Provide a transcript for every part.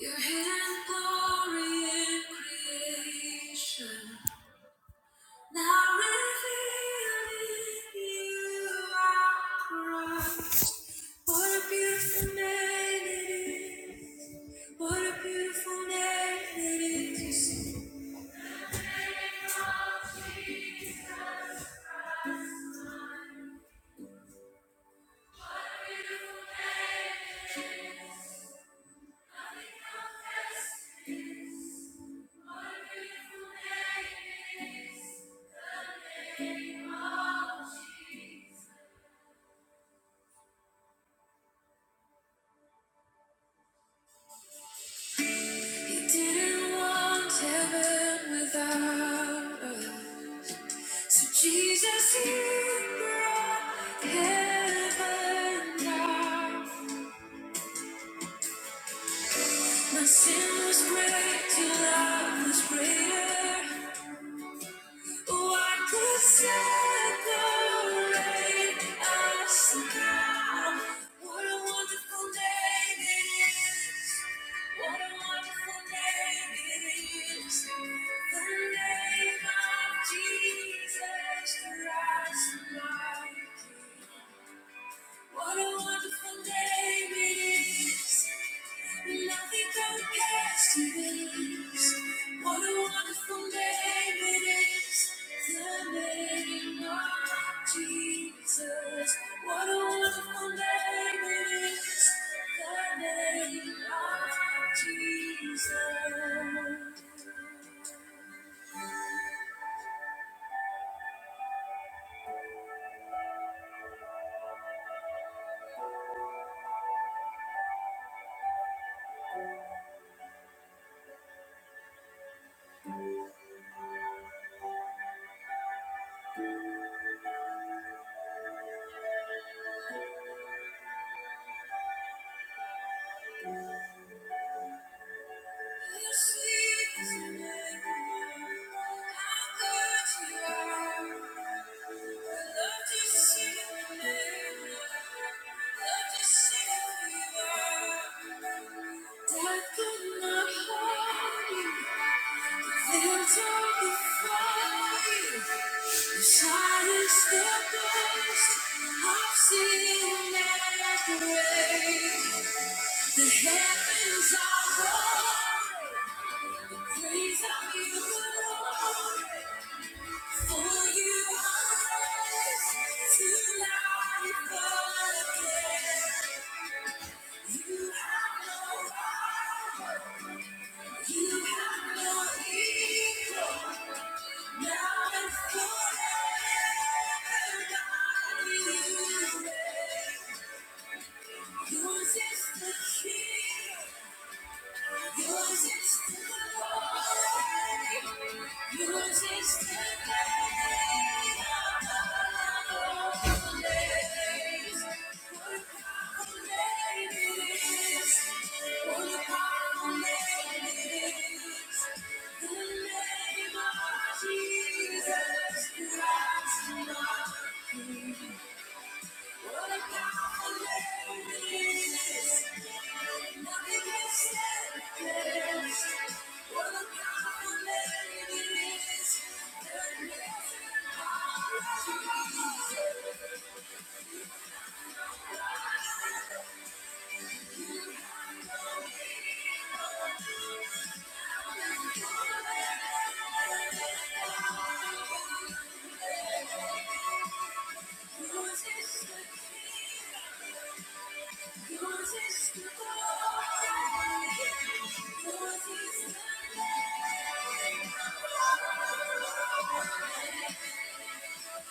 Your hidden glory in creation, now revealed in you are Christ. What a beautiful name it is! What a beautiful name it is! You see, oh, Jesus Christ. What a beautiful name. it is! He didn't want heaven without us. So Jesus, you brought heaven down. My sin was great, your love was greater. What could separate us now? What a wonderful name it is. What a wonderful name it is. The name of Jesus Christ. my. What a wonderful name it is. Nothing compares to this. What a wonderful name it is. The name of Jesus. What a wonderful name it is. The name of Jesus. Thank You Death could not hold you. Lives are before you. The silence the burst. I've seen masquerade. The heavens are roaring. Praise of you Lord. For you are raised to life again. You have no rival. You have no equal. Now the name. Of Jesus Christ, Who's this?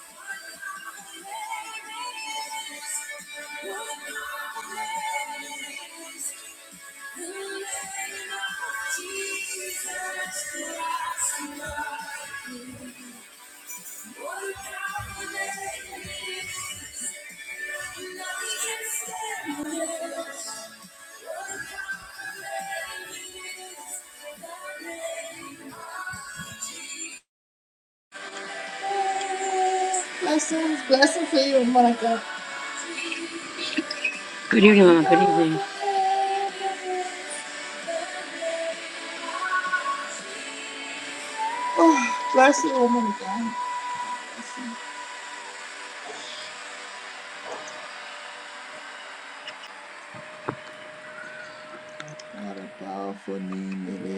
Jesus Christ, Blessings, blessings for you, Monica. Good evening, Mama. Good evening. Oh, bless you, woman of God. What a powerful name it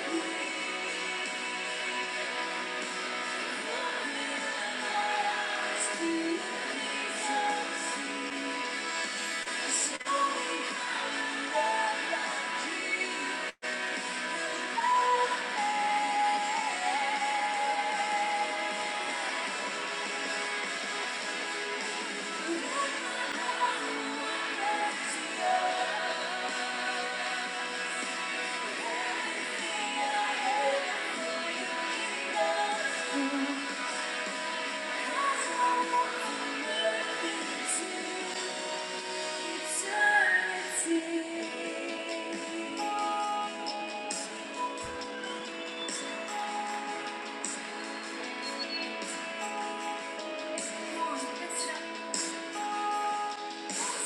is. Eternity. Yeah.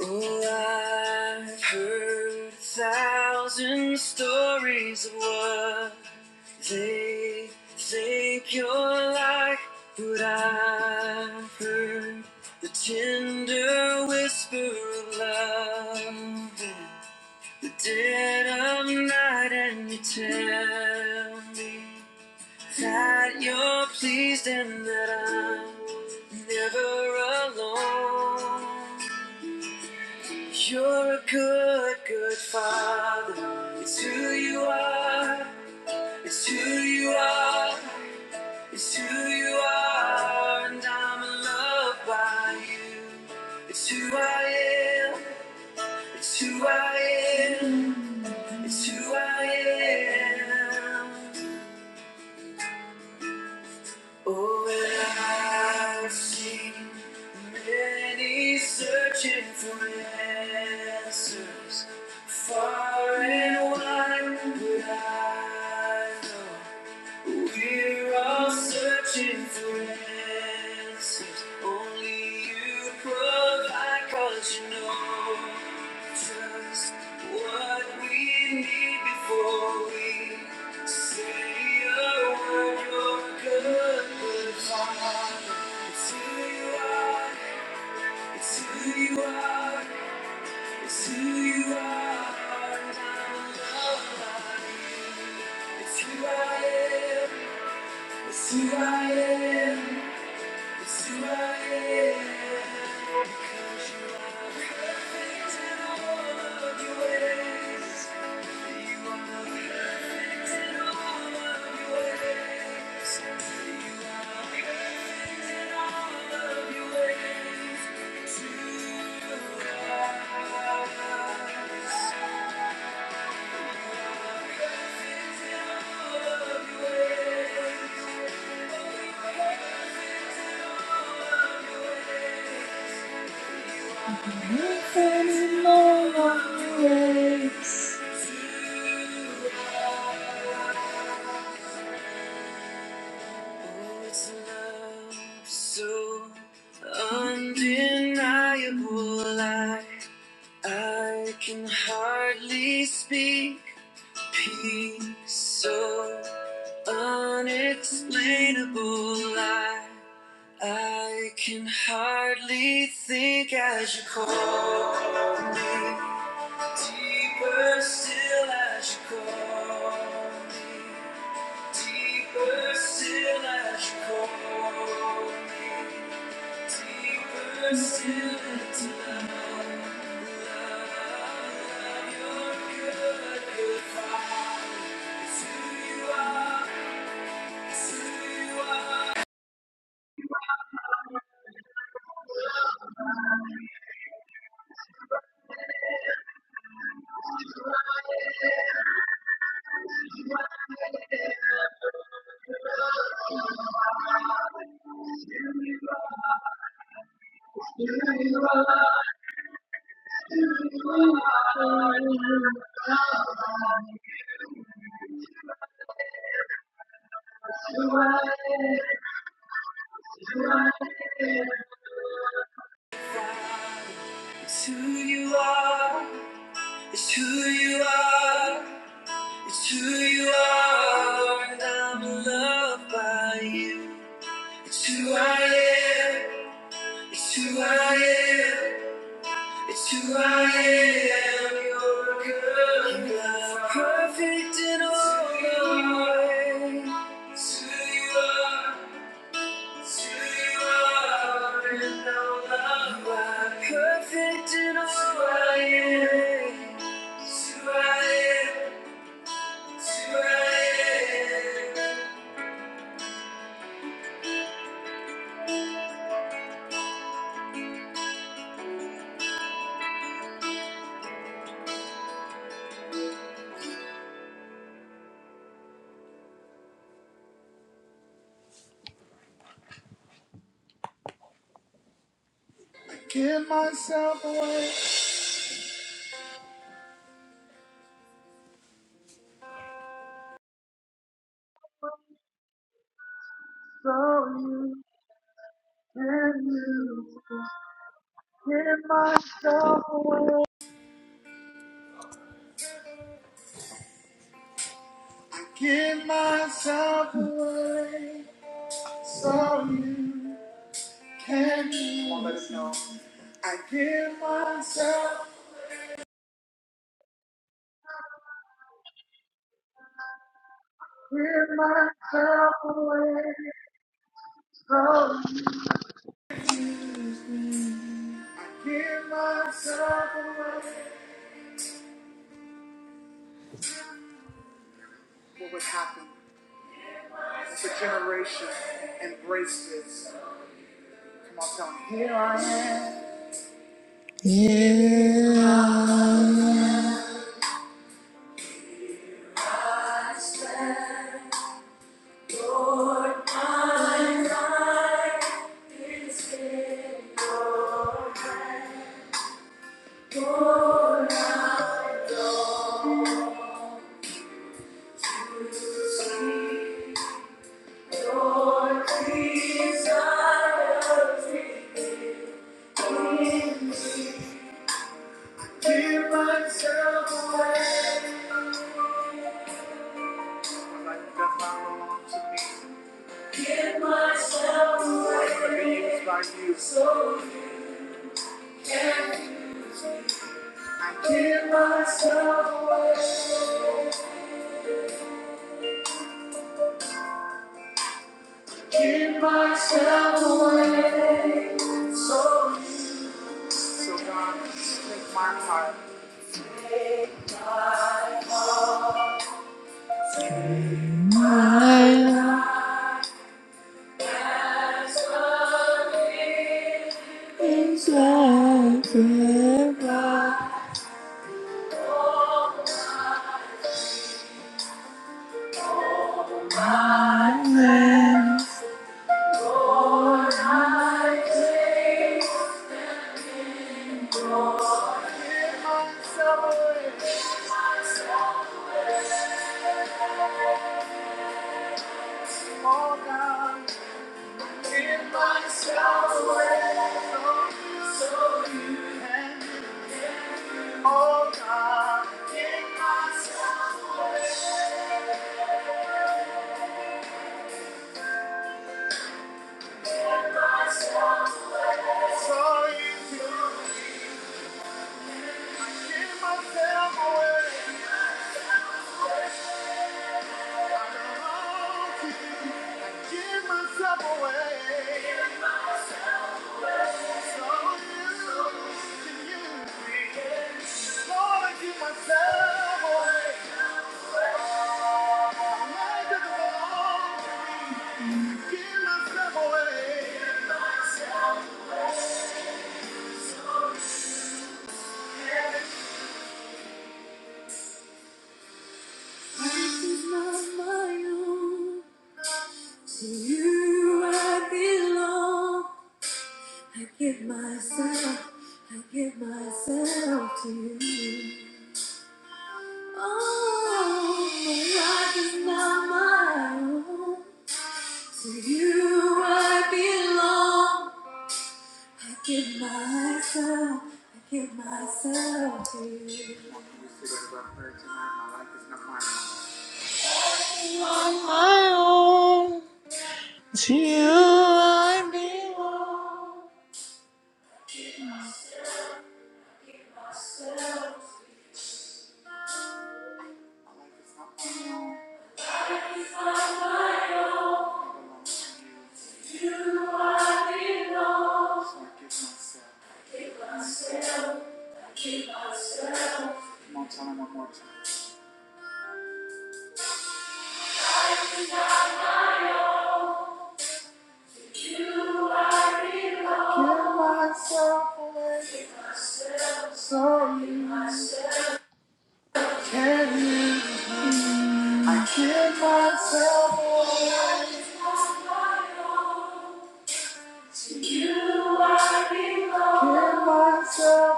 Oh, I've heard a thousand stories of what they think you're like, but I've heard the tender whisper of love, in the dead of night, and you tell me that you're pleased and that I'm never alone. You're a good, good father. It's who you are. It's who you are. It's who you are. And I'm in love by you. It's who I am. It's who I am. It's who I am. Oh, and I've seen many searching for answers far and wide, but I know. We're all searching for answers. Only you provide, cause you know just what we need before we say a word. You're good, good Father. It's who you are, it's who you are, it's who you are. And I'm loved by you. It's who I am. It's who I am. It's who I am. Because you are perfect in all of your ways. You are perfect in all of your ways. You are perfect in all of your ways. To us. All of your ways. In All of your ways. Oops. Oh, it's love so undeniable. I, I can hardly speak. Peace so unexplainable. I, I can hardly think as you call me. Deeper still as you call me. Deeper still as you call me, deeper still into love, love, your good, good Father. It's who you are, it's who you are, Father. It's who you are, it's who you are, it's who you are, and I'm loved by you. It's who I am, it's who I am. It's who I am, you're a good God, perfect in all your ways. It's who you are, it's who you are, and all of my perfect in all I am. It's who I am, it's who I am. Give myself away, self away, give myself away, so you. Can you want to let us know? I give myself, give myself away. Oh, I give myself away. What would happen if a generation embraced this? Come on, tell me. Here I am. Yeah. I stand, Lord, I give myself away. Life does not belong to me. Give myself away. I am used by you. I give Give myself away. So God, take my heart. My life is like a violin. Take myself away. Oh God, give myself away. So you can. Oh God, in my salvation, in my salvation, so you do me. I give myself away. I belong to you. I give myself away. So you can use me. Lord, I give myself away. This is not my own. To you I belong. I give myself, I give myself to you. Oh, my life is not my own. To you I belong. I give myself, I give myself to you. belong to you. are alone. Give myself away so you can you? I give myself away. you. are alone. Give myself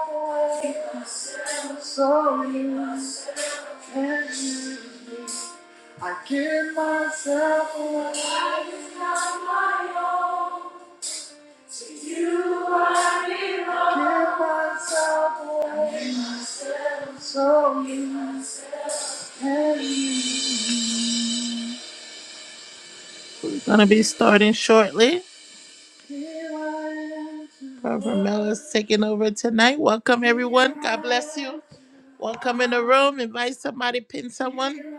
away so you I give myself away. Life is not my own. To you I belong. Give myself away. Oh, you. Gonna be starting shortly. Barbara Miller's taking over tonight. Welcome everyone. God bless you. Welcome in the room. Invite somebody, pin someone.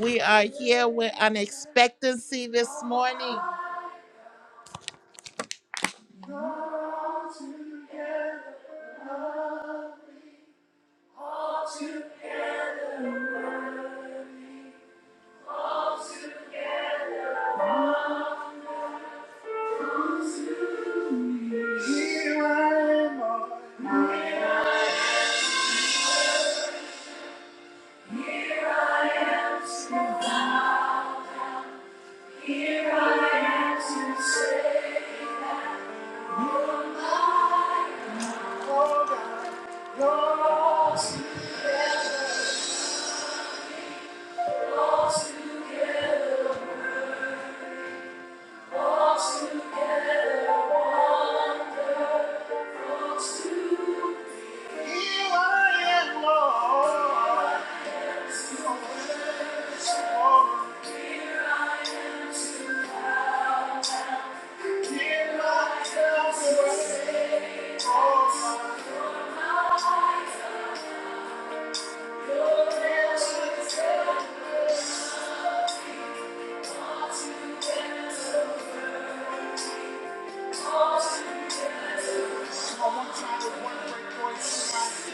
We are here with an expectancy this morning. Here I am. God answers. I One time with one great voice tonight.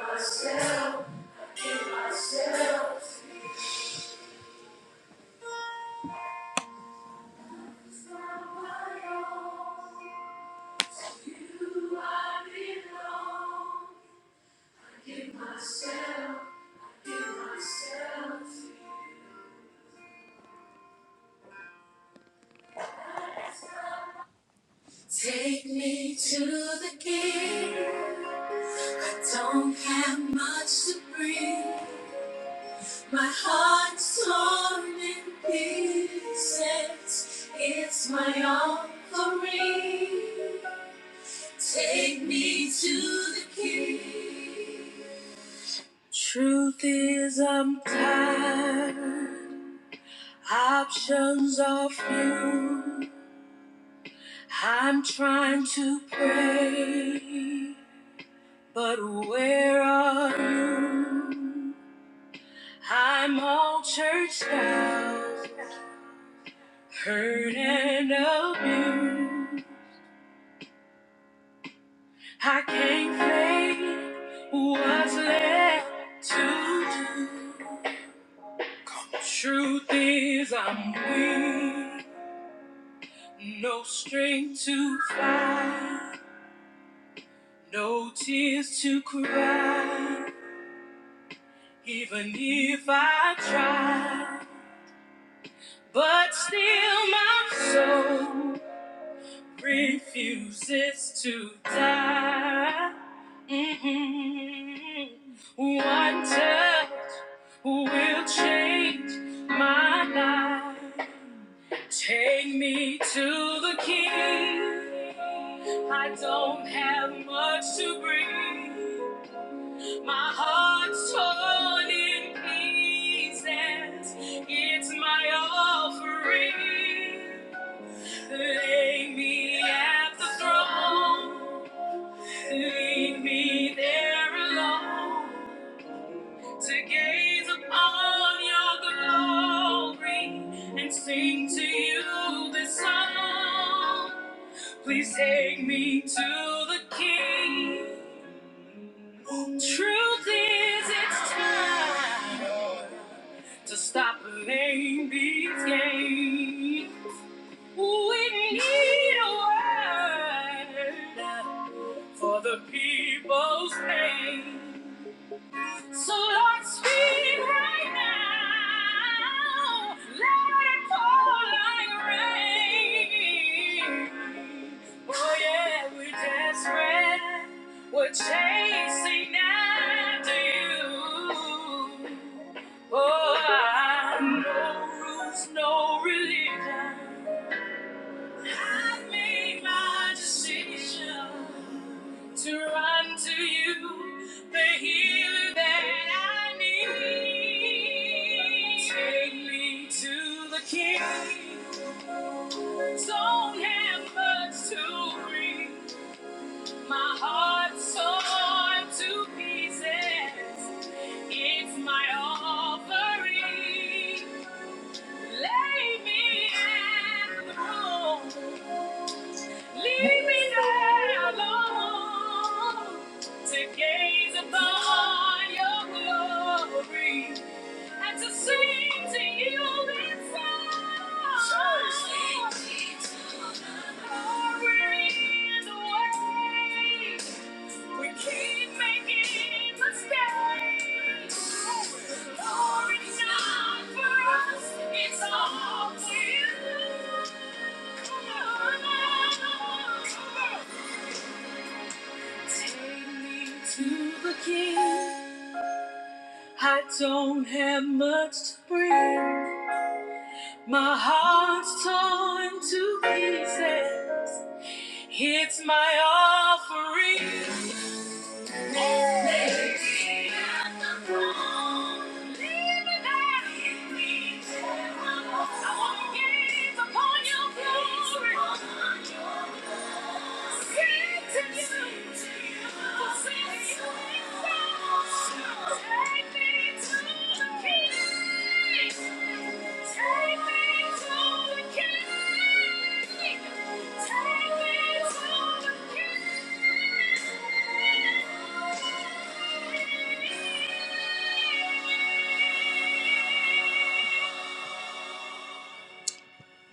Myself, I give myself, it's not my own. You I belong. Give myself, I give myself. Take me to the king. I Don't have much to bring. My heart's torn in pieces. It's my offering. Take me to the king. Truth is, I'm tired. Options are few. I'm trying to pray, but where are you? I'm all churched out, hurt and abused. I can't fake what's left to do. Truth is, I'm weak, no strength to fight, no tears to cry, even if I try. But still, my soul refuses to die. Mm-mm. One touch will change my life. Take me to the King. I don't have much to bring. My heart's torn in pieces. It's my offering. Lay me at the throne, leave me there alone to gaze upon your glory and sing to you this song. Please take me to the King. Truth is, it's time to stop playing these games. We need a word for the people's pain. So Lord, speak right now. Let it pour like rain. Oh yeah, we're desperate. We're chasing after you. Oh, I- no rules, no religion. I made my decision to run to you, the healer that I need. Take me to the King. Don't have much to bring. My heart's torn to pieces. It's my own. It's upon your breath. to sing to you this song. Glory is We keep making mistakes. Glory not for us, it's all for you. Take me to the king. I don't have much to bring. My heart's torn to pieces. It's my own.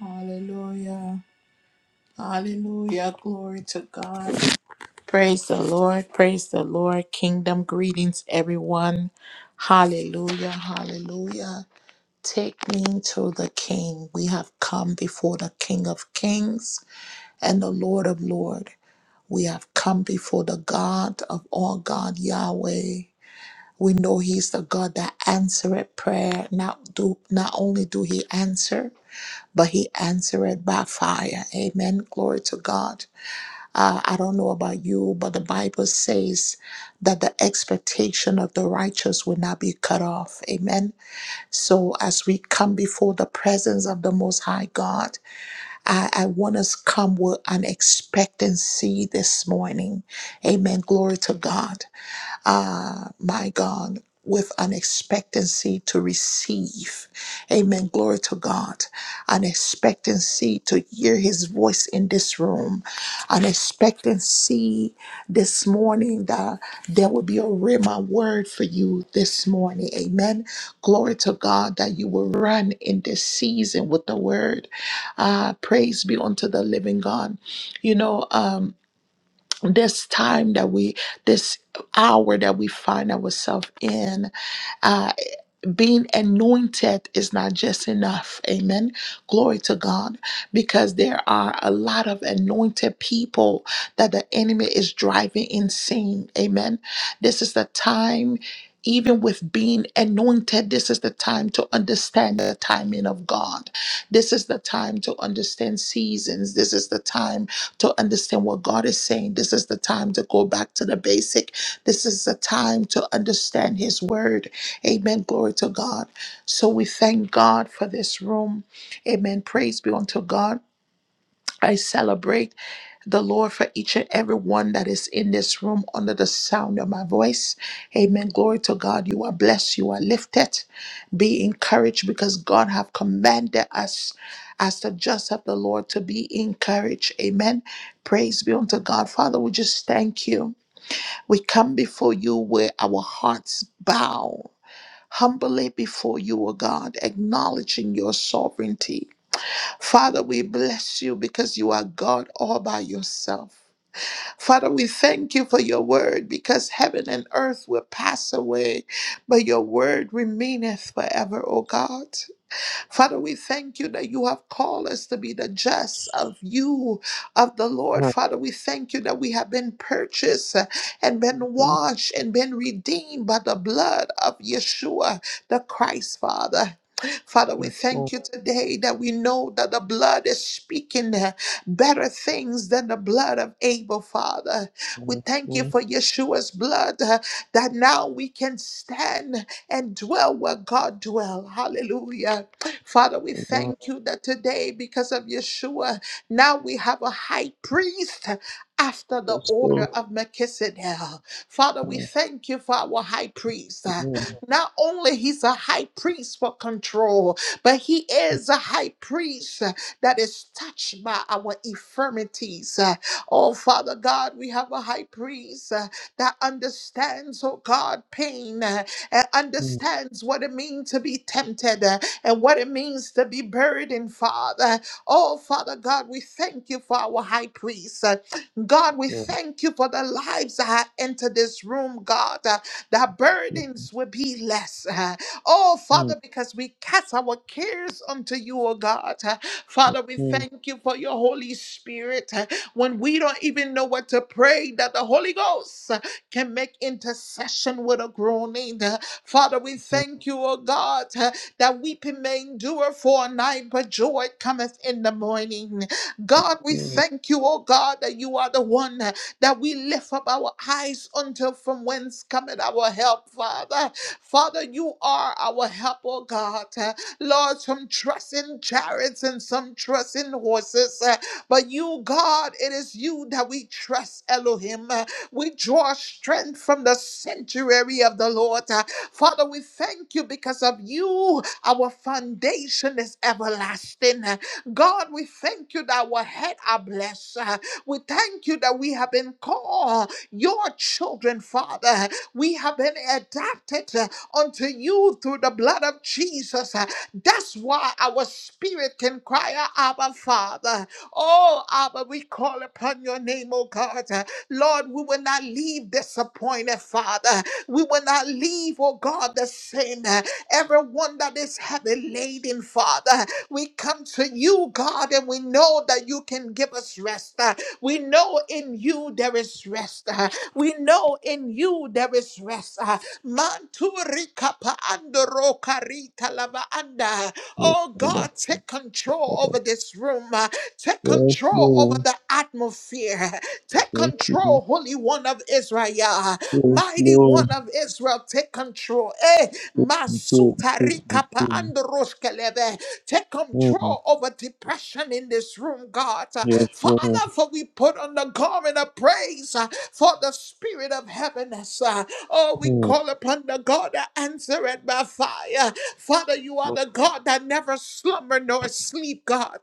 Hallelujah. Hallelujah. Glory to God. Praise the Lord. Praise the Lord. Kingdom greetings, everyone. Hallelujah. Hallelujah. Take me to the King. We have come before the King of Kings and the Lord of Lords. We have come before the God of all God, Yahweh. We know He's the God that answereth prayer. Not do not only do He answer, but He answered by fire. Amen. Glory to God. Uh, I don't know about you, but the Bible says that the expectation of the righteous will not be cut off. Amen. So as we come before the presence of the Most High God, I, I want us come with an expectancy this morning. Amen. Glory to God uh, my God, with an expectancy to receive. Amen. Glory to God. An expectancy to hear his voice in this room. An expectancy this morning that there will be a Rhema word for you this morning. Amen. Glory to God that you will run in this season with the word. Ah, praise be unto the living God. You know, um, this time that we this hour that we find ourselves in uh, being anointed is not just enough. Amen. Glory to God. Because there are a lot of anointed people that the enemy is driving insane. Amen. This is the time. Even with being anointed, this is the time to understand the timing of God. This is the time to understand seasons. This is the time to understand what God is saying. This is the time to go back to the basic. This is the time to understand His word. Amen. Glory to God. So we thank God for this room. Amen. Praise be unto God. I celebrate the Lord for each and every one that is in this room under the sound of my voice. Amen. Glory to God. You are blessed. You are lifted. Be encouraged because God have commanded us as the just of the Lord to be encouraged. Amen. Praise be unto God. Father, we just thank you. We come before you where our hearts bow humbly before you, O God, acknowledging your sovereignty. Father, we bless you because you are God all by yourself. Father, we thank you for your word because heaven and earth will pass away, but your word remaineth forever, O God. Father, we thank you that you have called us to be the just of you, of the Lord. Right, Father, we thank you that we have been purchased uh, and been you know, washed and been redeemed by the blood of Yeshua, the Christ, Father. Father, we your phone, thank you today that we know that the blood is speaking uh, better things than the blood of Abel, Father. We uh, thank you so, for Yeshua's blood uh, that now we can stand and dwell where God dwell. Hallelujah. Father, we uh, thank you that today, because of Yeshua, now we have a high priest after the it's order so, of Melchizedek. Father, we uh, thank you for our high priest. you Uh, know, Not only he's a high priest for control, but he is a high priest uh, that is touched by our infirmities. Uh, Oh, Father God, we have a high priest uh, that understands, oh God, pain uh, and fifteen, understands what it means to be tempted and what it means to be burdened, Father. Oh, Father God, we thank you for our high priest. Uh, God, we so, thank you for the lives that have entered this room, God. Uh, Their burdens will be less. Uh, Oh, fifteen, Father, because we cast our cares unto you, oh God. Uh, Father, we so, thank you for your Holy Spirit. Uh, When we don't even know what to pray, that the Holy Ghost uh, can make intercession with a groaning. Uh, Father, we thank you, oh God that weeping may endure for a night, but joy cometh in the morning. God, we fifteen, thank you, oh God, that you are the one that we lift up our eyes until from whence cometh our help, Father. Father, you are our help, oh God. Lord, some trust in chariots and some trust in horses, uh, but you, God, it is you that we trust, Elohim. Uh, We draw strength from the sanctuary of the Lord. Uh, Father, we thank you because of you. Our foundation is everlasting. God, we thank you that our head are blessed. Uh, We thank you that we have been called your children, Father. We have been adopted uh, unto you through the blood of Jesus. Uh, That's why our spirit can cry, out, Abba, Father. Oh, Abba, we call upon your name, oh God heart. Lord, we will not leave disappointed, Father. We will not leave, oh God, the same. Everyone that is heavy laden, Father, we come to you, God, and we know that you can give us rest. We know in you there is rest. We know in you there is rest. Manturika paandoro karita lava anda. so, Oh I love God, take control that. over this room. Take Yes, control over no, the atmosphere. Take yes, no, yes, no, control, yes, Holy One of Israel. no, yes, Mighty no, One of Israel, take control. Eh, Masuta Rikapa Androshkelebe. Take mm, control over depression in this room, God. yes, no, Father, for we put on the garment of praise uh, for the spirit of heaviness. uh, Oh, we mm, call upon the God that answered by fire. Father, you are no, the God. God that never slumber nor sleep, God.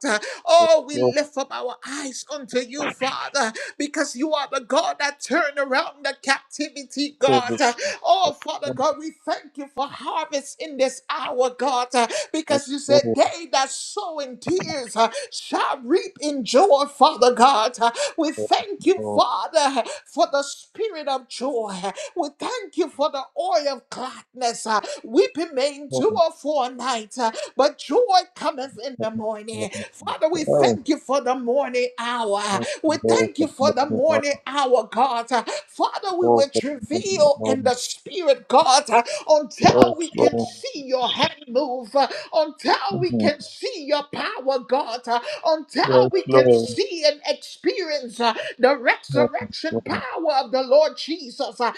yes, Oh, we no, lift up our eyes unto you, Father, because you are the God that turned around the captivity, yes, God. no, yes, no, Oh, Father God, we thank you for harvest in this hour, God, because yes, you no, yes, no, mm, yes, said, no, yes, They that sow in tears uh, shall reap in joy, Father God. Uh, We no, thank you, oh, Father, for the spirit of joy. We thank you for the oil of gladness. uh, Weeping may yes, endure for a night, but joy cometh in the no, yes, morning. no, Father, we yes, thank you for the morning hour. We thank you for the morning hour, God. Father, we no, will yes, no, yes, travail no, in the spirit, God, until Yes, we can Lord. see your hand move, until we Mm. can see your power, God until Yes, we can Lord. see and experience uh, the Yes, resurrection Lord. power of the Lord Jesus. Uh,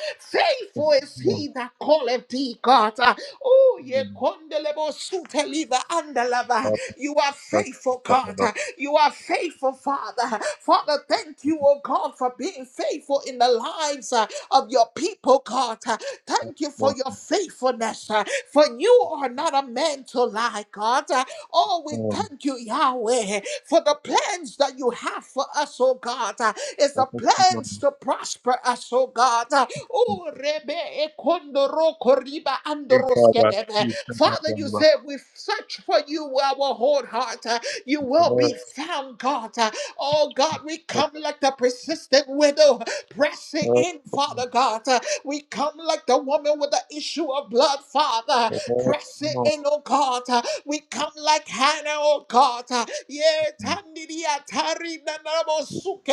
Yes, faithful is Lord. he that calleth thee, God. Uh, oh, ye Mm. kondelebo suteliva andalava. Up, You are up, faithful, up, God. up, Uh, up. You are faithful, Father. Father, thank you, oh God, for being faithful in the lives uh, of your people, God. Uh, Yes, Thank you for Lord. your faithfulness. uh, For you are not a man to lie, God. Uh, Oh, we Mm. thank you, Yahweh, for the plans that you have for us, oh God. Uh, It's the Help us to come about plans to prosper us, oh God. Uh, this. Oh, Rebe Ekondoro Koriba Take our back, Andoroskelebe. keep us Father, from you the lust said we search for you with our whole heart. Uh, You of the will be flesh. found, God. Oh God, we come like the persistent widow, pressing in, Father God. Uh, We come like the woman with the issue of blood, Father, Yes, Lord. pressing in, oh God. Uh, We come like Hannah, oh God. Uh, yeah, Mm. tandidia tarina namo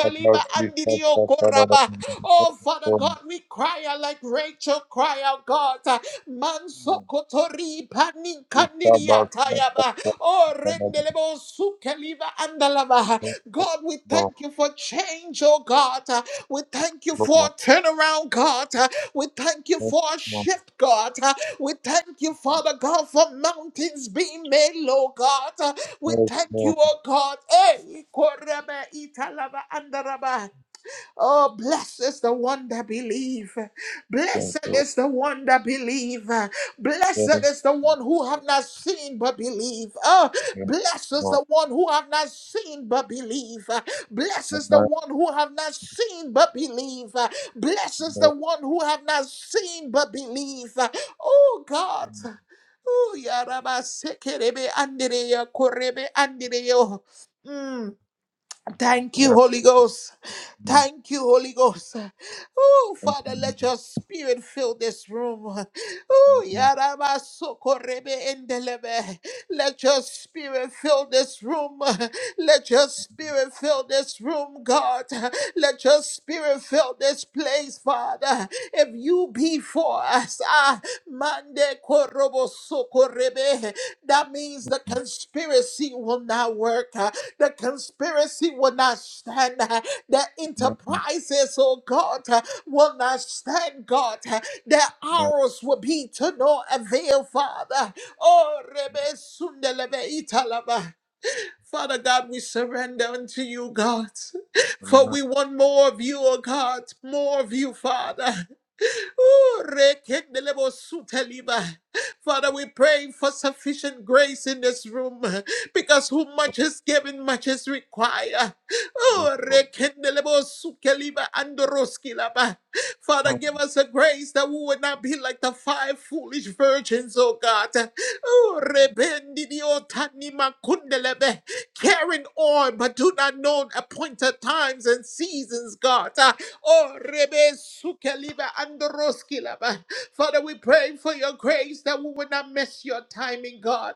Big Baba, Chief, and Baba, andidio Baba. Yes. Yes, yes, yes, yes, Lord. Mm. Baba, Chief, Baba, Baba, Baba. koraba. Oh, Yes, Father Lord. God, we cry out like Rachel cry out, God. Mm. Mansokotori Big Baba, panikaniria Baba, tayaba. Baba, Oh, Baba. rendelebo sukeliva andalava. Yes, God, we Lord. thank you for change, oh God. We thank you for Lord. a turnaround, God. We thank you Yes, for a Lord. shift, God. We thank you, Father God, for mountains being made low, God. We thank you, oh God. Hey, korebe italava andaraba. Oh, blessed is the one that believe. Yes, Lord. Yes, Blessed is the one that believe. Lord. Blessed is the one who have not seen but believe. Oh, Yes, blessed is Lord. the one who have not seen but believe. Blessed Thank is the one who have not seen but believe. Blessed is the you. one who have not seen but believe. Oh God. Oh, Yaraba Sekerebe Andere Korebe Andere. Thank you, Holy Ghost. Thank you, Holy Ghost. Oh, Father, let your spirit fill this room. Oh, Yaraba Sokorebe Endelebe. Let your spirit fill this room. Let your spirit fill this room, God. Let your spirit fill this place, Father. If you be for us. Ah, mande korobo sokorebe. That means the conspiracy will not work. Ah, The conspiracy will not stand. Ah, The enterprises, oh God, ah, will not stand, God. Ah, Their arrows will be to no avail, Father. Oh, rebe sundelebe italaba. Father God, we surrender unto you, God. For we want more of you, oh God, more of you, Father. Ooh, rekendelebo suteliba. Father, we pray for sufficient grace in this room because who much is given, much is required. Oh, rekendelebo sukeliba andoroskilaba. Father, give us a grace that we would not be like the five foolish virgins, oh God. Oh, rebendidiotani makundelebe. Carrying on, but do not know appointed times and seasons, God. Oh, Rebe Sukeliba Androskilaba. Father, we pray for your grace that we will not miss your timing, God.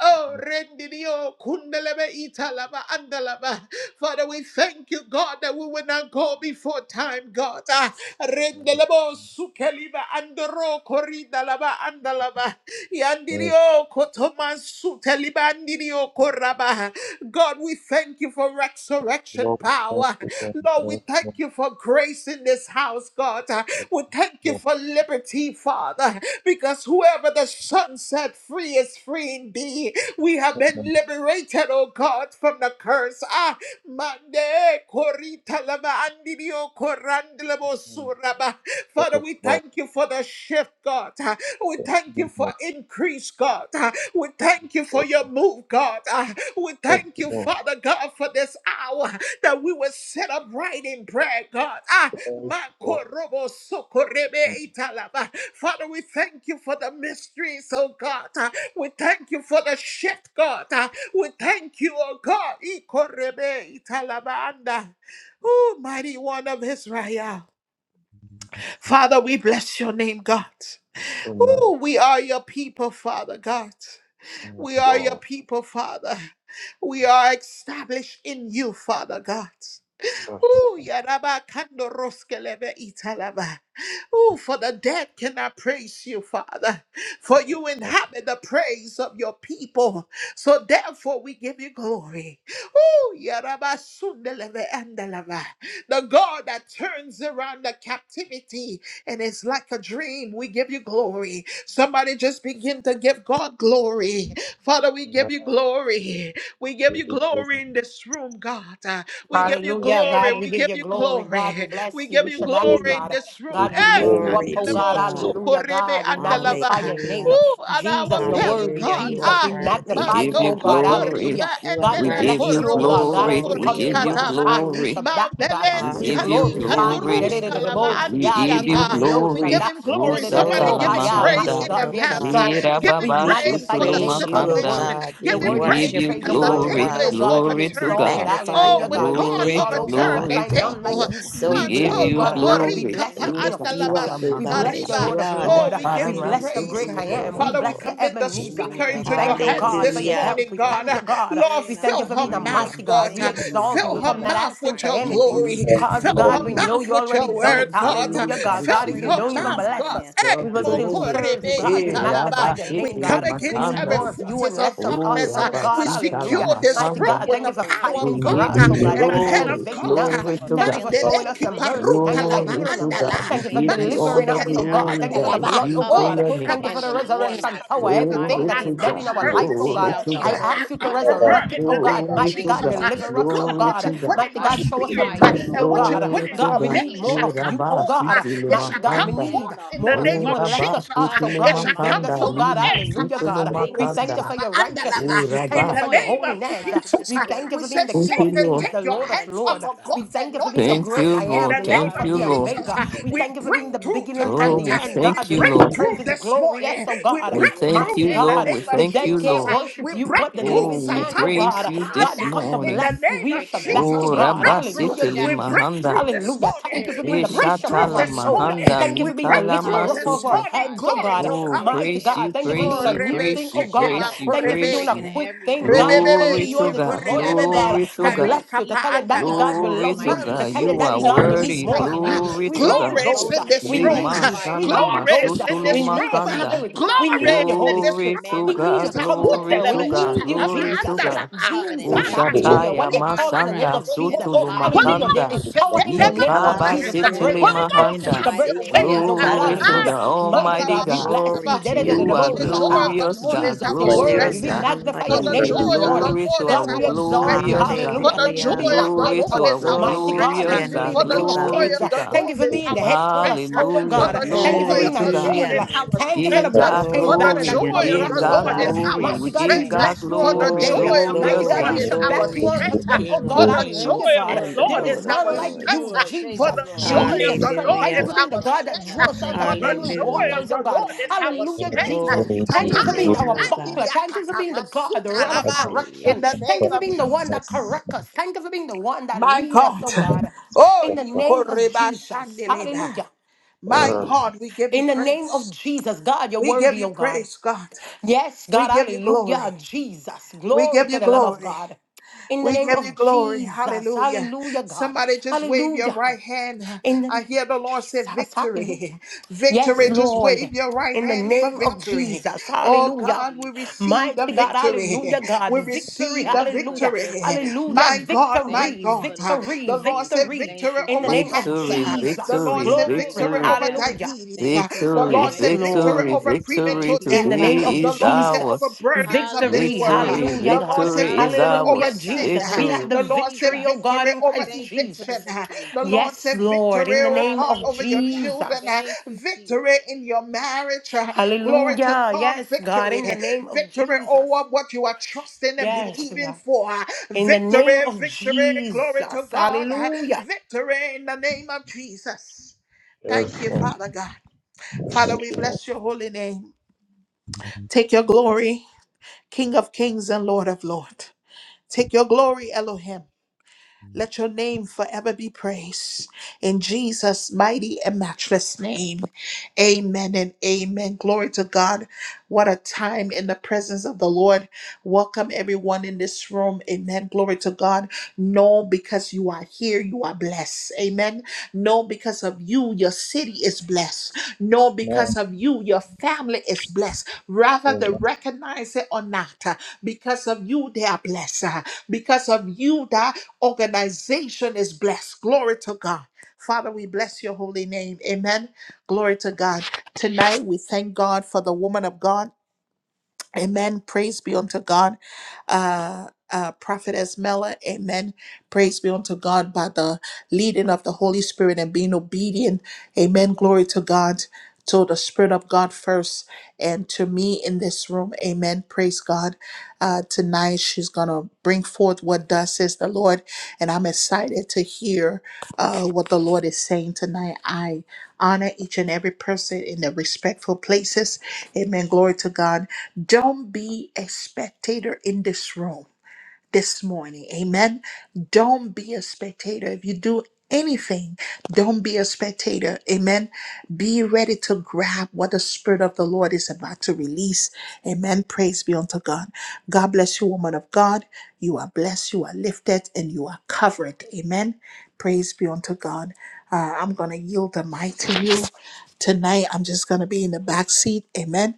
Oh, Rendidio Kundelebe Italaba Andalaba. Father, we thank you, God, that we will not go before time, God. Ah, Rendelebo Sukeliba Andro Koridalaba Andalaba. Yandirio Kotoman Suteliba Andirio Koraba. God, we thank you for resurrection power. Lord, we thank you for grace in this house, God. We thank you for liberty, Father, because whoever the Son set free is free indeed. We have been liberated, oh God, from the curse. Ah, Mande Korita Lama Andidio Korandelebo Suraba. Father, we thank you for the shift. God. Uh, We thank you for increase, God. Uh, We thank you for your move, God. Uh, We thank you, Father God, for this hour that we will set up right in prayer, God. Ah, makorobo sokorebe italaba. Father, we thank you for the mysteries, oh God. Uh, We thank you for the shift, God. Uh, We thank you, oh God. Ikorebe italaba italabanda. Oh, mighty one of Israel. Father, we bless your name, God. Ooh, we are your people, Father God. We are your people, Father. We are established in you, Father God. Ooh, yaraba kando roskelebe italaba. Ooh, for the dead cannot praise you, Father, for you inhabit the praise of your people. So therefore, we give you glory. Ooh, yaraba sundelebe andalaba. The God that turns around the captivity and it's like a dream. We give you glory. Somebody just begin to give God glory. Father, we give you glory. We give you glory in this room, God. We give you Hallelujah. glory. God, we We give give you you glory. glory. God, we bless We you. give We you shall back you, glory in God. this room. God, we lift Hey, you and up, Glory the oh to God. level God. Hallelujah. socorrebe God, we and the lava. magnify your name. Hallelujah. Ooh, and our Jesus, you're belly, worthy. Hallelujah. God. You Jesus, are we Ah, We worthy, magnify O you, give mando you oh God. God. glory. kotoriba Hallelujah. You are and God, the we We le give bless worthy you you, of oh korobo all God. God, as glory. we We glory, come socori to O give you you at this God. kataba. time, we shall glory. back you, God. We Mambelens We give you kali glorify Hallelujah. you. glory. kandorus kalaba Hallelujah. We Da-da-da-da-da-bo-si-ya, give you andiriata. We give glory. di-di-di-di-di-o-sha-na, Hallelujah. him glory. Somebody Rusatala give Glory him to da-da-da-da-da-da-bo-ha-ya. your We praise Mighty Mahanda. in give name, God, you we O glory, advance. God. exalt you. Jesus. Give We We him Irababa just We praise thank magnify for your the you, name praise Father because you, you're O God. Shutulumakanda. situation. worthy. God. Give You're We him We worthy to Thank praise be give worship you, you praised, oh because the you, God. Jesus, O You're for glory. table this worthy, oh God. is God, to be Glory season. to We overturning. exalted. God. Thank you magnify for Oh, your Hallelujah, when God. We God freedom holy and God search thank Glory, name, you all O for over. We're going overturned God. to the glory find vindication, God. none God. We table. like you. We We exalt Thank Mando give you, bless you O you, you for God. Adonai. freedom We and glory. koporika thank bless We pa your you King for of lift you Kings. up, Rusatala O We vindication, andalabasuta Lord God, bless Mahanda. your as riba. Lord you Jesus. of are the Oh, Lord. I we King just give We of Iparama give him you bless your kings and praise. great glory I the to you, Lord am. of We Father, Jesus. Shutulumakanda. we bless your Thank you lords. commit the for Ebenezer. speaker freeing We up into my your Irababa thank you, hands God, for finances. this your Hallelujah. help. morning, We Thank God. thank you you, Shutulumakanda. for God. Lord, We freeing up thank you fill my for her being a Lord, mouth, mighty I'm finances. God. God. Thank We asking you for for your exalt you. Fill We freeing her come up not hand. my mouth asking with for your We anything. finances glory. give you in the Cause Fill God, her mighty we glory, know name mouth you of with already your done Jesus. word, it. all God. Thank glory Hallelujah, you that for God. is God, Fill if you freeing your due don't up to even my mouth, you. bless God. us, finances Eh, in The we the will still mighty glory. name of serve you. mokorebe God, we Jesus. Eh, magnify italaba. your Thank We name, you Rabasiti come for God. We against freeing need up every Limakanda. my more of you and forces of less finances of in the Oh, us. darkness. name Uh, Oh of God, We Jesus. Rabasita hallelujah. secure You're this going to this Mighty Lamakanda. room God, with thank the you kill for the power witch fighting of We for and God give the us. uh, you Oh God, and thank the you warlock, for hand of glory, Jesus. elevating God. Thank uh, us. you glory for to Thank you God. for killing the Mandele showing us your witch mercy. Thank you kiparuta for and lava the Glory healing to us. God. andala. warlock. Thank We you for Thank give you you for all delivering the Manzuke us, taking oh liba out God. glory Thank the you for that the witch is andalava. blood, oh due to Oh, God. coven your Thank name. you for and the the korabashande. resurrection warlocks in power. the Father mighty God, Everything Glory that I is to name of dead cover in God. our her Jesus. life, oh this Take Glory God. out to morning. the I God. I whole ask you to coven, cover resurrect God. her it, in oh the name God. of Glory Mighty to Thank God, you, Jesus. God. Uh, deliver us, oh Jesus. God, Glory what God. you to God. put in Mighty her By God, show us your spirit uh, fire, mercy, and oh Lord, in what the you God. put Glory name in of to God, her we God. need belly Jesus. more shall of come you, oh forth. Irabasi uh, God. It shall Mighty God, come we Bring tilimapanda. down forth need the in the more of name whole you of and less of Urabasi Jesus. us, uh, oh covenant in It God. the shall Invade mighty come us, tilimapanda. oh forth. name of God. Lima Eh, Hallelujah, Jesus. kapa I God. thank We you, thank you situlumakanda. for Lord, your for righteousness. andalaba. We thank In you the Uraba. for your name destroying of what holiness. tried to Jesus, We uh, destroy thank you we for say, me being the Thank King you, in of the Satan, Kings, Lord. take the mighty your Lord name of of hands off Lords. Jesus. of We God's thank you for being the anointed. Thank uh, great you, I In am, Lord. the the name Thank Alpha, of you, the Lord. Hallelujah, Jesus, Omega. uh, God. We Thank we thank you for you, break being the Lord. through beginning and Oh, Thank tonight. the you we uh, for end, We God. thank We you, break make your Lord. vindication, through God. praises this glorious, morning. Thank oh you for We your God. We break glory. thank through Mighty you, in Thank the Lord. you God, We for name of the your thank dead you, glory. Jesus. can't uh, Lord. Thank you worship We for you, break but the breaking living through every Oh, living we can, chain, oh satanic God, praise in God. the you name of God, this we kapanda. come to In morning. Jesus. the bless you. name We of shall Breaking back every you, Jesus, Oh, we chain God. and break every Rabasi through. Hallelujah, We shackle break Jesus. tilimahanda. through in the this Hallelujah. Thank morning. you for spirit in We being the the break name bishop of through of Ishatala our this soul. morning. Jesus. mahanda Thank you We for being the break likala through lifter up of this our Masutu. Hallelujah, morning. heads, God. oh Glory Thank God. you to for Oh, God. breaking Mighty praise God, you, every thank you for Oh, praise doing a chain you, and new rebe every thing, praise oh you, shete God. ma praise shackle, you, Thank you for doing praise a breaking you. korebe. quick every thing, God. We every come Rebebebe to Glory you chain, to on every this soko God, morning, oh shackle, rebebebe. God, glory to to God, every bless Karika you, to tell pa you evil that the God andalava. altar will with glory love my you, to to God. name tell on you You it. that are the Thank Mansukete you God we for need worthy, more of breaking iskalava. it you, glory and sweet to Holy Glory God. is Ghost. in exploding it this We and by room. need Lema you, fire in the sweet sana name Holy of Glory Ghost. is in Jesus. masutulu We this need a room. Thank makanda. you, spirit. We Father Glory God, need the is for in Holy this Spirit. Glory Spirit. to room. We dismantling need God, a every evil glory comforter. We to Zakundeleve God, altar, need you, italava glory every to Jesus. evil God. andalava. covenant, Jesus. every Makatu Hallelujah. evil Ushataya When I ripa call on the contract. name masanda of andeleve In Jesus, the koto. sutulu mighty Holy hallelujah, name there makanda. is of Ghost. power in Jesus, sekete the ma it's name of null and Jesus to kotarava. break Ikalabasitili void Hallelujah. Holy in the Ghost, curses, mahanda. to have mighty break your name of chains. Sikia Oh way. God, Glory Jesus. to Ah, the hallelujah. tarabasi. Mighty Almighty God, we God. bless Glory you. Korabashandaba. to your You For are Da-da-da-da-da-bo, name, the O joy of shaka. God. the glorious Lord is God, Jesus, our your For there word, glorious is strength. we God. none magnify For your like We the you, name give O joy this of the morning. God. glory Lord to is God, our we our exalt strength. you. glorious God. For Hallelujah. the Thank you for Hallelujah. joy being my of the high Glory Mm-mm. Lord to tower. is our our Mighty Glory strength. to God, thank your glorious you for being God. For the name, the O King of joy God. Glory Kings. Thank of to you, the God. Thank you Lord for Jesus. is being the our head strength. cornerstone, My oh For Hallelujah. God. the God. Thank you Thank for joy Glory you, being of to my Lord. the God. Thank Lord shield. Hallelujah. you, is Lord our Thank you for the Jesus. Give strength. Thank God you, For bloodstained Lord. Glory the banner glory. to Thank that We your you, joy cover of give name, the us, Lord is O Jesus. oh God God. is God. our glory. Thank Mighty We you, God, give we Lord. strength. uh, God bless you For on Thank the glory. you, Lord today. joy Glory, of the Mighty Glorious Jesus. God, glory, Lord we Thank God. is shall you, our back Lord. you glory on to the strength. uh, today, oh King of For God. the Thank Hallelujah, joy kings you, of God. the and Lord. the Lord There is is Lord of our none Thank like you, lords. strength. you, uh, Lord. Thank For you, Jesus. the Lord We joy need your of Jesus. the strength. Thank Lord Thank you, you is Hallelujah. for my being the our God God in that strength. uh, heaven. draws out Thank For of you, the many Jesus. joy of Hallelujah. Thank waters, oh the you, God. Lord is Jesus. our Thank you, Hallelujah, Lord strength. uh, Jesus. Glory Jesus. to Thank Thank you your Thank for you, Tatai being you. name, Father our O ribandi God. buckler. God. Thank you for riakata being the God, the masuta rod of laba, advanced Hallelujah. In correction. the system Thank name you for of being the software, one not that Jesus. corrects us. Thank you for being the one that My leads us, God. oh God. Oh, In the software. name of Yikoreba Jesus. Shandeleba. Hallelujah. My God, we give you In the name of praise. Jesus, God, you're We give worthy, you oh God. praise, God. Yes, We God, give you hallelujah, glory. Jesus. We Glory give to you the Lamb of glory. God. In the We name give you of glory. Jesus, Hallelujah. hallelujah, God. Somebody just wave your Hallelujah. right hand. In the I name hear the of Lord say Jesus, hallelujah. victory. Yes, Victory. Just wave Lord. your right In the hand for name of victory. Jesus, Oh Thank you, hallelujah. God, we Jesus. receive the Mighty God, Thank you, victory. hallelujah, Jesus. God. We Victory, receive Thank the you for hallelujah. the victory. victory, Hallelujah, My Jesus. God, my Thank victory, you God. for the victory, The victory, Lord said Jesus. victory. Thank victory you, In the over name Jesus, of cancer. Victory, for the The Jesus, Lord victory, victory, said mighty glory, victory God in victory, over heaven. hallelujah. diabetes. Thank you for The the victory, Lord Yes, said victory, victory victory, Lord. over Jesus. Thank victory. premature you In death. the for the name of Today The is victory, Lord said God. Jesus. over ours. burdens of this Victory. Hallelujah, world. Victory, Hallelujah, The Jesus. Lord God. said victory is victory over Hallelujah, Hallelujah, ours. God. sin. Jesus. We Thank had Victory. you, the The Lord said victory, oh Jesus. God, victory in over Christ Thank you for the eviction. Jesus. victory, The Lord Yes, Jesus. said Lord, victory, in the oh name God, of over Hallelujah, your God. Jesus. children. Thank you, Jesus. Victory in your marriage. Glory to Hallelujah. God, Yes, God, victory. in the name of Victory Jesus. over what you are trusting and Yes, believing God. for. In the name Victory, of victory, glory Jesus. to God. Hallelujah. Victory in the name of Jesus. Yes, yes, Thank you, Lord, Father God. Father, thank we you, bless your holy name. Take your glory, King of kings and Lord of lords. Take your glory, Elohim. Let your name forever be praised. In Jesus' mighty and matchless name. Amen and amen. Glory to God. What a time in the presence of the Lord. Welcome everyone in this room. Amen. Glory to God. Know because you are here, you are blessed. Amen. No, because of you, your city is blessed. No, because Lord. of you, your family is blessed. Now, Rather, they amen. recognize it or not. uh, Because of you, they are blessed. uh, Because of you, that organization is blessed. Glory to God. Father, we bless your holy name. Amen. Glory to God. Tonight, we thank God for the woman of God. Amen. Praise be unto God. Uh, uh, Prophetess Mela, amen. Praise be unto God by the leading of the Holy Spirit and being obedient. Amen. Glory to God, to the Spirit of God first, and to me in this room. Amen. Praise God. Uh, tonight she's gonna bring forth what thus says the Lord, and I'm excited to hear uh, what the Lord is saying tonight. I honor each and every person in their respectful places. Amen. Glory to God. Don't be a spectator in this room this morning. Amen. Don't be a spectator. If you do anything, don't be a spectator. Amen. Be ready to grab what the Spirit of the Lord is about to release. Amen. Praise be unto God. God bless you, woman of God. You are blessed, you are lifted, and you are covered. Amen. Praise be unto God. Uh, I'm going to yield the mic to you tonight. I'm just going to be in the back seat. Amen.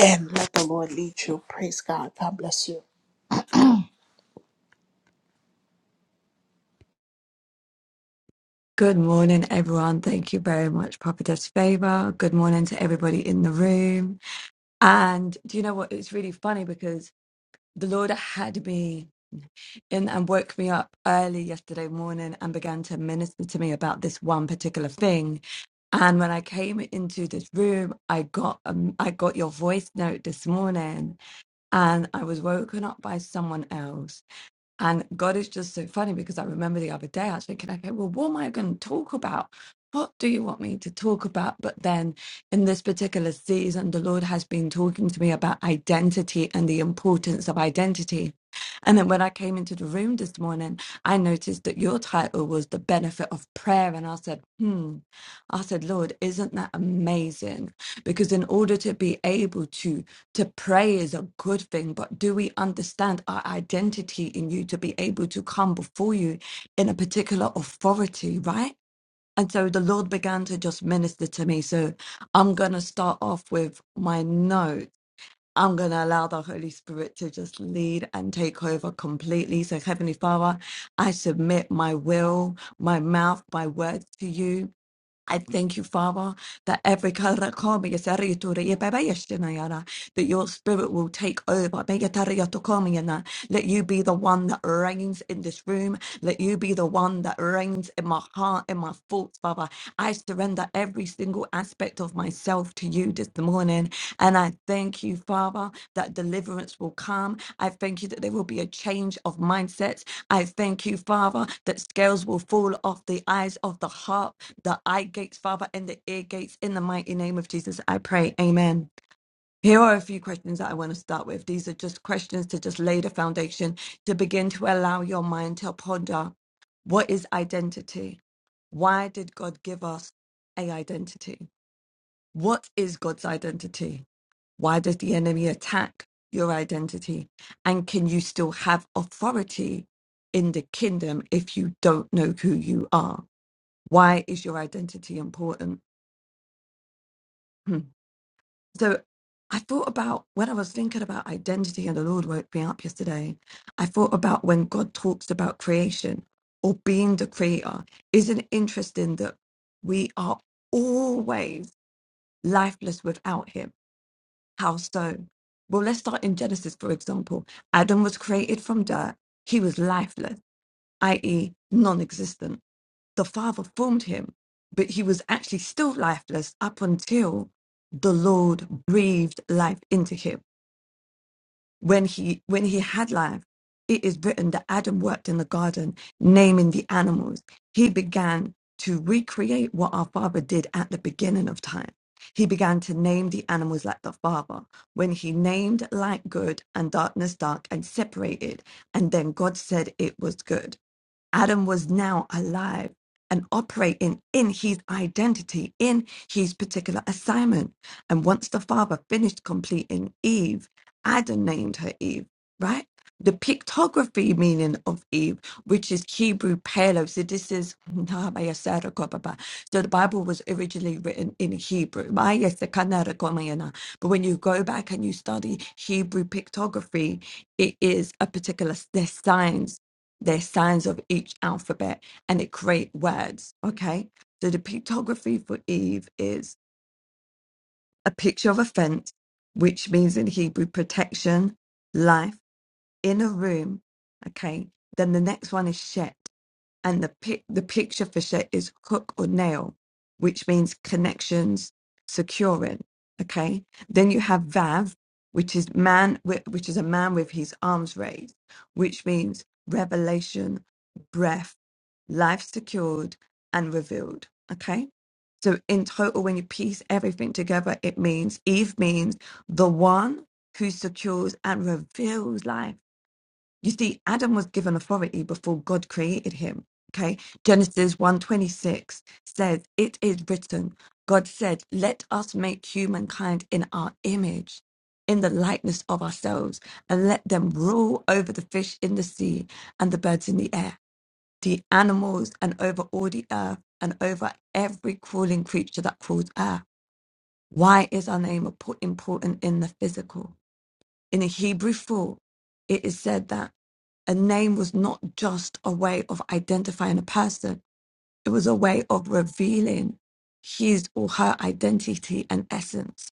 And let the Lord lead you. Praise God. God bless you. Good morning, everyone. Thank you very much, Prophetess Favor. Good morning to everybody in the room. And do you know what? It's really funny because the Lord had me in and woke me up early yesterday morning and began to minister to me about this one particular thing. And when I came into this room, I got um, I got your voice note this morning, and I was woken up by someone else and God is just so funny because I remember the other day I was thinking, okay, well, what am I going to talk about? What do you want me to talk about? But then in this particular season, the Lord has been talking to me about identity and the importance of identity. And then when I came into the room this morning, I noticed that your title was The Benefit of Prayer. And I said, hmm, I said, Lord, isn't that amazing? Because in order to be able to to pray is a good thing, but do we understand our identity in you to be able to come before you in a particular authority, right? And so the Lord began to just minister to me. So I'm going to start off with my notes. I'm going to allow the Holy Spirit to just lead and take over completely. So, Heavenly Father, I submit my will, my mouth, my words to you. I thank you, Father, that every karakami is yara, that your spirit will take over. Be yatari yatokomi yana. Let you be the one that reigns in this room. Let you be the one that reigns in my heart, in my thoughts, Father. I surrender every single aspect of myself to you this morning. And I thank you, Father, that deliverance will come. I thank you that there will be a change of mindsets. I thank you, Father, that scales will fall off the eyes of the heart the eye gates, Father, and the ear gates. In the mighty name of Jesus, I pray. Amen. Here are a few questions that I want to start with. These are just questions to just lay the foundation to begin to allow your mind to ponder what is identity? Why did God give us a identity? What is God's identity? Why does the enemy attack your identity? And can you still have authority in the kingdom if you don't know who you are? Why is your identity important? Hmm. So I thought about when I was thinking about identity and the Lord woke me up yesterday, I thought about when God talks about creation or being the creator. Isn't it interesting that we are always lifeless without him? How so? Well, let's start in Genesis, for example. Adam was created from dirt, he was lifeless, i.e., non existent the Father formed him, but he was actually still lifeless up until the Lord breathed life into him. When he when he had life, it is written that Adam worked in the garden, naming the animals. He began to recreate what our Father did at the beginning of time. He began to name the animals like the Father. When he named light good and darkness dark and separated, and then God said it was good. Adam was now alive and operating in his identity, in his particular assignment. And once the father finished completing Eve, Adam named her Eve, right? The pictography meaning of Eve, which is Hebrew palo. So this is so the Bible was originally written in Hebrew. But when you go back and you study Hebrew pictography, it is a particular s- there's signs their signs of each alphabet and it create words. Okay. So the pictography for Eve is a picture of a fence, which means in Hebrew protection, life in a room. Okay. Then the next one is Shet and the pic- the picture for Shet is hook or nail, which means connections securing. Okay, then you have Vav, which is man, wi- which is a man with his arms raised, which means revelation, breath, life secured and revealed. Okay, so in total, when you piece everything together, it means Eve means the one who secures and reveals life you see, Adam was given authority before God created him. Okay. Genesis one twenty six says, It is written, God said, Let us make humankind in our image, in the likeness of ourselves, and let them rule over the fish in the sea and the birds in the air, the animals and over all the earth and over every crawling creature that crawls earth. Why is our name important in the physical? In the Hebrew 4, it is said that a name was not just a way of identifying a person, it was a way of revealing his or her identity and essence.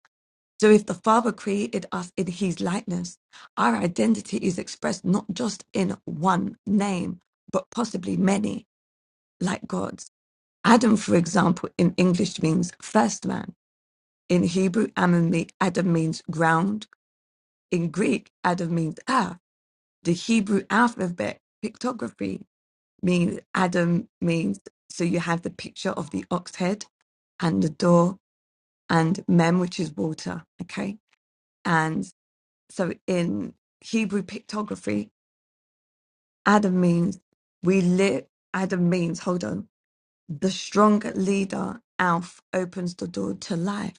So, if the Father created us in his likeness, our identity is expressed not just in one name, but possibly many, like God's. Adam, for example, in English means first man. In Hebrew, Adam means ground. In Greek, Adam means earth. The Hebrew alphabet, pictography, means Adam means so you have the picture of the ox head and the door and mem, which is water. Okay. And so in Hebrew pictography, Adam means we live, Adam means, hold on, the strong leader, Alf, opens the door to life.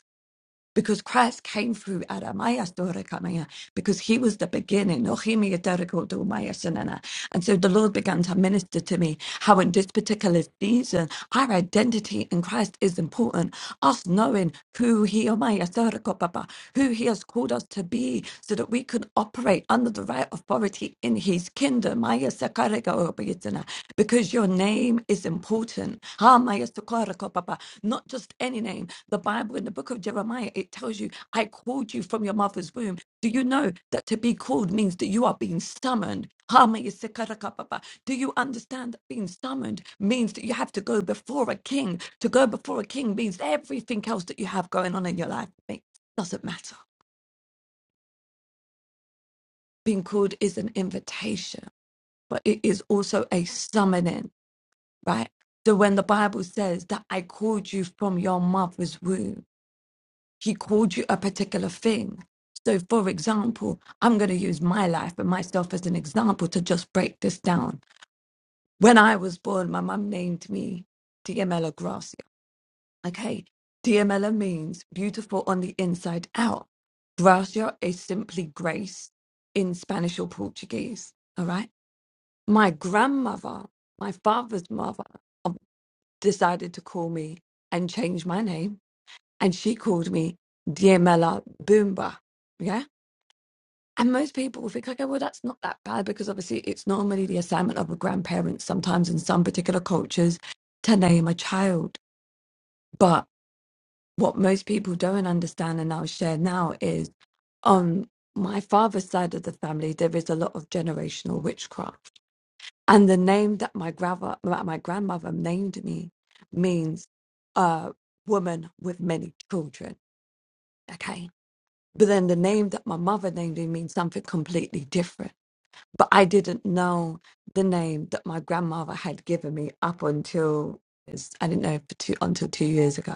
because Christ came through Aramaya Storakamaya, because he was the beginning. Nohimi Adarikoto Maya Sanana. And so the Lord began to minister to me how in this particular season our identity in Christ is important. Us knowing who he Omaya Doriko Papa, who he has called us to be, so that we can operate under the right authority in his kingdom. Maya Sakarika Obayitana, Because your name is important. Ha Maya Sakarika Papa. Not just any name the Bible in the book of Jeremiah, it tells you, I called you from your mother's womb. Do you know that to be called means that you are being summoned? Hama Do you understand that being summoned means that you have to go before a king? To go before a king means everything else that you have going on in your life ma- doesn't matter. Being called is an invitation, but it is also a summoning, right? So when the Bible says that I called you from your mother's womb, He called you a particular thing. So, for example, I'm going to use my life and myself as an example to just break this down. When I was born, my mum named me Diamela Gracia. Okay. Diamela means beautiful on the inside out. Gracia is simply grace in Spanish or Portuguese. All right. My grandmother, my father's mother, decided to call me and change my name. And she called me Diamela Boomba. Yeah. And most people will think, okay, well, that's not that bad because obviously it's normally the assignment of a grandparent, sometimes in some particular cultures, to name a child. But what most people don't understand, and I'll share now, is on my father's side of the family, there is a lot of generational witchcraft. And the name that my, grava- my grandmother named me means uh, woman with many children. Okay. But then the name that my mother named me means something completely different. but I didn't know the name that my grandmother had given me up until I didn't know for two, until two years ago.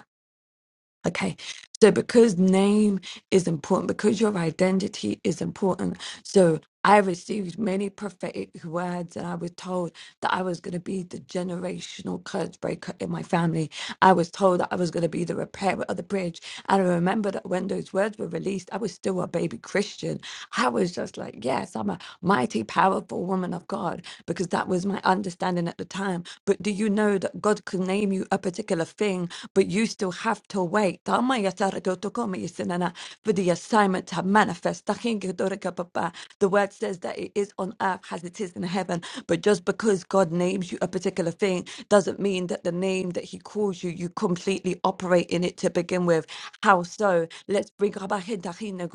Okay. So because name is important, because your identity is important. So I received many prophetic words and I was told that I was going to be the generational curse breaker in my family. I was told that I was going to be the repairer of the bridge. And I remember that when those words were released, I was still a baby Christian. I was just like, yes, I'm a mighty, powerful woman of God because that was my understanding at the time. But do you know that God can name you a particular thing, but you still have to wait? Tama ya to come, yes, uh, For the assignment to manifest. Tahin ki papa. The word says that it is on earth as it is in heaven. But just because God names you a particular thing doesn't mean that the name that He calls you, you completely operate in it to begin with. How so? Let's bring Rabba Hin Tahin na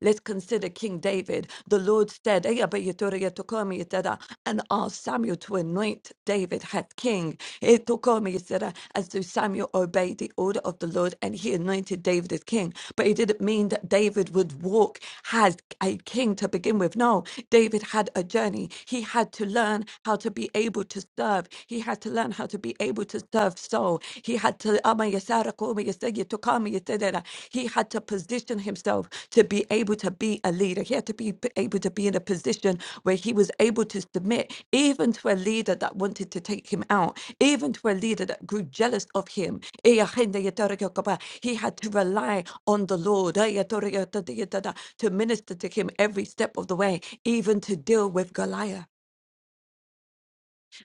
Let's consider King David, the Lord said, "Eya beyitori yetokomi yitera," and asked Samuel to anoint David as king. Yetokomi yitera, As so Samuel obeyed the order of the Lord and he anointed David as king. But it didn't mean that David would walk as a king to begin with. No, David had a journey. He had to learn how to be able to serve. He had to learn how to be able to serve Saul. He had to he had to position himself to be able to be a leader. He had to be p- able to be in a position where he was able to submit even to a leader that wanted to take him out, even to a leader that grew jealous of him. He had to rely on the Lord to minister to him every step of the way, even to deal with Goliath.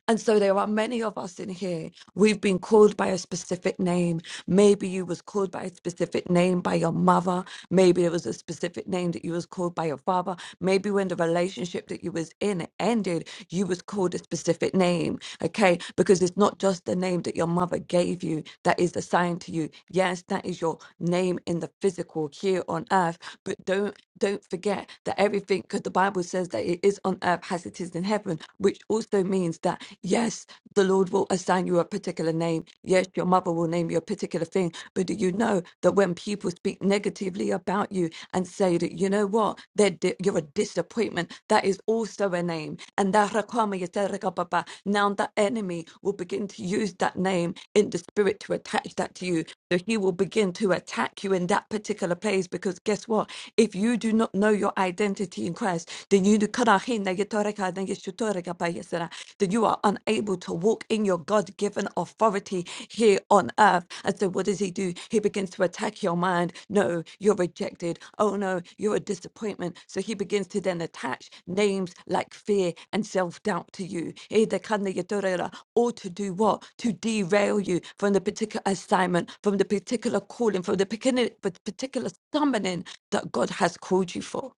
And so there are many of us in here. We've been called by a specific name. Maybe you was called by a specific name by your mother. Maybe it was a specific name that you was called by your father. Maybe when the relationship that you was in ended, you was called a specific name. Okay, because it's not just the name that your mother gave you that is assigned to you. Yes, that is your name in the physical here on earth. But don't don't forget that everything, because the Bible says that it is on earth has as it is in heaven, which also means that, yes, the Lord will assign you a particular name. Yes, your mother will name you a particular thing. But do you know that when people speak negatively about you and say that, you know what, they're di- you're a disappointment, that is also a name. And that rakama yatereka baba. now the enemy will begin to use that name in the spirit to attach that to you. So he will begin to attack you in that particular place because guess what? If you do not know your identity, identity in Christ, then you do kara hin na yetora ka na yeshutora ka pa yesera, then you are unable to walk in your God given authority here on earth. And so, what does he do? He begins to attack your mind. No, you're rejected. Oh, no, you're a disappointment. So, he begins to then attach names like fear and self doubt to you. Eh, the kana yetora ra, All to do what? To derail you from the particular assignment, from the particular calling, from the particular particular summoning that God has called you for.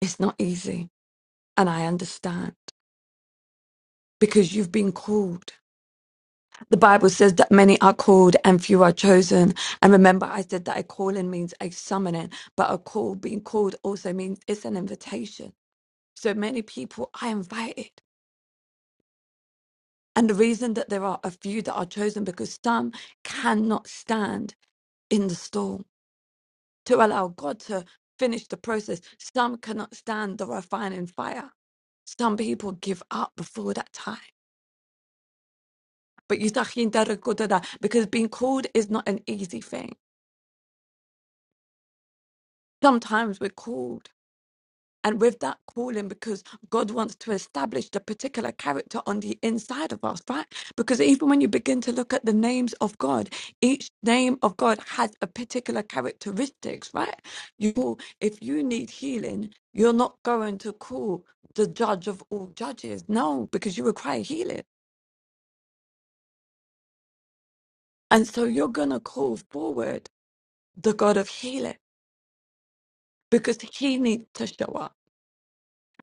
It's not easy. And I understand because you've been called. The Bible says that many are called and few are chosen. And remember, I said that a calling means a summoning, but a call, being called also means it's an invitation. So many people are invited. And the reason that there are a few that are chosen because some cannot stand in the storm to allow God to finish the process. Some cannot stand the refining fire. Some people give up before that time But you tahin dara koda da, because being called is not an easy thing. Sometimes we're called. And with that calling, because God wants to establish the particular character on the inside of us, right? Because even when you begin to look at the names of God, each name of God has a particular characteristics, right? You call, if you need healing, you're not going to call the judge of all judges. No, because you require healing. And so you're going to call forward the God of healing. because he needs to show up.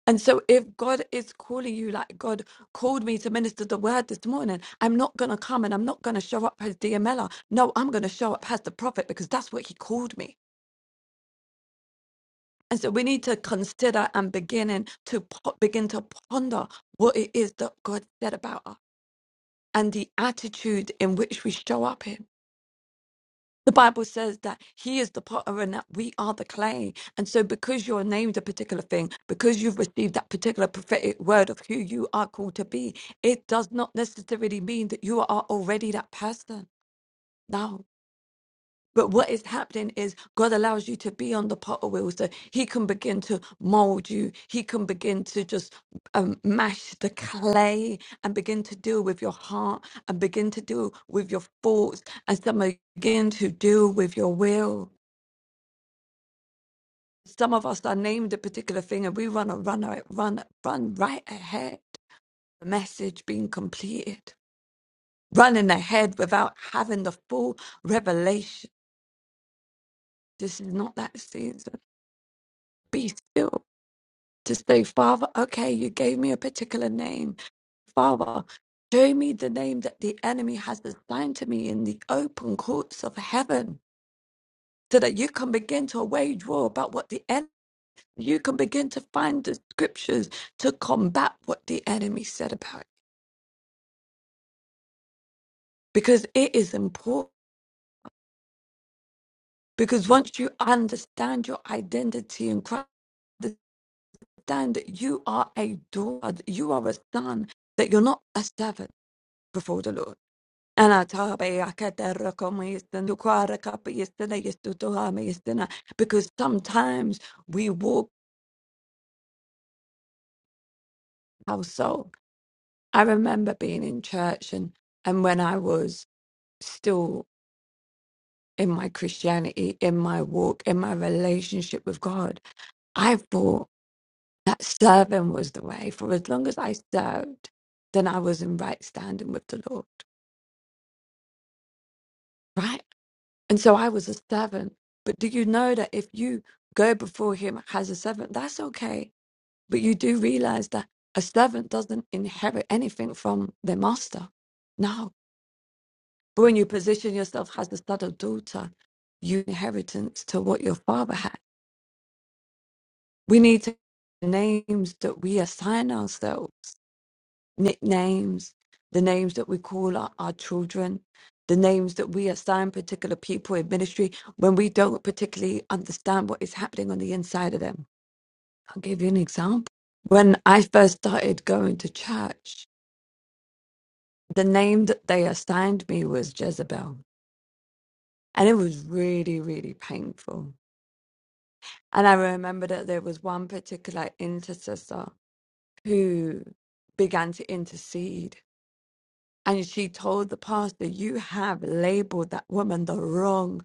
And so, if God is calling you, like God called me to minister the word this morning, I'm not going to come and I'm not going to show up as DMLer. No, I'm going to show up as the prophet because that's what he called me. And so, we need to consider and beginning to po- begin to ponder what it is that God said about us and the attitude in which we show up in. The Bible says that He is the potter and that we are the clay. And so, because you're named a particular thing, because you've received that particular prophetic word of who you are called to be, it does not necessarily mean that you are already that person. No. But what is happening is God allows you to be on the potter wheel so He can begin to mold you. He can begin to just um, mash the clay and begin to deal with your heart and begin to deal with your thoughts and some begin to deal with your will. some of us are named a particular thing and we run a run a- run run right ahead the message being completed running ahead without having the full revelation this is not that season be still to say father okay you gave me a particular name father show me the name that the enemy has assigned to me in the open courts of heaven so that you can begin to wage war about what the enemy you can begin to find the scriptures to combat what the enemy said about it because it is important. Because once you understand your identity in Christ, understand that you are a daughter, that you are a son, that you're not a servant before the Lord. And I tell you, I can't tell you come here, stand, you cry, I can't be here, stand, I used to because sometimes we walk our soul. I remember being in church and, and when I was still in my Christianity, in my walk, in my relationship with God. I thought that serving was the way. For as long as I served, then I was in right standing with the Lord, right? And so I was a servant. But do you know that if you go before Him as a servant, that's okay. But you do realize that a servant doesn't inherit anything from their master. No. But when you position yourself as the son or daughter, you inheritance to what your father had. We need to names that we assign ourselves, nicknames, the names that we call our, our children, the names that we assign particular people in ministry when we don't particularly understand what is happening on the inside of them. I'll give you an example. When I first started going to church, the name that they assigned me was Jezebel. And it was really, really painful. And I remember that there was one particular intercessor who began to intercede. And she told the pastor, You have labeled that woman the wrong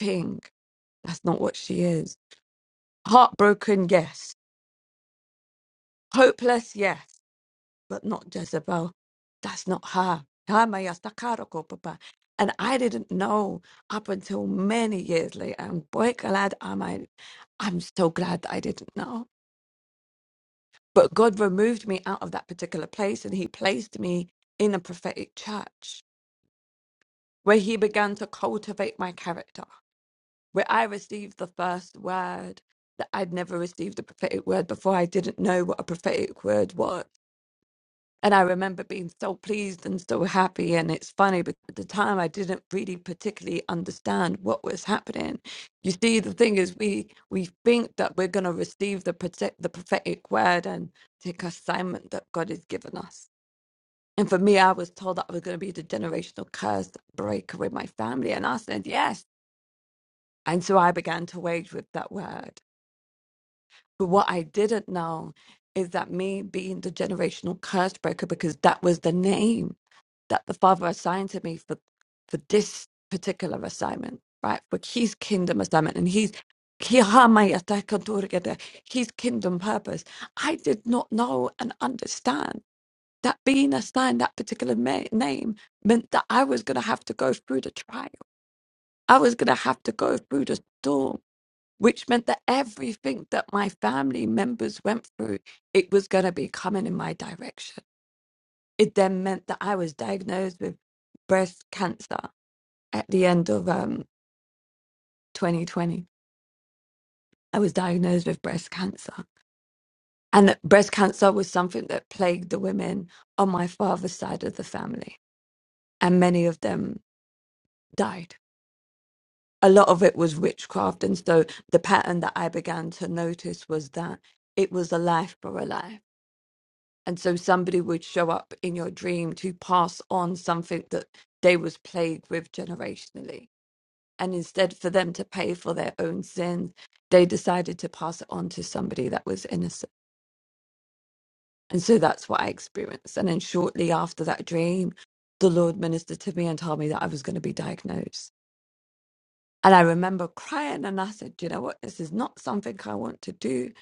thing. That's not what she is. Heartbroken, yes. Hopeless, yes. But not Jezebel. That's not her. Tamaya Sakaroko, Papa. And I didn't know up until many years later. And boy, glad am I. I'm so glad that I didn't know. But God removed me out of that particular place and He placed me in a prophetic church where he began to cultivate my character, where I received the first word that I'd never received a prophetic word before. I didn't know what a prophetic word was. And I remember being so pleased and so happy. And it's funny because at the time I didn't really particularly understand what was happening. You see, the thing is, we we think that we're going to receive the prote- the prophetic word and take assignment that God has given us. And for me, I was told that I was going to be the generational curse breaker with my family. And I said, yes. And so I began to wage with that word. But what I didn't know is that me being the generational curse breaker, because that was the name that the father assigned to me for, for this particular assignment, right? For his kingdom assignment and his his kingdom purpose. I did not know and understand that being assigned that particular ma- name meant that I was going to have to go through the trial. I was going to have to go through the storm which meant that everything that my family members went through, it was going to be coming in my direction. It then meant that I was diagnosed with breast cancer at the end of um, 2020. I was diagnosed with breast cancer. And that breast cancer was something that plagued the women on my father's side of the family. And many of them died. A lot of it was witchcraft. And so the pattern that I began to notice was that it was a life for a life and so somebody would show up in your dream to pass on something that they was plagued with generationally and instead for them to pay for their own sins they decided to pass it on to somebody that was innocent and so that's what i experienced and then shortly after that dream the lord ministered to me and told me that i was going to be diagnosed and i remember crying and i said "Do you know what this is not something i want to do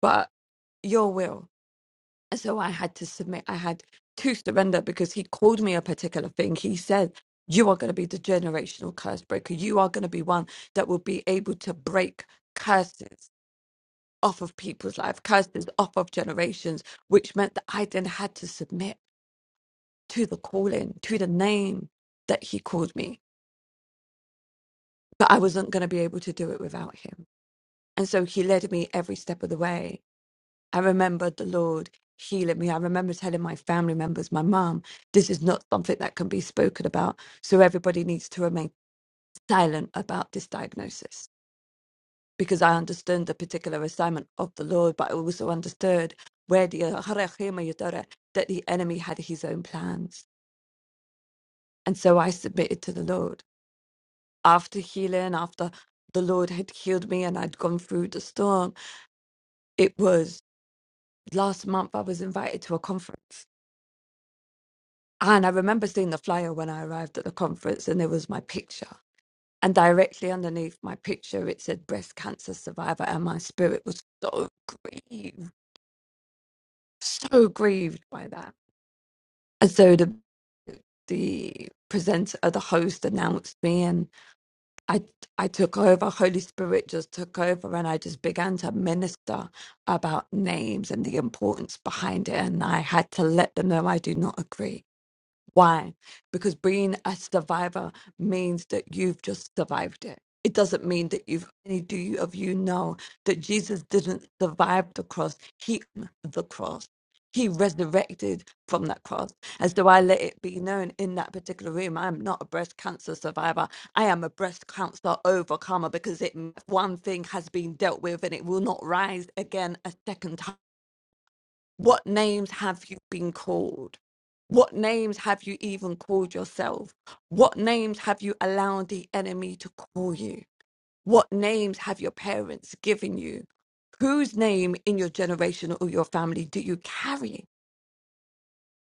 but your will so I had to submit. I had to surrender because he called me a particular thing. He said, You are going to be the generational curse breaker. You are going to be one that will be able to break curses off of people's life, curses off of generations, which meant that I then had to submit to the calling, to the name that he called me. But I wasn't going to be able to do it without him. And so he led me every step of the way I remembered the Lord healing me. I remember telling my family members, my mom, this is not something that can be spoken about. So everybody needs to remain silent about this diagnosis because I understood the particular assignment of the Lord, but I also understood where the that the enemy had his own plans. And so I submitted to the Lord. After healing, after the Lord had healed me and I'd gone through the storm, it was last month I was invited to a conference And I remember seeing the flyer when I arrived at the conference, and there was my picture. And directly underneath my picture, it said breast cancer survivor. And my spirit was so grieved, so grieved by that. And so the, the presenter, the host announced me, and I, I took over. Holy Spirit just took over, and I just began to minister about names and the importance behind it. And I had to let them know I do not agree. Why? Because being a survivor means that you've just survived it. It doesn't mean that you've any do you of you know that Jesus didn't survive the cross. He on the cross. He resurrected from that cross. And so I let it be known in that particular room. I'm not a breast cancer survivor. I am a breast cancer overcomer because it one thing has been dealt with and it will not rise again a second time what names have you been called? What names have you even called yourself? What names have you allowed the enemy to call you? What names have your parents given you? Whose name in your generation or your family do you carry?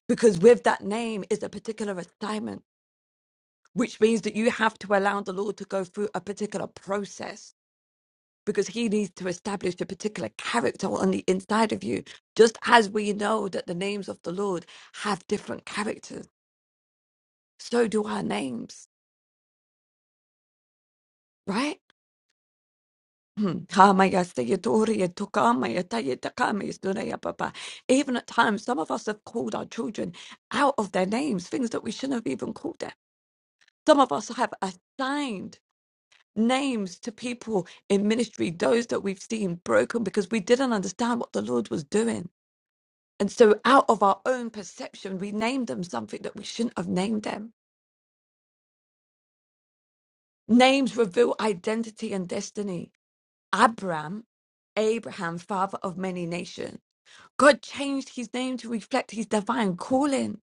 Because with that name is a particular assignment, which means that you have to allow the Lord to go through a particular process because he needs to establish a particular character on the inside of you. Just as we know that the names of the Lord have different characters, so do our names, right? Hmm. Hamayasayadoriya tukamayatayatakamaisunaya papa. Even at times, some of us have called our children out of their names, things that we shouldn't have even called them. Some of us have assigned names to people in ministry, those that we've seen broken because we didn't understand what the Lord was doing And so, out of our own perception, we name them something that we shouldn't have named them. Names reveal identity and destiny. Abram, Abraham, father of many nations. God changed his name to reflect his divine calling.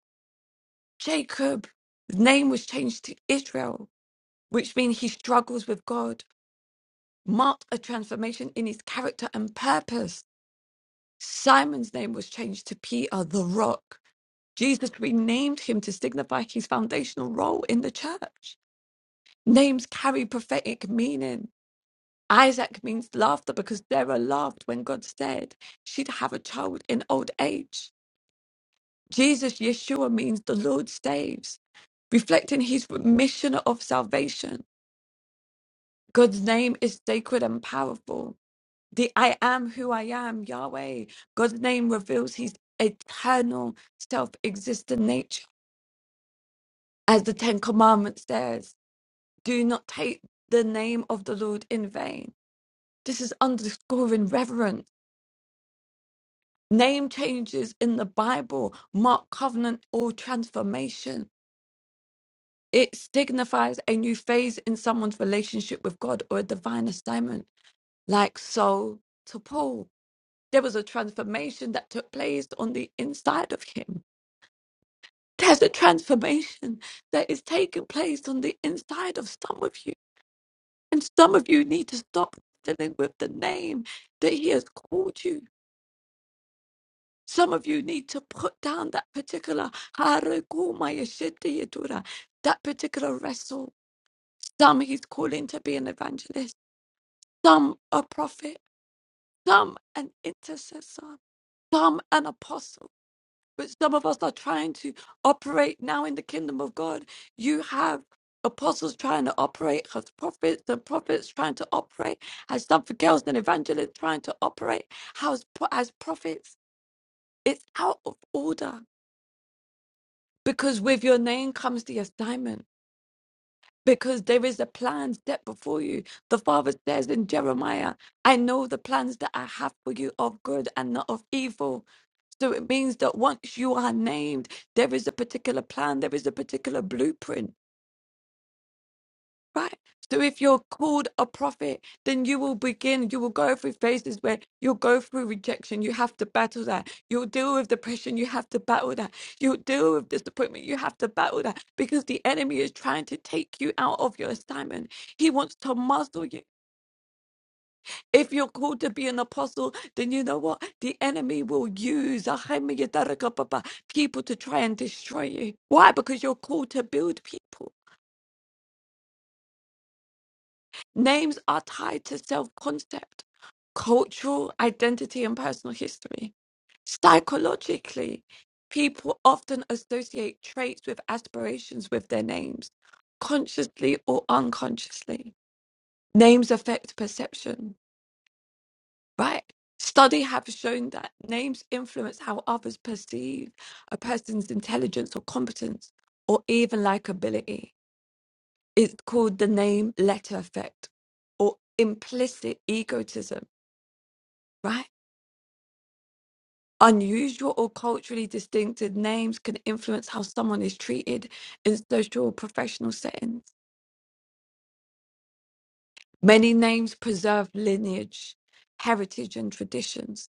Jacob, his name was changed to Israel, which means his struggles with God marked a transformation in his character and purpose. Simon's name was changed to Peter, the rock. Jesus renamed him to signify his foundational role in the church. Names carry prophetic meaning. Isaac means laughter because Sarah laughed when God said she'd have a child in old age. Jesus, Yeshua, means the Lord saves, reflecting his mission of salvation. God's name is sacred and powerful. The I am who I am, Yahweh. God's name reveals his eternal, self existent nature. As the Ten Commandments says, do not take the name of the Lord in vain This is underscoring reverence. Name changes in the Bible mark covenant or transformation. It signifies a new phase in someone's relationship with God or a divine assignment, like Saul to Paul. There was a transformation that took place on the inside of him. There's a transformation that is taking place on the inside of some of you. And some of you need to stop dealing with the name that he has called you Some of you need to put down that particular harakumayashitayatura, that particular wrestle. Some he's calling to be an evangelist, some a prophet, some an intercessor, some an apostle. But some of us are trying to operate now in the kingdom of God. You have apostles trying to operate as prophets, and prophets trying to operate as something else, and evangelists trying to operate as, as prophets. It's out of order Because with your name comes the assignment. Because there is a plan set before you. The Father says in Jeremiah, I know the plans that I have for you of good and not of evil. So it means that once you are named, there is a particular plan, there is a particular blueprint Right. So if you're called a prophet, then you will begin, you will go through phases where you'll go through rejection. You have to battle that. You'll deal with depression. You have to battle that. You'll deal with disappointment. You have to battle that because the enemy is trying to take you out of your assignment. He wants to muzzle you. If you're called to be an apostle, then you know what? The enemy will use people to try and destroy you. Why? Because you're called to build people. Names are tied to self concept, cultural identity, and personal history. Psychologically, people often associate traits with aspirations with their names, consciously or unconsciously. Names affect perception, right? Study have shown that names influence how others perceive a person's intelligence or competence or even likability. It's called the name letter effect or implicit egotism right? Unusual or culturally distinctive names can influence how someone is treated in social or professional settings. Many names preserve lineage, heritage, and traditions.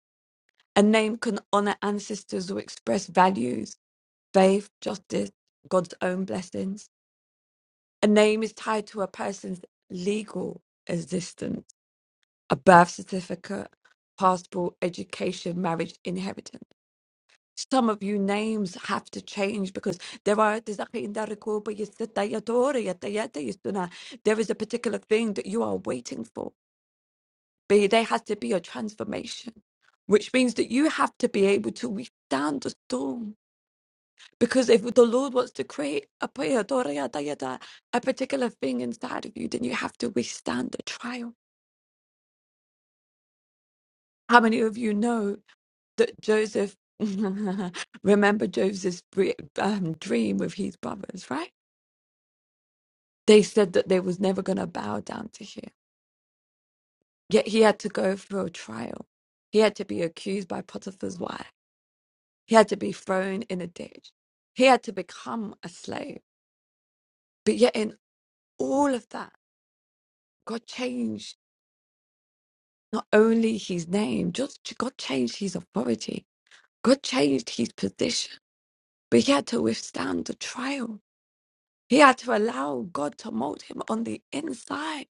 A name can honor ancestors or express values, faith, justice, God's own blessings. A name is tied to a person's legal existence, a birth certificate, passport, education, marriage, inheritance. some of you names have to change because there are there is a particular thing that you are waiting for but there has to be a transformation which means that you have to be able to withstand the storm because if the lord wants to create a a particular thing inside of you then you have to withstand the trial how many of you know that joseph remember joseph's dre- um, dream with his brothers right They said that they was never going to bow down to him. Yet he had to go through a trial. He had to be accused by Potiphar's wife. He had to be thrown in a ditch. He had to become a slave. But yet in all of that, God changed not only his name, just God changed his authority. God changed his position. But he had to withstand the trial. He had to allow God to mold him on the inside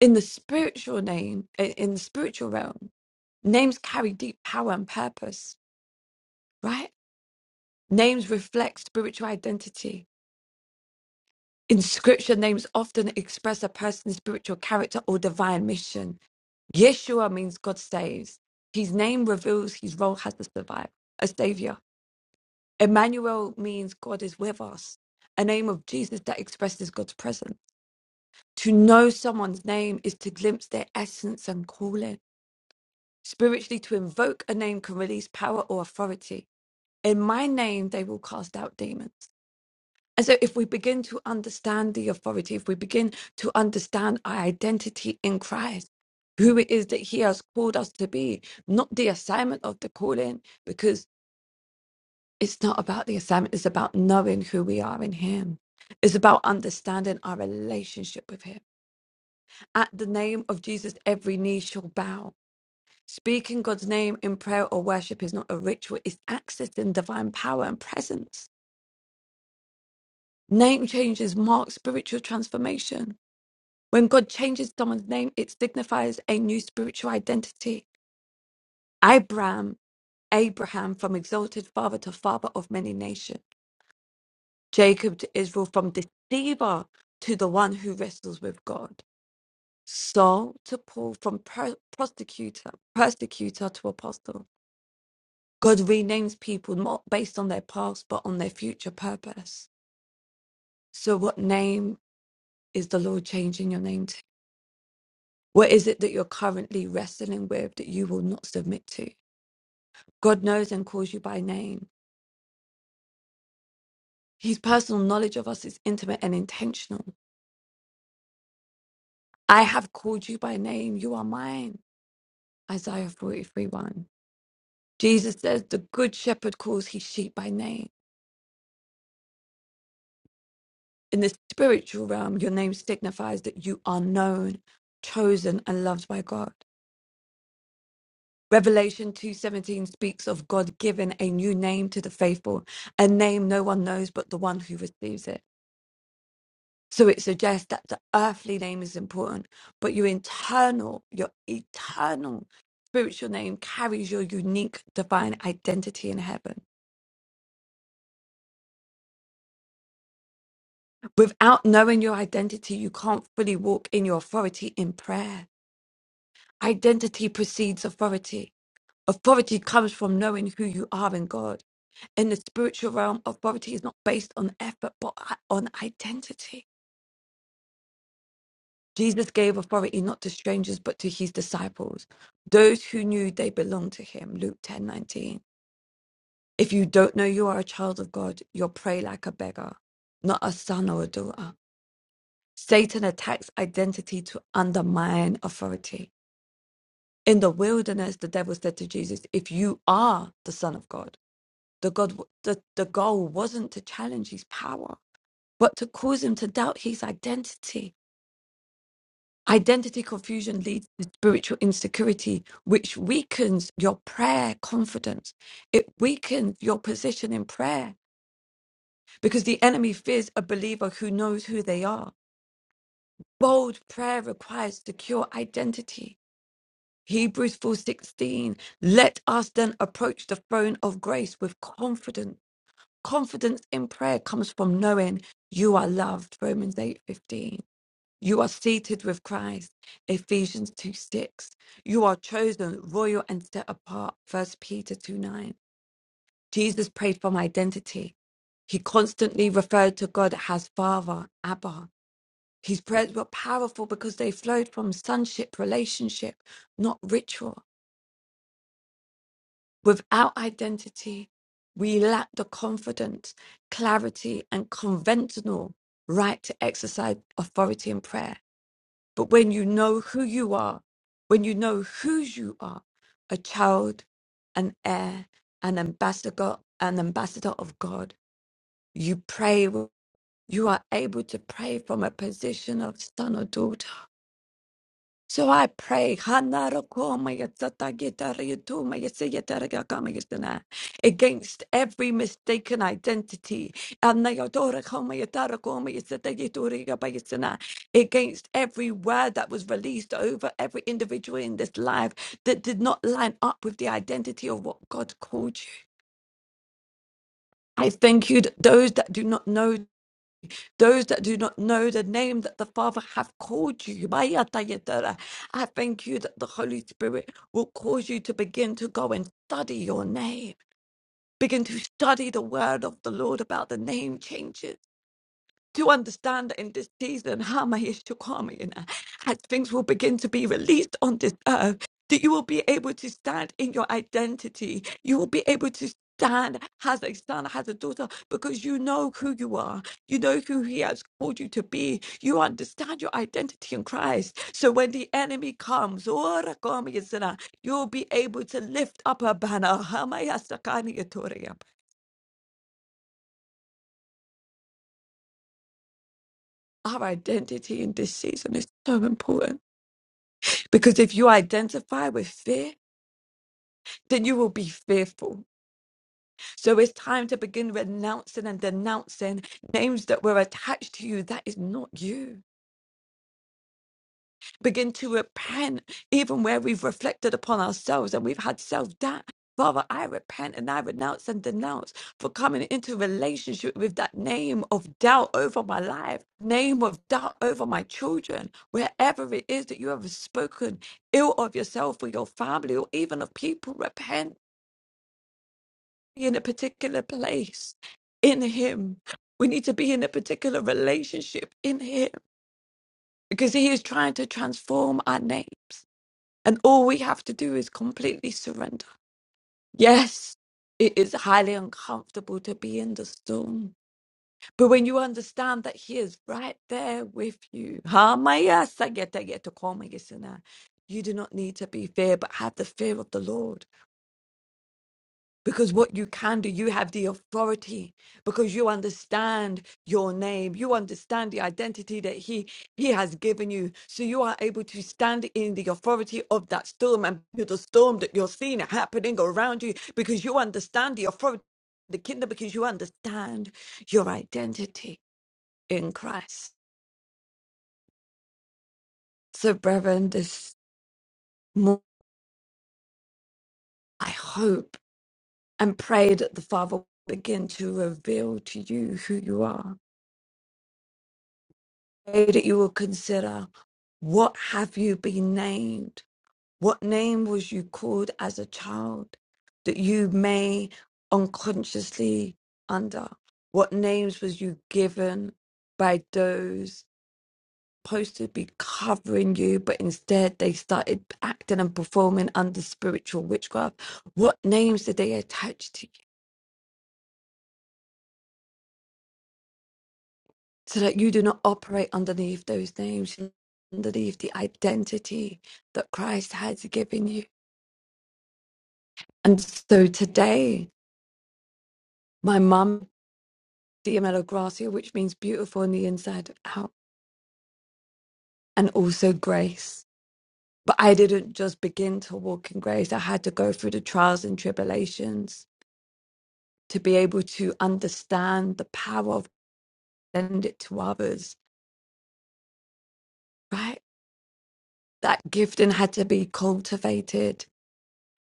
in the spiritual name, in in the spiritual realm. Names carry deep power and purpose, right? Names reflect spiritual identity. In scripture, names often express a person's spiritual character or divine mission. Yeshua means God saves. His name reveals his role as a survivor, a savior. Emmanuel means God is with us, a name of Jesus that expresses God's presence. To know someone's name is to glimpse their essence and calling. Spiritually, to invoke a name can release power or authority. In my name, they will cast out demons. And so, if we begin to understand the authority, if we begin to understand our identity in Christ, who it is that He has called us to be, not the assignment of the calling, because it's not about the assignment, it's about knowing who we are in Him. It's about understanding our relationship with Him. At the name of Jesus, every knee shall bow. Speaking God's name in prayer or worship is not a ritual, it's accessing divine power and presence. Name changes mark spiritual transformation. When God changes someone's name, it signifies a new spiritual identity. Abraham, Abraham from exalted father to father of many nations. Jacob to Israel from deceiver to the one who wrestles with God. Saul to Paul from per- prosecutor, persecutor to apostle. God renames people not based on their past, but on their future purpose. So, what name is the Lord changing your name to? What is it that you're currently wrestling with that you will not submit to? God knows and calls you by name. His personal knowledge of us is intimate and intentional. I have called you by name. You are mine. Isaiah 43 1. Jesus says, The good shepherd calls his sheep by name. In the spiritual realm, your name signifies that you are known, chosen, and loved by God. Revelation 2:17 speaks of God giving a new name to the faithful, a name no one knows but the one who receives it. So it suggests that the earthly name is important, but your internal, your eternal spiritual name carries your unique divine identity in heaven. Without knowing your identity, you can't fully walk in your authority in prayer. Identity precedes authority. Authority comes from knowing who you are in God. In the spiritual realm, authority is not based on effort, but on identity. Jesus gave authority not to strangers, but to his disciples, those who knew they belonged to him. Luke ten nineteen. If you don't know you are a child of God, you'll pray like a beggar, not a son or a daughter. Satan attacks identity to undermine authority. In the wilderness, the devil said to Jesus, If you are the Son of God, the, God, the, the goal wasn't to challenge his power, but to cause him to doubt his identity Identity confusion leads to spiritual insecurity, which weakens your prayer confidence. It weakens your position in prayer because the enemy fears a believer who knows who they are. Bold prayer requires secure identity. Hebrews 4:16 Let us then approach the throne of grace with confidence. Confidence in prayer comes from knowing you are loved. Romans 8:15. You are seated with Christ, Ephesians 2 6. You are chosen, royal, and set apart, First Peter 2 9. Jesus prayed for my identity. He constantly referred to God as Father, Abba. His prayers were powerful because they flowed from sonship relationship, not ritual. Without identity, we lack the confidence, clarity, and conventional right to exercise authority in prayer. But when you know who you are, when you know whose you are, a child, an heir, an ambassador, an ambassador of God, you pray. You are able to pray from a position of son or daughter so I pray, Hanarokoomayatsatagetariatumayatsayatarakamagastana, against every mistaken identity, Anayodora Koma Anayotorakoomayatarakoomayatsatageturigabayasana, against every word that was released over every individual in this life that did not line up with the identity of what God called you. I thank you that those that do not know those that do not know the name that the Father hath called you. Maya Tayatara, I thank you that the Holy Spirit will cause you to begin to go and study your name. Begin to study the word of the Lord about the name changes to understand in this season how my issue come, you know, as things will begin to be released on this earth, that you will be able to stand in your identity. You will be able to stand as a son, as a daughter, because you know who you are. You know who he has called you to be. You understand your identity in Christ. So when the enemy comes, ora come, you sinner, you'll be able to lift up a banner. Hamaya sakani yatoria. Our identity in this season is so important Because if you identify with fear, then you will be fearful. So it's time to begin renouncing and denouncing names that were attached to you. That is not you. Begin to repent, even where we've reflected upon ourselves and we've had self doubt. Father, I repent and I renounce and denounce for coming into relationship with that name of doubt over my life, name of doubt over my children, wherever it is that you have spoken ill of yourself or your family or even of people. Repent be in a particular place in Him. We need to be in a particular relationship in Him because He is trying to transform our names. And all we have to do is completely surrender. Yes, it is highly uncomfortable to be in the storm. But when you understand that He is right there with you, Hamaya Sageta Geta Koma Gisana, you do not need to be fear, but have the fear of the Lord. Because what you can do, you have the authority because you understand your name. You understand the identity that he, he has given you. So you are able to stand in the authority of that storm and to the storm that you're seeing happening around you because you understand the authority of the kingdom because you understand your identity in Christ. So, brethren, this morning, I hope and pray that the Father will begin to reveal to you who you are pray that you will consider what have you been named? What name was you called as a child that you may unconsciously under? What names was you given by those supposed to be covering you, but instead they started acting and performing under spiritual witchcraft? What names did they attach to you so that you do not operate underneath those names, underneath the identity that Christ has given you? And so today, my mum, Dia Gracia, which means beautiful on the inside out, and also grace. But I didn't just begin to walk in grace. I had to go through the trials and tribulations to be able to understand the power of lend it to others, right? That gifting had to be cultivated.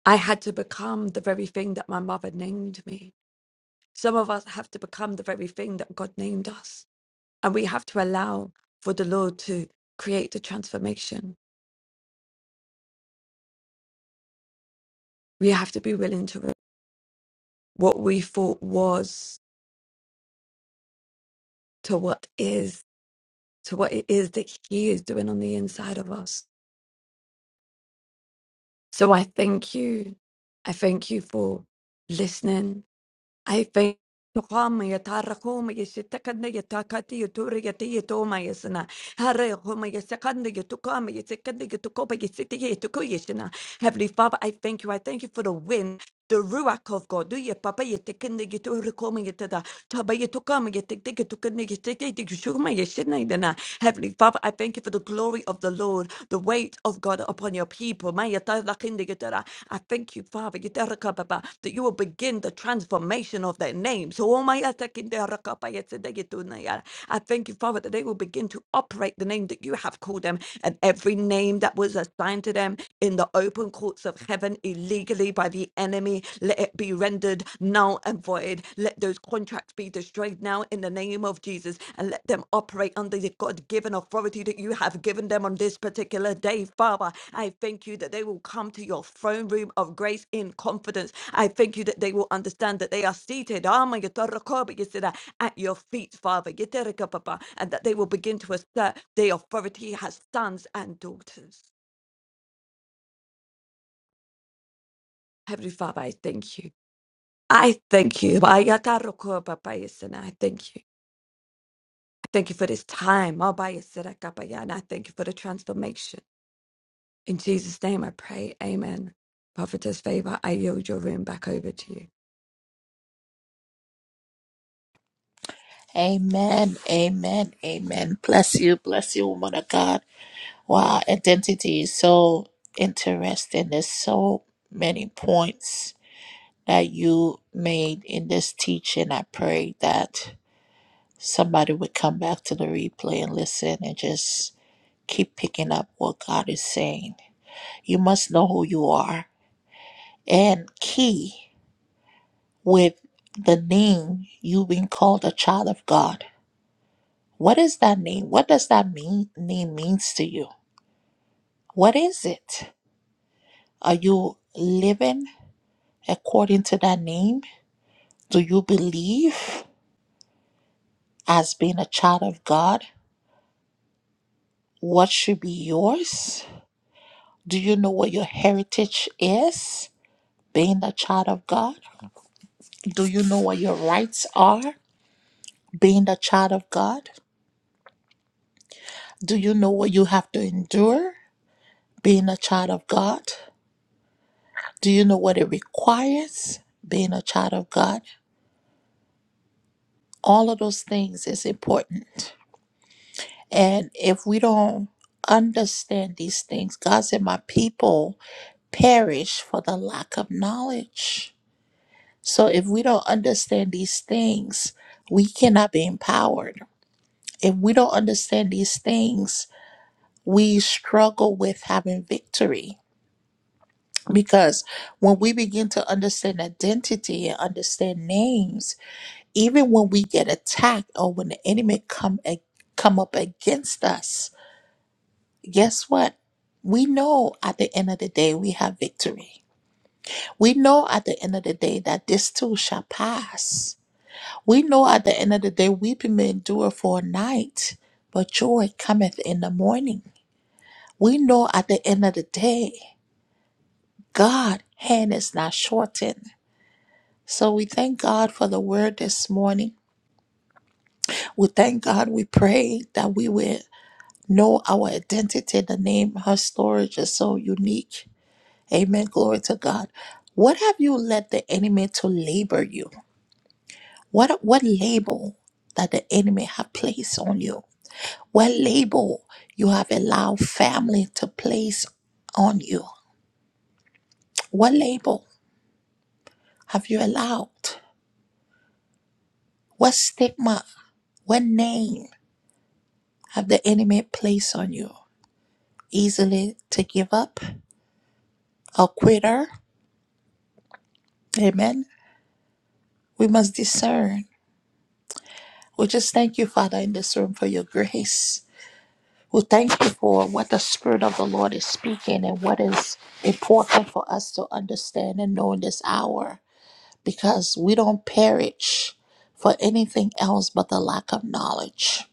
I had to become the very thing that my mother named me. Some of us have to become the very thing that God named us And we have to allow for the Lord to create the transformation. We have to be willing to re- what we thought was to what is, to what it is that He is doing on the inside of us. So I thank you. I thank you for listening. Aife Homa yatara homa yesitakanda yatakati yatura yati yatoma yasana. Hara homa yasakanda yatukama yasikanda yatukopa yasiti yatuko yasana. Heavenly Father, I thank you. I thank you for the wind, the ruach of God. Do your papa yatakanda yatura koma yatada. Heavenly Father, I thank you for the glory of the Lord, the weight of God upon your people. Maya ta lakinde yetera. I thank you, Father, that you will begin the transformation of their names. So, oh my atakinde rakapa yetede yetuna yara. I thank you, Father, that they will begin to operate the name that you have called them and every name that was assigned to to them in the open courts of heaven illegally by the enemy. Let it be rendered null and void. Let those contracts be destroyed now in the name of Jesus and let them operate under the God given authority that you have given them on this particular day, Father. I thank you that they will come to your throne room of grace in confidence. I thank you that they will understand that they are seated ah, my Yetorra Kobe, at your feet, Father, Yeterra and that they will begin to assert the authority has sons and daughters. Heavenly Father, I thank you. I thank you. Ayatarokopapayasana, I thank you. I thank you for this time. Abayasarakapayana, I thank you for the transformation. In Jesus' name I pray. Amen. Prophetess Favor, I yield your room back over to you. Amen. Amen. Amen. Bless you. Bless you, woman of God. Wow, identity is so interesting. There's so many points that you made in this teaching. I pray that somebody would come back to the replay and listen and just keep picking up what God is saying. You must know who you are. And key with the name, you've been called a child of God What does that name? What does that mean name means to you? What is it? Are you living according to that name? Do you believe as being a child of God what should be yours? Do you know what your heritage is being a child of God? Do you know what your rights are being a child of God? Do you know what you have to endure being a child of God? Do you know what it requires being a child of God? All of those things is important. And if we don't understand these things, God said, My people perish for the lack of knowledge. So if we don't understand these things, we cannot be empowered. If we don't understand these things, we struggle with having victory. Because when we begin to understand identity and understand names, even when we get attacked or when the enemy come a- come up against us, guess what? We know at the end of the day we have victory. We know at the end of the day that this too shall pass. We know at the end of the day weeping may endure for a night, but joy cometh in the morning. We know at the end of the day God's hand is not shortened. So we thank God for the word this morning. We thank God. We pray that we will know our identity. The name, her story is so unique Amen. Glory to God. What have you let the enemy to labor you? What what label that the enemy have placed on you? What label you have allowed family to place on you? What label have you allowed? What stigma? What name have the enemy placed on you? Easily to give up, a quitter. Amen. We must discern. We just thank you, Father, in this room for your grace We thank you for what the Spirit of the Lord is speaking and what is important for us to understand and know in this hour because we don't perish for anything else but the lack of knowledge.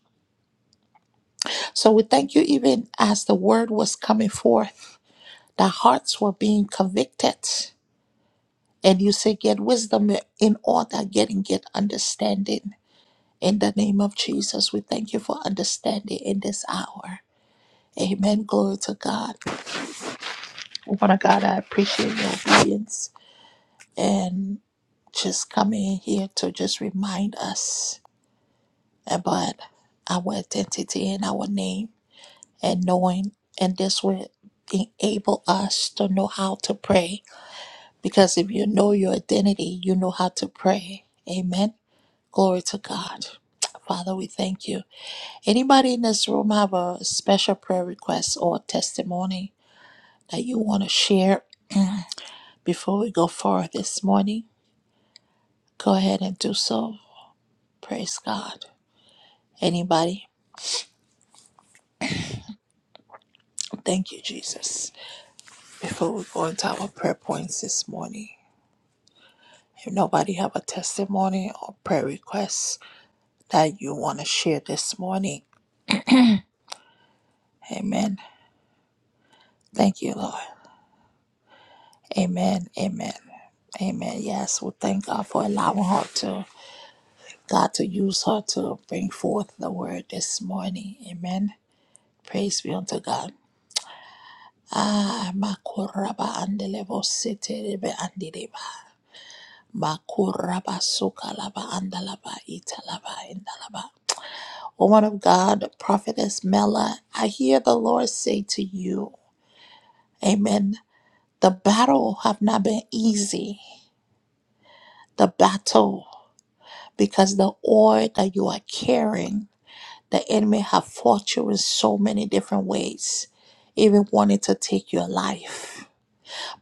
So we thank you, even as the word was coming forth, the hearts were being convicted. And you say, Get wisdom in all that getting, get understanding. In the name of Jesus, we thank you for understanding in this hour. Amen. Glory to God. Father God, I appreciate your obedience and just coming here to just remind us about our identity and our name and knowing, and this will enable us to know how to pray. Because if you know your identity, you know how to pray. Amen. Glory to God. Father, we thank you. Anybody in this room have a special prayer request or testimony that you want to share before we go forward this morning? Go ahead and do so. Praise God. Anybody? Thank you, Jesus. Before we go into our prayer points this morning, if nobody have a testimony or prayer request that you want to share this morning, amen. Thank you, Lord. Amen. Amen. Amen. Yes, we thank God for allowing her to God to use her to bring forth the word this morning. Amen. Praise be unto God. Ah, makoraba andelebo seterebe andeleba. Makuraba sukalaba andalaba italaba indalaba. Woman of God, Prophetess Mela, I hear the Lord say to you, Amen. The battle have not been easy. The battle, because the oil that you are carrying, the enemy have fought you in so many different ways, even wanting to take your life.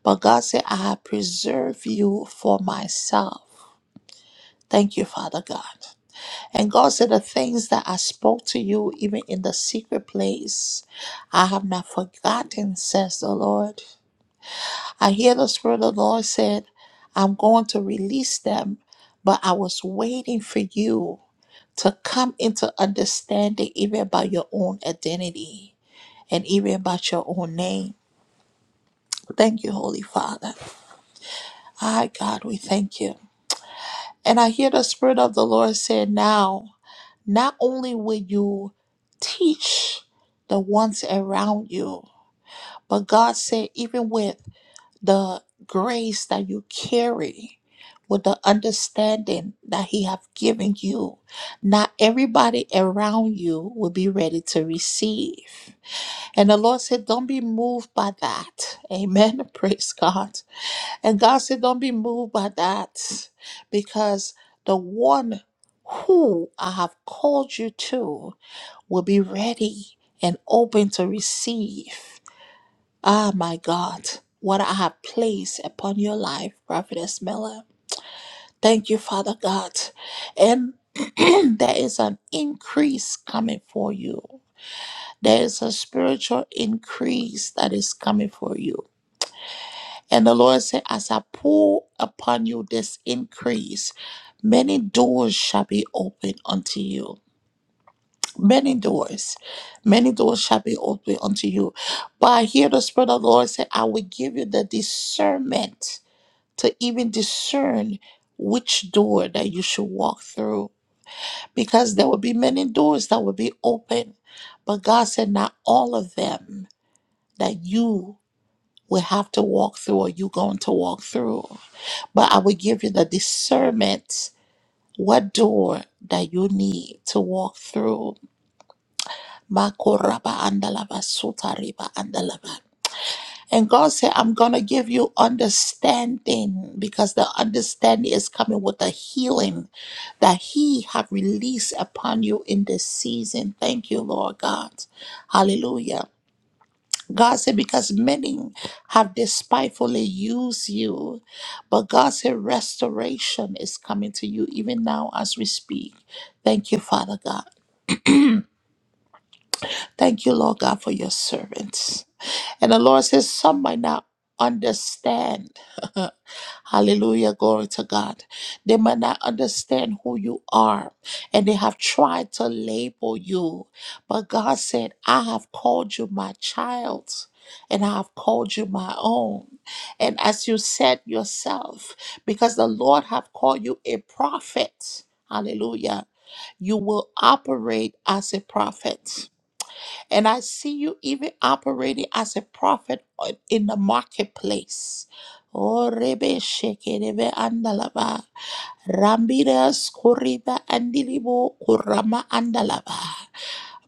But God said, I have preserved you for myself. Thank you, Father God. And God said, The things that I spoke to you, even in the secret place, I have not forgotten, says the Lord. I hear the Spirit of the Lord said, I'm going to release them, but I was waiting for you to come into understanding, even about your own identity and even about your own name. Thank you, Holy Father. Hi, God, we thank you. And I hear the Spirit of the Lord say, Now, Not only will you teach the ones around you, but God said, even with the grace that you carry, with the understanding that He have given you, not everybody around you will be ready to receive. And the Lord said, Don't be moved by that. Amen. Praise God. And God said, Don't be moved by that because the one who I have called you to will be ready and open to receive, ah, my God, what I have placed upon your life, Prophetess Miller. Thank you, Father God. And there is an increase coming for you. There is a spiritual increase that is coming for you. And the Lord said, As I pour upon you this increase, many doors shall be opened unto you many doors. Many doors shall be opened unto you. But I hear the Spirit of the Lord say, I will give you the discernment to even discern which door that you should walk through. Because there will be many doors that will be open. But God said, not all of them that you will have to walk through or you going to walk through. But I will give you the discernment what door that you need to walk through Makoraba andalava, sutariba andalava. And God said, I'm going to give you understanding because the understanding is coming with the healing that He have released upon you in this season. Thank you, Lord God. Hallelujah. God said, because many have despitefully used you, but God said, restoration is coming to you even now as we speak. Thank you, Father God. Thank you, Lord God, for your servants. And the Lord says, Some might not understand. Hallelujah. Glory to God. They might not understand who you are and they have tried to label you. But God said, I have called you my child and I have called you my own. And as you said yourself, because the Lord have called you a prophet. Hallelujah. You will operate as a prophet. And I see you even operating as a prophet on- in the marketplace. Oh, Rebe Sheke, Rebe Andalaba, Rambira Skoriba Andilibo, Kurama Andalaba.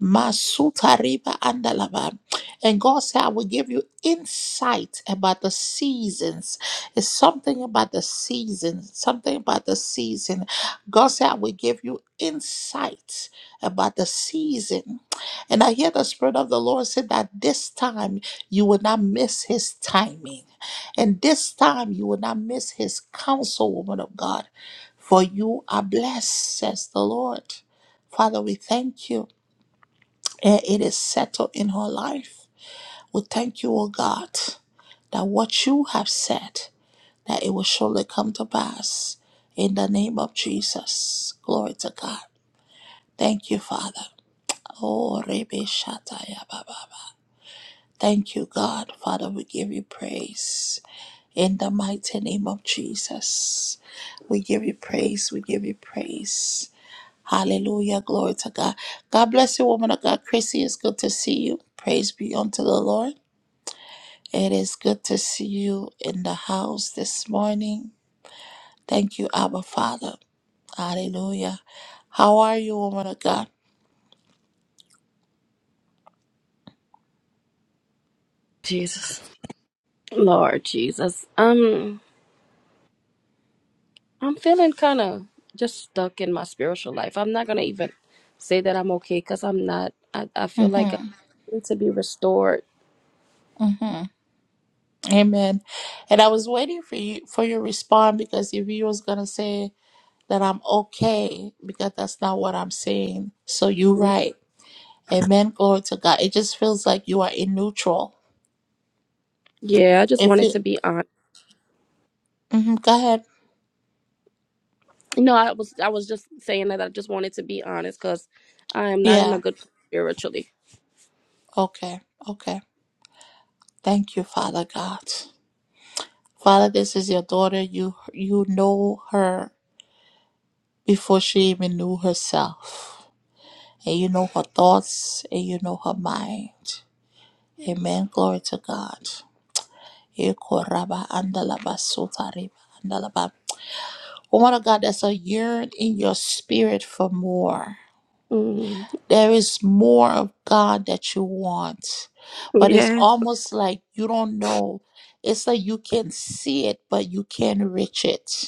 Masuta riba andalaba. And God said, I will give you insight about the seasons. It's something about the season, something about the season. God said, I will give you insight about the season. And I hear the Spirit of the Lord say that this time you will not miss his timing. And this time you will not miss his counsel, woman of God. For you are blessed, says the Lord. Father, we thank you and it is settled in her life. We thank you, O God, that what you have said, that it will surely come to pass. In the name of Jesus. Glory to God. Thank you, Father. Oh, Rebe Shataya Baba. Thank you, God. Father, we give you praise. In the mighty name of Jesus. We give you praise. We give you praise. Hallelujah. Glory to God. God bless you, woman of God. Chrissy, it's good to see you. Praise be unto the Lord. It is good to see you in the house this morning. Thank you, Abba Father. Hallelujah. How are you, woman of God? Jesus. Lord Jesus. Um I'm feeling kind of just stuck in my spiritual life. I'm not going to even say that I'm okay cuz I'm not I, I feel like I Mm-hmm. need to be restored. Mm-hmm. Amen. And I was waiting for you for your response because if you was gonna say that I'm okay, because that's not what I'm saying. So you right. Amen. Glory to God. It just feels like you are in neutral. Yeah, I just If wanted it to be honest. mm-hmm, go ahead. No, I was I was just saying that I just wanted to be honest cuz I am not in a Yeah. good place spiritually. Okay. Okay. Thank you, Father God. Father, this is your daughter. You you know her before she even knew herself. And you know her thoughts and you know her mind. Yes. Amen. Glory to God. Ekoraba andalaba sotareba andalaba. Woman of God, there's a yearn in your spirit for more. Mm, There is more of God that you want. But it's yeah. almost like you don't know. It's like you can see it, but you can't reach it.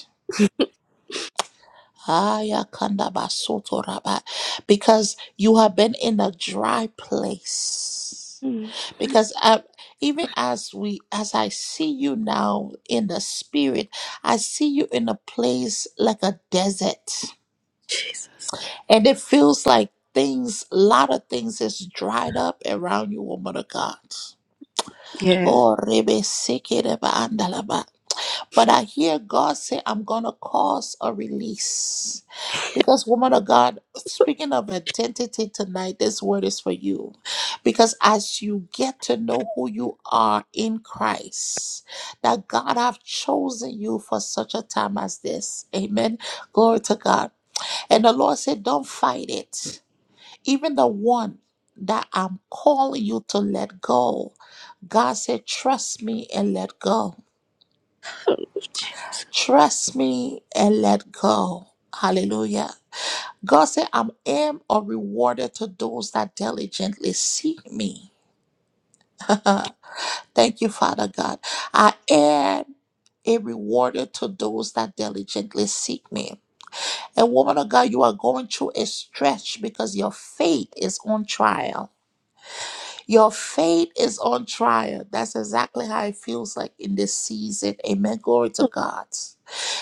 Aya kanda basoto raba. Because you have been in a dry place. Mm, Because I, even as we, as I see you now in the spirit, I see you in a place like a desert, Jesus. and it feels like things, a lot of things, is dried up around you, woman of God. Yeah. Oh, rebe seke reba andalaba. But I hear God say, I'm going to cause a release. Because, woman of God, speaking of identity tonight, this word is for you. Because as you get to know who you are in Christ, that God have chosen you for such a time as this. Amen. Glory to God. And the Lord said, Don't fight it. Even the one that I'm calling you to let go, God said, Trust me and let go. Oh, Jesus. Trust me and let go. Hallelujah. God said, I am a rewarder to those that diligently seek me. Thank you, Father God. I am a rewarder to those that diligently seek me. And woman of God, you are going through a stretch because your faith is on trial. Your faith is on trial. That's exactly how it feels like in this season. Amen. Glory to Oh, God.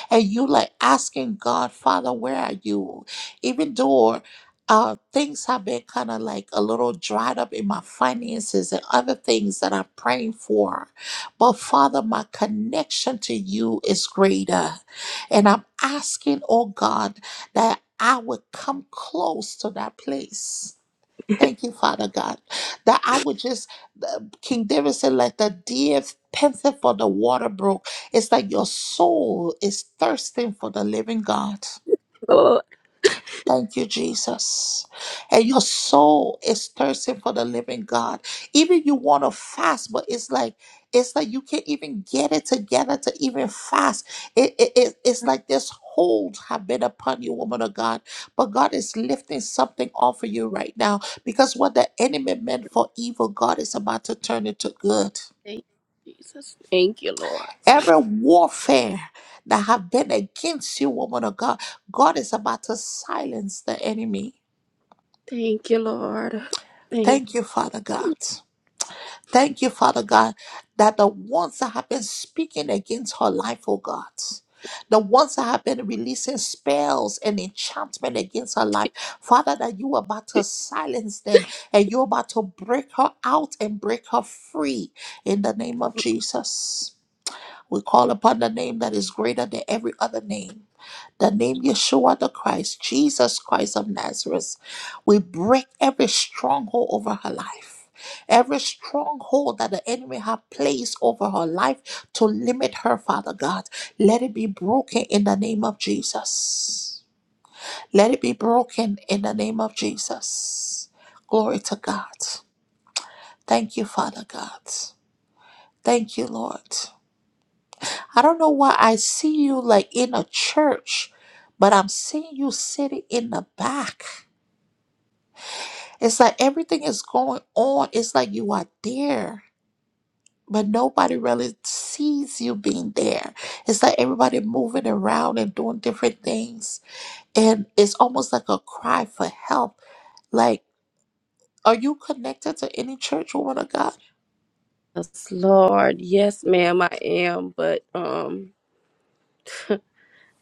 and you like asking God, Father, where are you? Even though uh, things have been kind of like a little dried up in my finances and other things that I'm praying for. But Father, my connection to you is greater. And I'm asking, oh God, that I would come close to that place Thank you, Father God, that I would just, the- King David said, like the deer panted for the water brook. It's like your soul is thirsting for the living God. Lord. Thank you, Jesus. And your soul is thirsting for the living God. Even you want to fast, but it's like it's like you can't even get it together to even fast. It, it, it- it's like this hold have been upon you, woman of God. But God is lifting something off of you right now because what the enemy meant for evil, God is about to turn into good. Thank you, Jesus. Thank you, Lord. Every warfare that have been against you, woman of God, God is about to silence the enemy. Thank you, Lord. Thank Thank you, Father God. Thank you, Father God, that the ones that have been speaking against her life, oh God, the ones that have been releasing spells and enchantment against her life, Father, that you are about to you. silence them and you're about to break her out and break her free in the name of Jesus. We call upon the name that is greater than every other name the name Yeshua the Christ, Jesus Christ of Nazareth. We break every stronghold over her life. Every stronghold that the enemy have placed over her life to limit her, Father God, let it be broken in the name of Jesus. Let it be broken in the name of Jesus. Glory to God. Thank you, Father God. Thank you, Lord. I don't know why I see you like in a church, but I'm seeing you sitting in the back. It's like everything is going on. It's like you are there, but nobody really sees you being there. It's like everybody moving around and doing different things. And it's almost like a cry for help. Like, are you connected to any church, woman of God? Yes, Lord. Yes, ma'am, I am. But um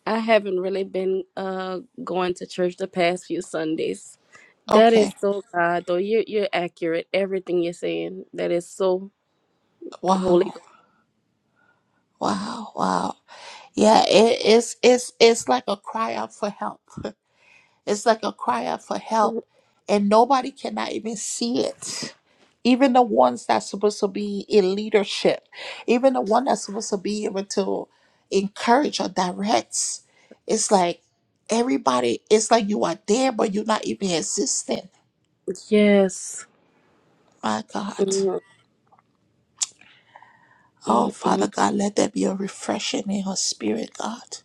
I haven't really been uh going to church the past few Sundays. That is Okay. so God though. You're you're accurate. Everything you're saying. That is so holy. Wow. Wow. Wow. Yeah, it, it's it's it's like a cry out for help. It's like a cry out for help, and nobody cannot even see it. Even the ones that's supposed to be in leadership, even the one that's supposed to be able to encourage or direct, it's Ghost. like everybody. It's like you are there, but you're not even existing. Yes. My God. Mhm, Oh, mhm, mhm. Father God, let there be a refreshing in her spirit, God.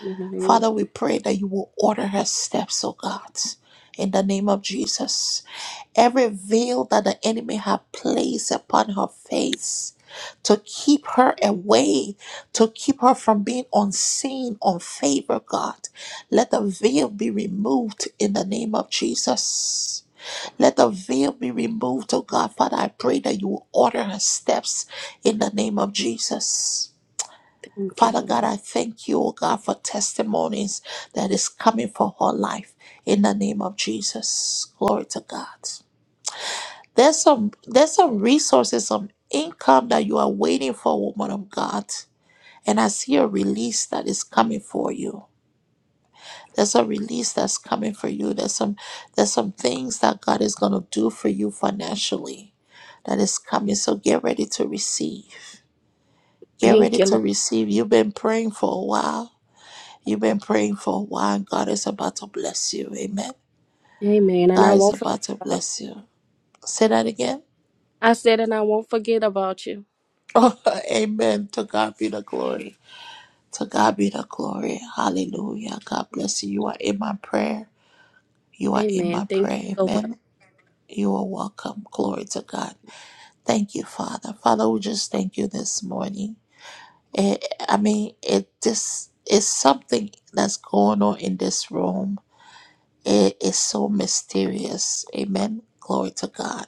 In the name of- Father, we pray that you will order her steps, oh God, in the name of Jesus. every veil that the enemy had placed upon her face to keep her away, to keep her from being unseen, unfavored, God. Let the veil be removed in the name of Jesus. Let the veil be removed, oh God. Father, I pray that you will order her steps in the name of Jesus. Thank you, Father God, Lord. I thank you, oh God, for testimonies that is coming for her life in the name of Jesus. Glory to God. There's some there's some resources, some income that you are waiting for, woman of God. And I see a release that is coming for you. There's a release that's coming for you. There's some there's some things that God is gonna do for you financially that is coming. So get ready to receive. Get Thank ready you, to Lord. receive. You've been praying for a while. You've been praying for a while. and God is about to bless you. Amen. Amen. And I God is won't forget about to about bless you. Say that again. I said and I won't forget about you. Oh, amen. To God be the glory. Mhm. To God be the glory. Hallelujah. God bless you. You are in my prayer. You are in Amen. my Thank you prayer. so much. Amen. You are welcome. Glory to God. Thank you, Father. Father, we just thank you this morning. Eh, I mean, it just is something that's going on in this room. It is so mysterious. Amen. Glory to God.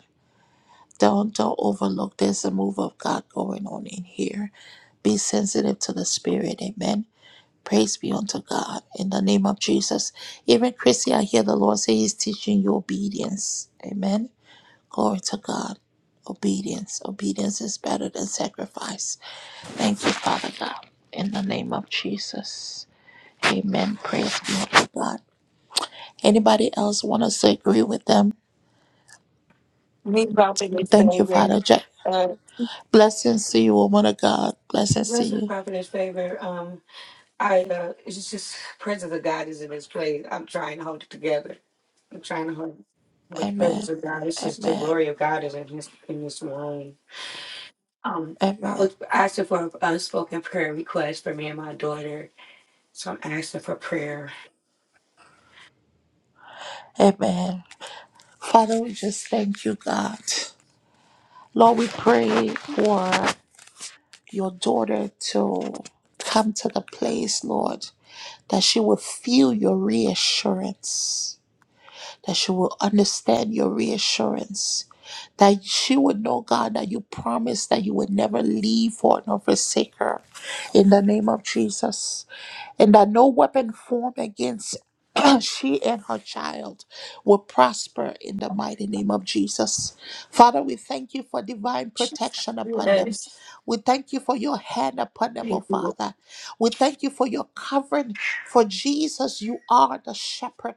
Don't don't overlook. There's a move of God going on in here. Be sensitive to the Spirit. Amen Praise be unto God in the name of Jesus. Even Chrissy, I hear the Lord say He's teaching you obedience. Amen. Glory to God. Obedience. Obedience is better than sacrifice. Thank you, Father God, in the name of Jesus. Amen. Praise be unto God. Anybody else want us to agree with them? Me prophetess Thank you, favor. Father. Jack. Uh Blessings to you, woman of God. Blessings to blessed you. prophetess favor. Um I uh it's just presence of God is in this place. I'm trying to hold it together. I'm trying to hold it. but the Amen. presence of God. It's just the Amen. glory of God is in this in this room. Um I Amen. was asking for an unspoken prayer request for me and my daughter. So I'm asking for prayer. Amen. Father, we just thank you, God. Lord, we pray for your daughter to come to the place, Lord, that she will feel your reassurance that she will understand your reassurance, that she would know, God, that you promised that you would never leave her nor forsake her in the name of Jesus, and that no weapon formed against she and her child will prosper in the mighty name of Jesus. Father, we thank you for divine protection upon them. Yes. We thank you for your hand upon them, oh Thank you, Lord. Father. We thank you for your covering, for Jesus, you are the shepherd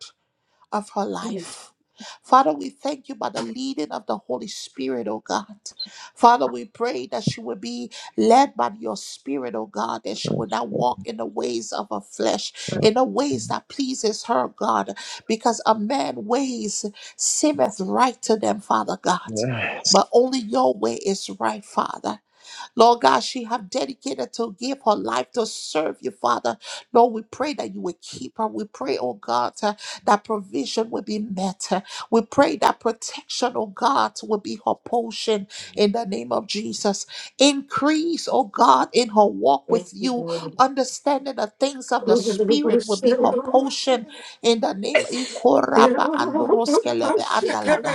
of her life. Father, we thank you by the leading of the Holy Spirit, oh God. Father, we pray that she will be led by your Spirit, oh God, that she will not walk in the ways of her flesh, in the ways that pleases her, God, because a man ways seemeth right to them, Father God. But only your way is right, Father. Lord God, she have dedicated to give her life to serve you, Father. Lord, we pray that you will keep her. We pray, oh God, uh, that provision will be met. Uh, We pray that protection, oh God, will be her portion in the name of Jesus. Increase, oh God, in her walk with Thank you. you, Understanding the things of the Spirit will be her portion Lord. in the name of Thank you, Ikoraba androskelebe andalava.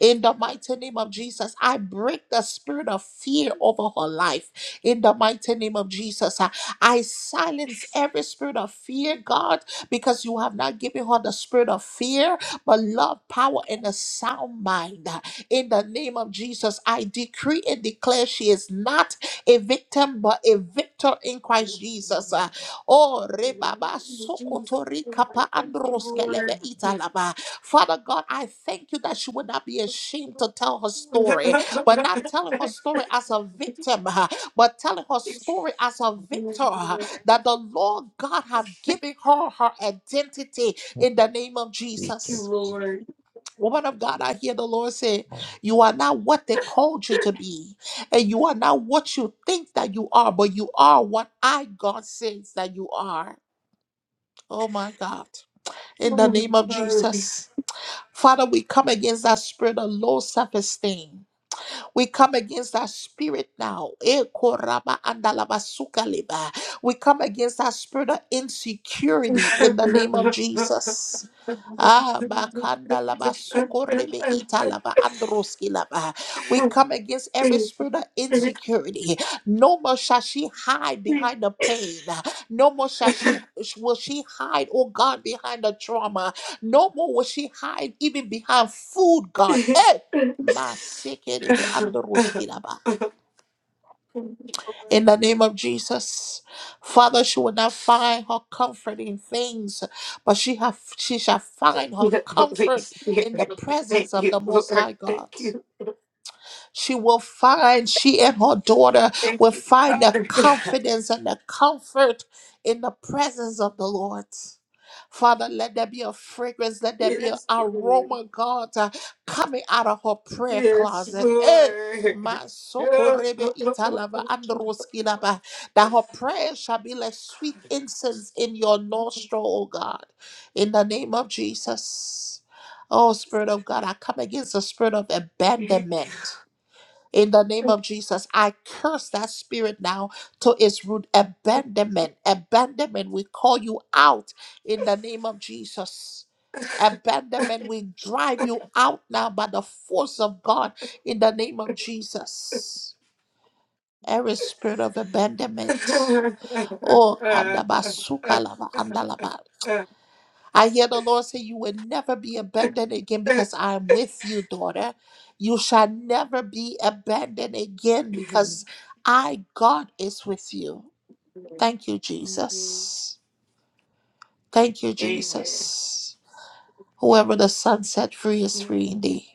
In the mighty name of Jesus, I break the spirit of fear over her life. In the mighty name of Jesus, I, I silence every spirit of fear, God, because you have not given her the spirit of fear, but love, power, and a sound mind. In the name of Jesus, I decree and declare she is not a victim, but a victor in Christ Jesus. Uh, Oh, rebaba sokotori kapa androskelebe Lord. italaba. Father God, I thank you that she would not be ashamed to tell her story, but not telling her story as a victim, uh, but telling her story as a victor. uh, That the Lord God have given her her identity in the name of Thank Yes, Jesus. you, Woman of God, I hear the Lord say, You are not what they called you to be, and you are not what you think that you are, but you are what I, God, says that you are. Oh my God. In the name of Lord. Jesus. Father, we come against that spirit of low self esteem. We come against that spirit now. Eh, koraba andalaba sukaleba. We come against that spirit of insecurity in the name of Jesus. Ah, makanda laba soko rebe ita laba androski laba. We come against every spirit of insecurity. No more shall she hide behind the pain. No more shall she will she hide, oh God, behind the trauma. No more will she hide even behind food, God. Eh, masekere be androski laba The in the name of Jesus. Father, she will not find her comfort in things, but she have she shall find her Holy comfort in Spirit, the thank presence of the you, Most Lord. High Thank God. you. She will find, she and her daughter Thank will you, find the Father God. confidence and the comfort in the presence of the Lord. Father, let there be a fragrance, let there be an Yes, Lord. aroma, God, uh, coming out of her prayer Yes, closet. Eh, Lord. Oh, Masokorebe oh, oh, oh, italava oh, oh. androskinaba. That her prayer shall be like sweet incense in your nostril, O God. In the name of Jesus. Oh, Spirit of God, I come against the spirit of Thank abandonment. In the name you. of Jesus, I curse that spirit now to its root. Abandonment, abandonment, we call you out in the name of Jesus. Abandonment, we drive you out now by the force of God in the name of Jesus. Every spirit of abandonment. Oh, kandabasuka lava andalaba. I hear the Lord say, You will never be abandoned again because I am with you, daughter. You shall never be abandoned again because I, God, is with you. Amen. Thank you, Jesus. Thank you, Amen. Jesus. Whoever the Son set free is free indeed.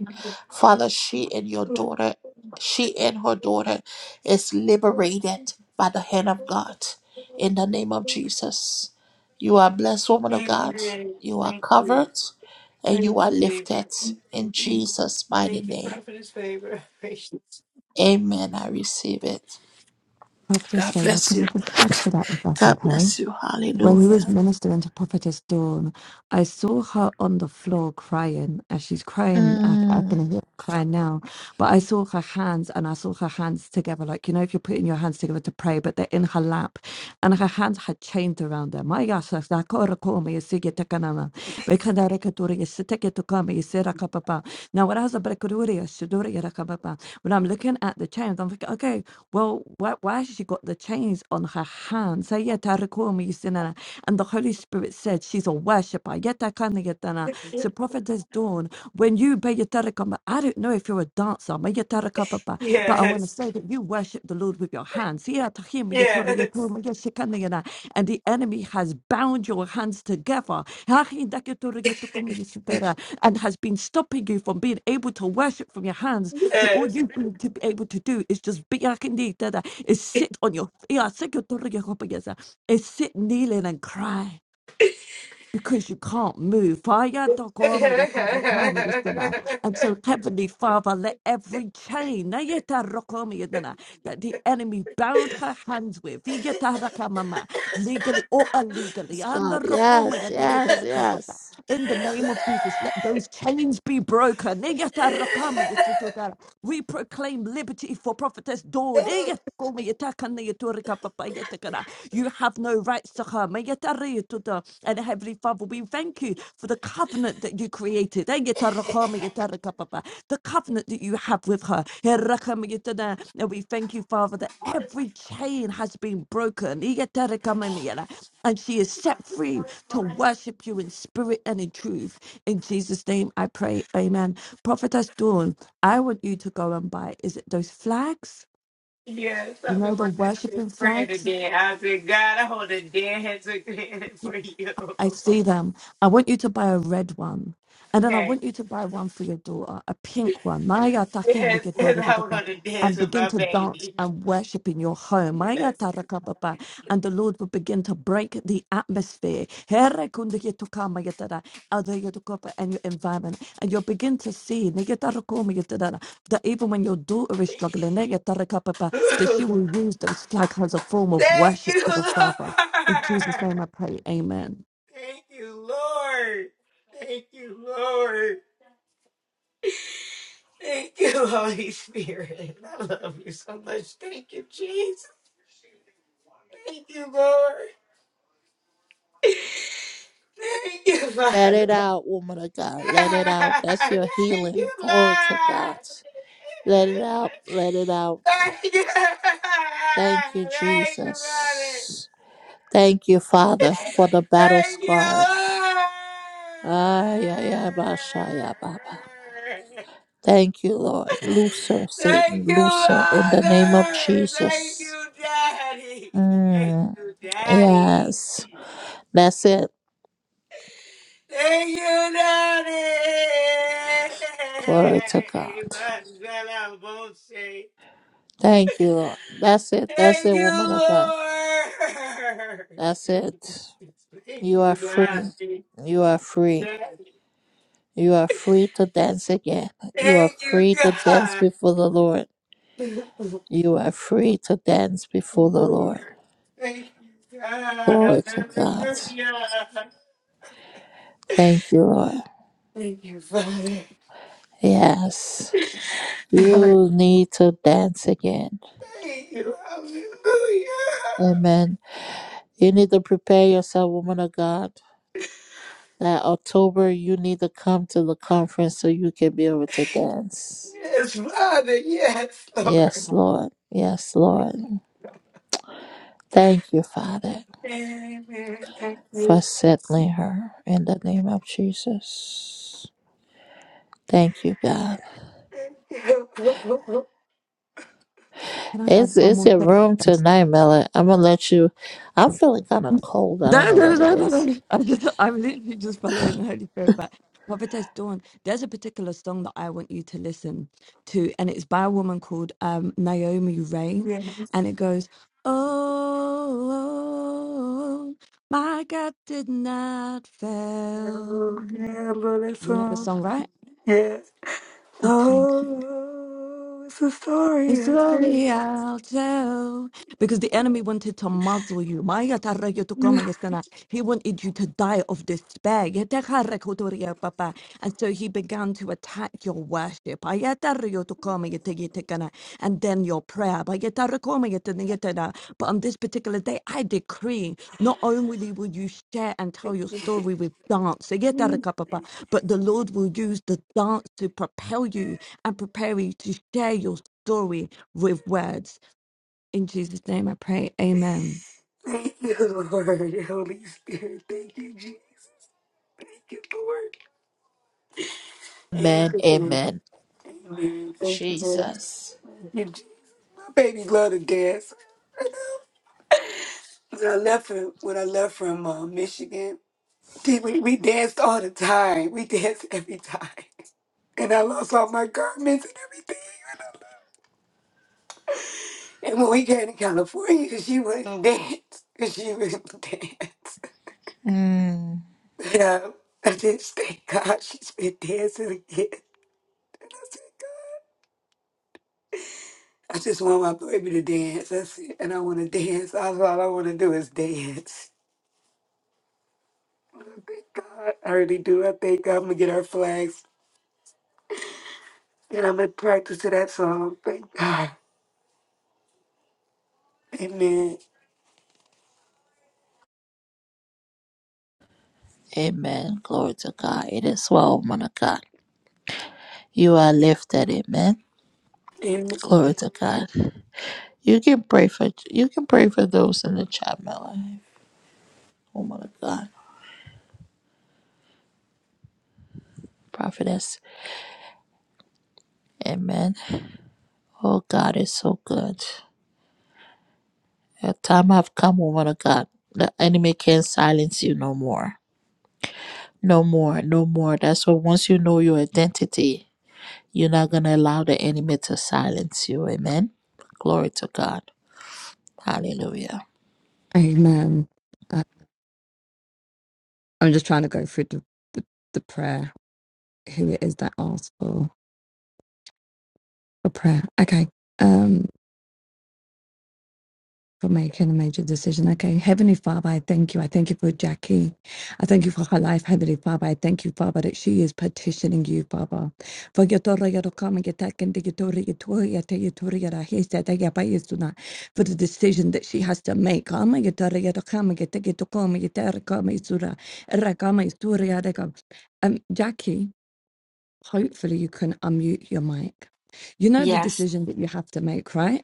Father, she and your daughter, she and her daughter is liberated by the hand of You God in the name of are- Jesus. You are blessed, woman of God. Amen. You are Thank you. covered and you Thank are you, Libby. lifted in Thank you. Jesus' mighty Thank you, name. Prophetess Favor. Patience. Amen. I receive it. Prophetess God Favor, bless can I you. just add to that if that's God okay? bless you. When he was Hallelujah. ministering to Prophetess Dawn, I saw her on the floor crying. As she's crying, I, I Mm. can hear her crying now. But I saw her hands and I saw her hands together. Like, you know, if you're putting your hands together to pray, but they're in her lap. And her hands had chains around them. My gosh, that's like, "Kora kome, yesige tekanana. Bekanda rekaturi, yesiteke tukame, yesera kapapa." Now, what I was a brekaduri, yesuduri, yera kapapa. when I'm looking at the chains, I'm thinking, okay, well, why, why has she got the chains on her hands? Ayatarakumi yusinana. And the Holy Spirit said, She's a worshiper. Yatakana yatana. So, yes. Prophetess Dawn, when you, Bayatarakama, I don't know if you're a dancer, Mayatarakapapa, but I want to say that you worship the Lord with your hands. Yatahima yatori Yes. yatorma yashikana yana. And the enemy has bound your hands together. Hahindakitori yatukumu yusitara and has been stopping you from being able to worship from your hands. So all Yes. you need to be able to do is just be is sit on your yeah, sit your is sit kneeling and cry because you can't move. Fire And so, Heavenly Father, let every chain na that the enemy bound her hands with, ye legally or illegally, Yes, and God. Yes, yes, yes. in the name of Jesus, let those chains be broken. Ye we proclaim liberty for prophetess Dawn. Eh, yet, call me, yet, I can, yet, to recap, papa, yet, I can, uh, You have no rights to her. May yet, I read it to the- And Heavenly Father, we thank you for the covenant that you created. Eh, yet, I recall me, yet, I recap, papa, The covenant that you have with her. Eh, recall me, yet, I know. And we thank you, Father, that every chain has been broken. Eh, yet, I recall me, yet I- And she is set free to worship you in spirit and in truth. In Jesus' name I pray. Amen. Prophetess Dawn. I want you to go and buy. Is it those flags? yes, You I've know been the wanting to worshiping pray flags? again. I said, God, I hold a dead head to for you. I see them. I want you to buy a red one. And then I Okay. want you to buy one for your daughter, a pink one. Maya Yes, because I takindikitorigidaka, want to dance And with begin my to dance baby. and worship in your home. Maya Yes. tarakababa, And the Lord will begin to break the atmosphere Herekundikitokamayatara, adayatokapa, and your environment. And you'll begin to see nigitarokomayatara, that even when your daughter is struggling, nigitarakababa, that she will use those flags as a form of Thank worship you, to the Lord. Father. In Jesus' name I pray, amen. Thank you, Lord. Thank you, Lord. Thank you, Holy Spirit. I love you so much. Thank you, Jesus. Thank you, Lord. Thank you, Father. Let it out, woman of God. Let it out. That's your Thank you, healing. Glory to God. Lord. Let it out. Let it out. Thank you. Thank you, Thank you, Father. Jesus. Thank you, Father, for the battle Thank you, scars. Lord. Ay, ay, ay, ba, shaya, baba. Thank you, Lord. Loose her, Thank Satan. you, Loose her in the name of Father. Thank Jesus. you, Daddy. Thank Mm, you, Daddy. yes. That's it. Thank you, Daddy. Glory to God. Mandela Bose. Thank you, Lord. That's it. That's Thank it, you, woman of God. Lord. That's it. Thank You are you, free. Daddy. You are free. Daddy. You are free to dance again. You are Thank you, free to dance God. before the Lord. You are free to dance before the Lord. Thank you, Glory God. to God. Hallelujah. Thank you, Lord. Thank you, Father. Yes. Hallelujah. You need to dance again. Thank you. Hallelujah. Amen. You need to prepare yourself, woman of God. That October, you need to come to the conference so you can be able to dance. Yes, Father. Yes, Yes, Lord. Lord. Yes, Lord. Thank you, Father. Amen. Thank For you. settling her in the name of Jesus. Thank you, God. Thank you. Can I It's add one it's more your thing? room Yes. tonight, Mela. I'm gonna let you. I'm feeling kind of cold. I don't No, know no, what it no, no, no. is. no. I'm just, I'm literally just following the Holy Spirit. But Prophetess Dawn, there's a particular song that I want you to listen to, and it's by a woman called um, Naomi Rain, Yes. and it goes, "Oh, my God did not fail." Oh, yeah, love that You know the song. song, right? Yeah. Okay. Oh, it's a The story, I story I'll tell. Because the enemy wanted to muzzle you. Maya tarra yo tu yestana. He wanted you to die of despair. Yetekara kotoria papa. And so he began to attack your worship. Aya tarra yo tu yete yetekana. And then your prayer. Baya tarra coma yetena yetena. But on this particular day, I decree not only will you share and tell your story with dance, think. yetarra papa, but the Lord will use the dance to propel you and prepare you to share your story with words. In Jesus' name I pray. Amen. Thank you, Lord. Holy Spirit, thank you, Jesus. Thank you, Lord. Amen. Amen. Amen. Amen. Thank you, Lord. Jesus. Thank you, Jesus. My baby loved to dance. When I left from, when I left from uh, Michigan, see, we, we danced all the time. We danced every time. And I lost all my garments and everything. And when we got to California, she wouldn't dance. She wouldn't dance. Mm. But uh, I just thank God she's been dancing again. I just want my baby to dance. That's it. And I want to dance. That's all I want to do is dance. Oh, Thank God. I really do. I thank God. I'm going to get our flags and I'm going to practice to that song. Thank God. Amen. Amen. Glory to God. It is well, man of God. You are lifted. Amen. Amen. Glory to God. You can pray for you can pray for those in the chat, Mela. Oh my God, prophetess. Amen. Oh God is so good. Your time have come, woman of God. The enemy can't silence you no more. No more, no more. That's why once you know your identity, you're not going to allow the enemy to silence you. Amen. Glory to God. Hallelujah. Amen. Uh, I'm just trying to go through the, the, the prayer, who it is that asks for a prayer. Okay. Um, for making a major decision. Okay. Heavenly Father, I thank you. I thank you for Jackie. I thank you for her life, Heavenly Father. I thank you, Father, that she is petitioning you, Father. For your Torah, your Rokam, your Taken, your Torah, your Torah, your Te- your Torah, your Ahes, your Te- your Pais, for the decision that she has to make. Ama, your Torah, your Rokam, your Te- your Tokom, your Torah, your Rokam, your Surah, your your Surah, your Rakam. Um, Jackie, hopefully you can unmute your mic. You know the Yes, decision that you have to make, right?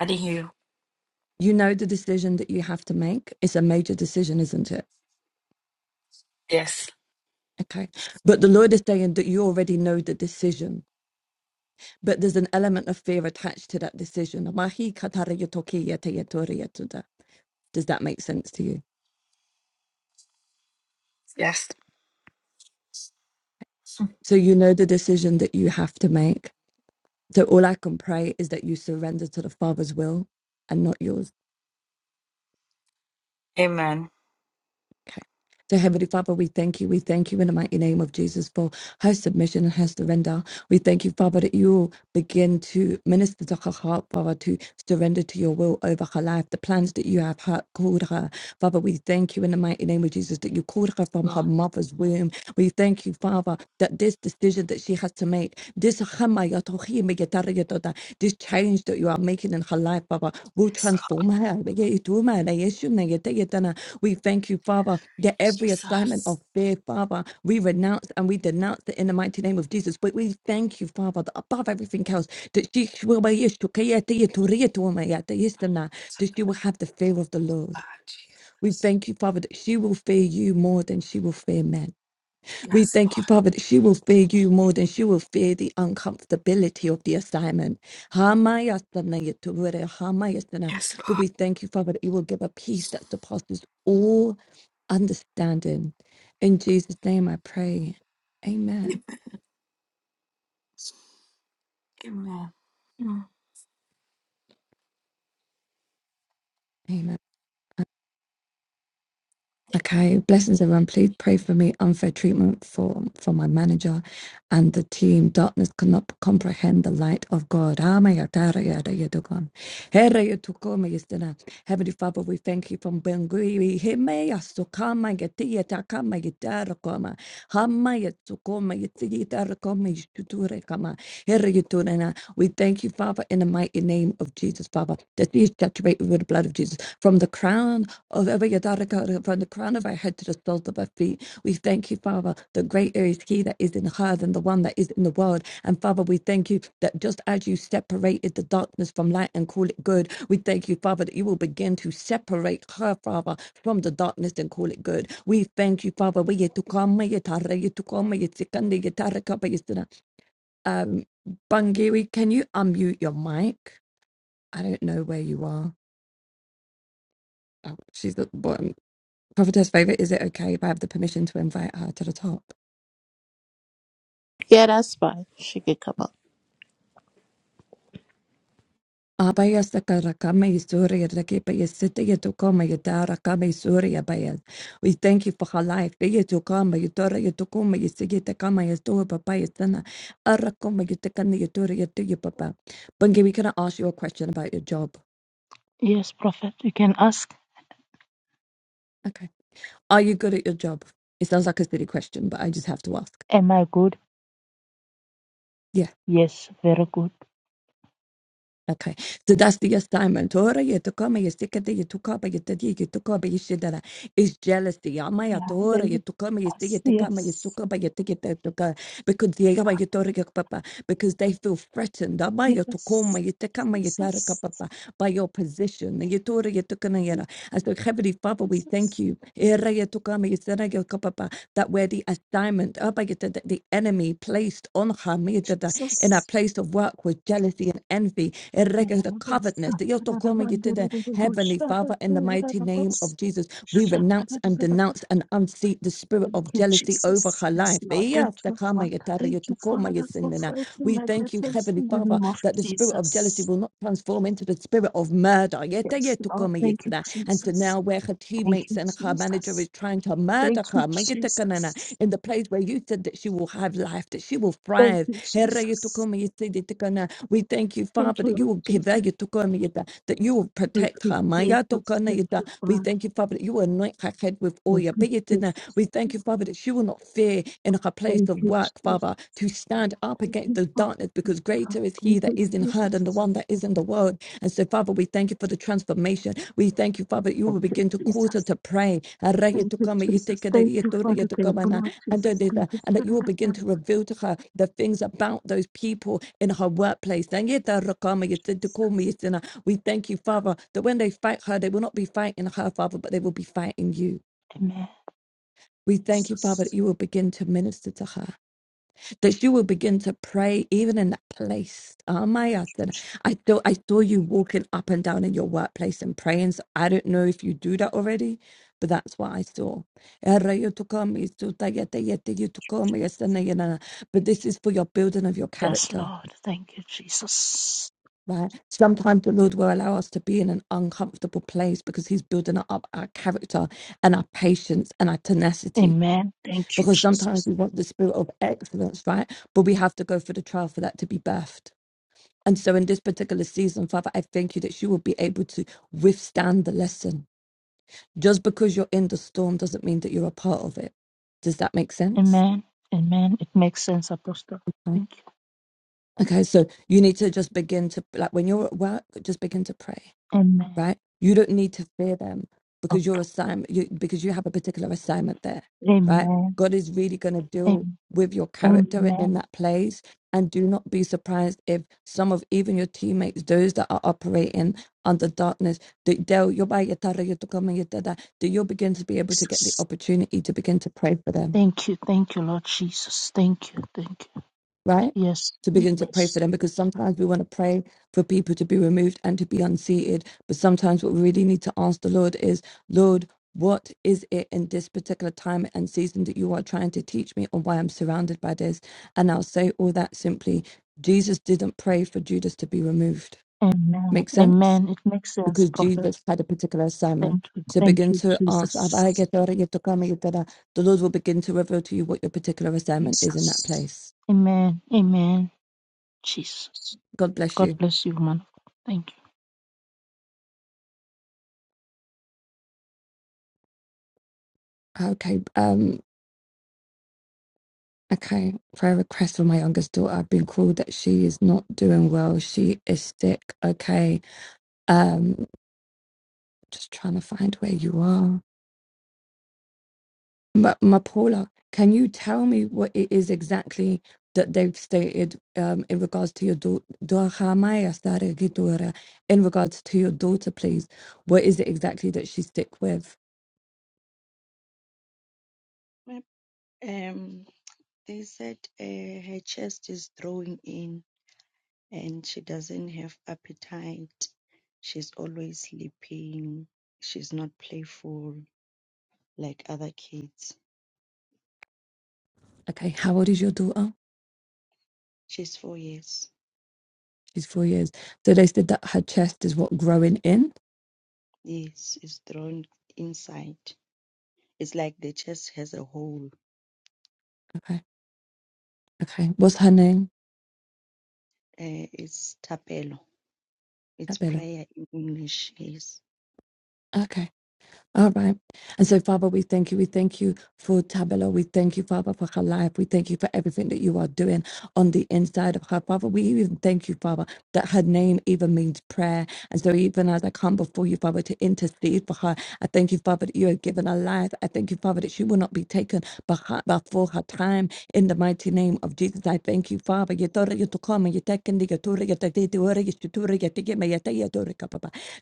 I didn't hear you. you know the decision that you have to make. It's a major decision, isn't it? Yes, Okay. But the Lord is saying that you already know the decision, but there's an element of fear attached to that decision. Mahi katara yotoki yete yetori yetuda. Does that make sense to you? yes. So you know the decision that you have to make. So all I can pray is that you surrender to the Father's will and not yours. Amen. Okay. So, Heavenly Father, we thank you. We thank you in the mighty name of Jesus for her submission and her surrender. We thank you, Father, that you begin to minister to her heart, Father, to surrender to your will over her life, the plans that you have her, called her. Father, we thank you in the mighty name of Jesus that you called her from her Lord, mother's womb. We thank you, Father, that this decision that she has to make, this Yatara This change that you are making in her life, Father, will yes, Lord transform her. Yeah, it will matter. Yes, you know, yata, yatana. We thank you, Father, that every assignment Jesus. of fear, Father, we renounce and we denounce it in the mighty name of Jesus. But we thank you, Father, that above everything else, that she will be yes, you can, yata, yatu, riyatu, wama, yata, yes, tana, that she will have the fear of the Lord. Lord We Jesus. thank you, Father, that she will fear you more than she will fear men. We Yes, thank you, Lord. Father, that she will fear you more than she will fear the uncomfortability of the assignment. Hamayasana yeturure, hamayasana. Yes, But we thank you, Father, that you will give a peace that surpasses all understanding. In Jesus' name I pray. Amen. Lord. Amen. Amen. Okay, blessings everyone. Please pray for me. Unfair treatment for for my manager and the team. Darkness cannot comprehend the light of God. Amayatara yada yadogon. Here yatukoma yisdana. Heavenly Father, we thank you from Bengui. Hime yasukama yati yatakama yitara koma. Hama yatukoma yati yitara koma yishuture kama. Here yaturana. We thank you, Father, in the mighty name of Jesus, Father, that you saturate with the blood of Jesus from the crown of every yadara kara, from the crown of our head to the soles of our feet. We thank you, Father. The greater is He that is in her than the one that is in the world. And Father, we thank you that just as you separated the darkness from light and call it good, we thank you, Father, that you will begin to separate her, Father, from the darkness and call it good. We thank you, Father. We get to come, we get to re- Um, Bangiri, can you unmute your mic? I don't know where you are. Oh, she's at the bottom. Prophetess Favor, is it okay if I have the permission to invite her to the top? Yeah, that's fine. She can come up. Abaya sakarakama yisuri raki baya sita yatukoma yadara kama yisuri abaya. We thank you for her life. Baya tukama yatora yatukoma yisigita kama yatua papa yasana. Arakoma yatakana yatora yatu ya papa. Bungie, we gonna ask you a question about your job. Yes, Prophet. You can ask, Okay. Are you good at your job? It sounds like a silly question, but I just have to ask. Am I good? Yeah. Yes, very good. Okay, so that's the assignment. Tora yetokoma yesikade yetukaba yetadi yetokaba yeshidara is jealousy. Amaya Yeah, there tora you yetokoma yesi Yes, yetekama yes, yesukaba yeteketoka because they are yetora yakpapa because they feel threatened. Amaya yes. tokoma yetekama yetaraka Jesus, papa by your position. Yetora yetokana oh, yera. And so Heavenly Father, we thank Jesus, you. Era yetokama yesara that were the assignment oh my God, that the enemy placed on her Midada, in a Jesus. place of work with jealousy and envy, eh, regard the covetousness. that you're talking to the Heavenly Father, in the mighty name of Jesus, we renounce and denounce and unseat the spirit Thank of you, jealousy over Jesus. her Yes, life. Lord. Eh, Thank yes, the you, karma, Father. you tara, Thank you you, tukoma, you Father, for sinna. fighting We my thank you, battles Heavenly in the Father, name of that the spirit of jealousy Jesus. will not transform into the spirit of murder. Yete Yes, yetu Lord. kome Thank you, yetzada. And so Jesus. now, where her Thank teammates you, and her manager Jesus. is trying to Thank murder you, her, me yete kanana, Jesus. in the place where you said that she will have life, that she will Thank thrive. you, Here yetu Jesus. kome yetzede tekana. We thank you, Thank Father, you, that you Lord will give her Jesus. yetu kome yeta, that you will Thank protect you, her. Maya Jesus. tokana Thank you, yeta. We Father. thank you, Father, that you will anoint her head with Thank oil. you, Jesus. We thank you, Father, that she will not fear in her place Thank of you, work, Jesus. Father, to stand up Thank against you, the darkness because Father. greater is he Thank that you, is in her than the Jesus. one that is in the world. And so, Father, we thank you for the transformation. We thank you, Father, that you will Thank you, begin to cause her Jesus. to pray. And that Thank you, Jesus. Thank you, Father. Thank you, Lord Jesus. Thank you, you Spirit will of begin God. to reveal to her the things about those people in her workplace. We thank you, Father, that when they fight her, they will not be fighting her, Father, but they will be fighting you. Amen. We thank you, Father, that Jesus. you will begin to minister to her, that you will begin to pray even in that place. Oh my God. that I saw, I saw you walking up and down in your workplace and praying. So I don't know if you do that already, but that's what I saw. But Thank you, Jesus. this is for your building of your Yes, character. Lord. Thank you, Jesus. Right. Sometimes the Lord will allow us to be in an uncomfortable place because He's building up our character and our patience and our tenacity. Amen. Thank you, because Jesus. sometimes we want the spirit of excellence, right? But we have to go through the trial for that to be birthed. And so in this particular season, Father, I thank you that you will be able to withstand the lesson. Just because you're in the storm doesn't mean that you're a part of it. Does that make sense? Amen. Amen. It makes sense, Apostle. Mm. Thank you. Okay, so you need to just begin to, like when you're at work, just begin to pray Amen. right? You don't need to fear them Okay. because your assignment, you, because you have a particular assignment there, right? Amen. God is really going to deal Am- with your character in Amen. that place, and do not be surprised if some of even your teammates, those that are operating under darkness, that they'll you'll buy your tara, your tukama, your dada, that you'll begin to be able to get the Jesus. opportunity to begin to pray for them Thank you. Thank you, Lord Jesus. Thank you. Thank you. right? Yes. To begin to pray for Yes. them because sometimes we want to pray for people to be removed and to be unseated. But sometimes what we really need to ask the Lord is, Lord, what is it in this particular time and season that you are trying to teach me or why I'm surrounded by this? And I'll say all that simply Jesus didn't pray for Judas to be removed. Amen. Make sense? Amen. It makes sense, Because Prophet. Judas had a particular assignment. Thank you. So Thank begin you, to ask, "Abba, Jesus. get ora, the Lord will begin to reveal to you what your particular assignment is in that Jesus. place. Amen. Amen. Jesus. God bless God you. bless you, man. Thank you. Okay. Um. Okay. Prayer request for my youngest daughter. I've been called that she is not doing well. She is sick. Okay. Um. Just trying to find where you are. Ma, Ma Paula, can you tell me what it is exactly that they've stated um, in regards to your daughter? In regards to your daughter, please. What is it exactly that she's sick with? Yep, Um, they said uh, her chest is drawing in and she doesn't have appetite. She's always sleeping. She's not playful like other kids. Okay. How old is your daughter? She's four years. She's four years. So they said that her chest is what growing in. Yes, it's drawn inside. It's like the chest has a hole. Okay Okay. What's her name? Uh, it's tapelo. It's Tabelo. prayer in English. Yes. Okay. All right. And so, Father, we thank you. We thank you for Tabelo. We thank you, Father, for her life. We thank you for everything that you are doing. on the inside of her. Father, we even thank you, Father, that her name even means prayer. And so, even as I come before you, Father, to intercede for her, I thank you, Father, that you have given her life. I thank you, Father, that she will not be taken behi- before her time. In the mighty name of Jesus, I thank you, Father.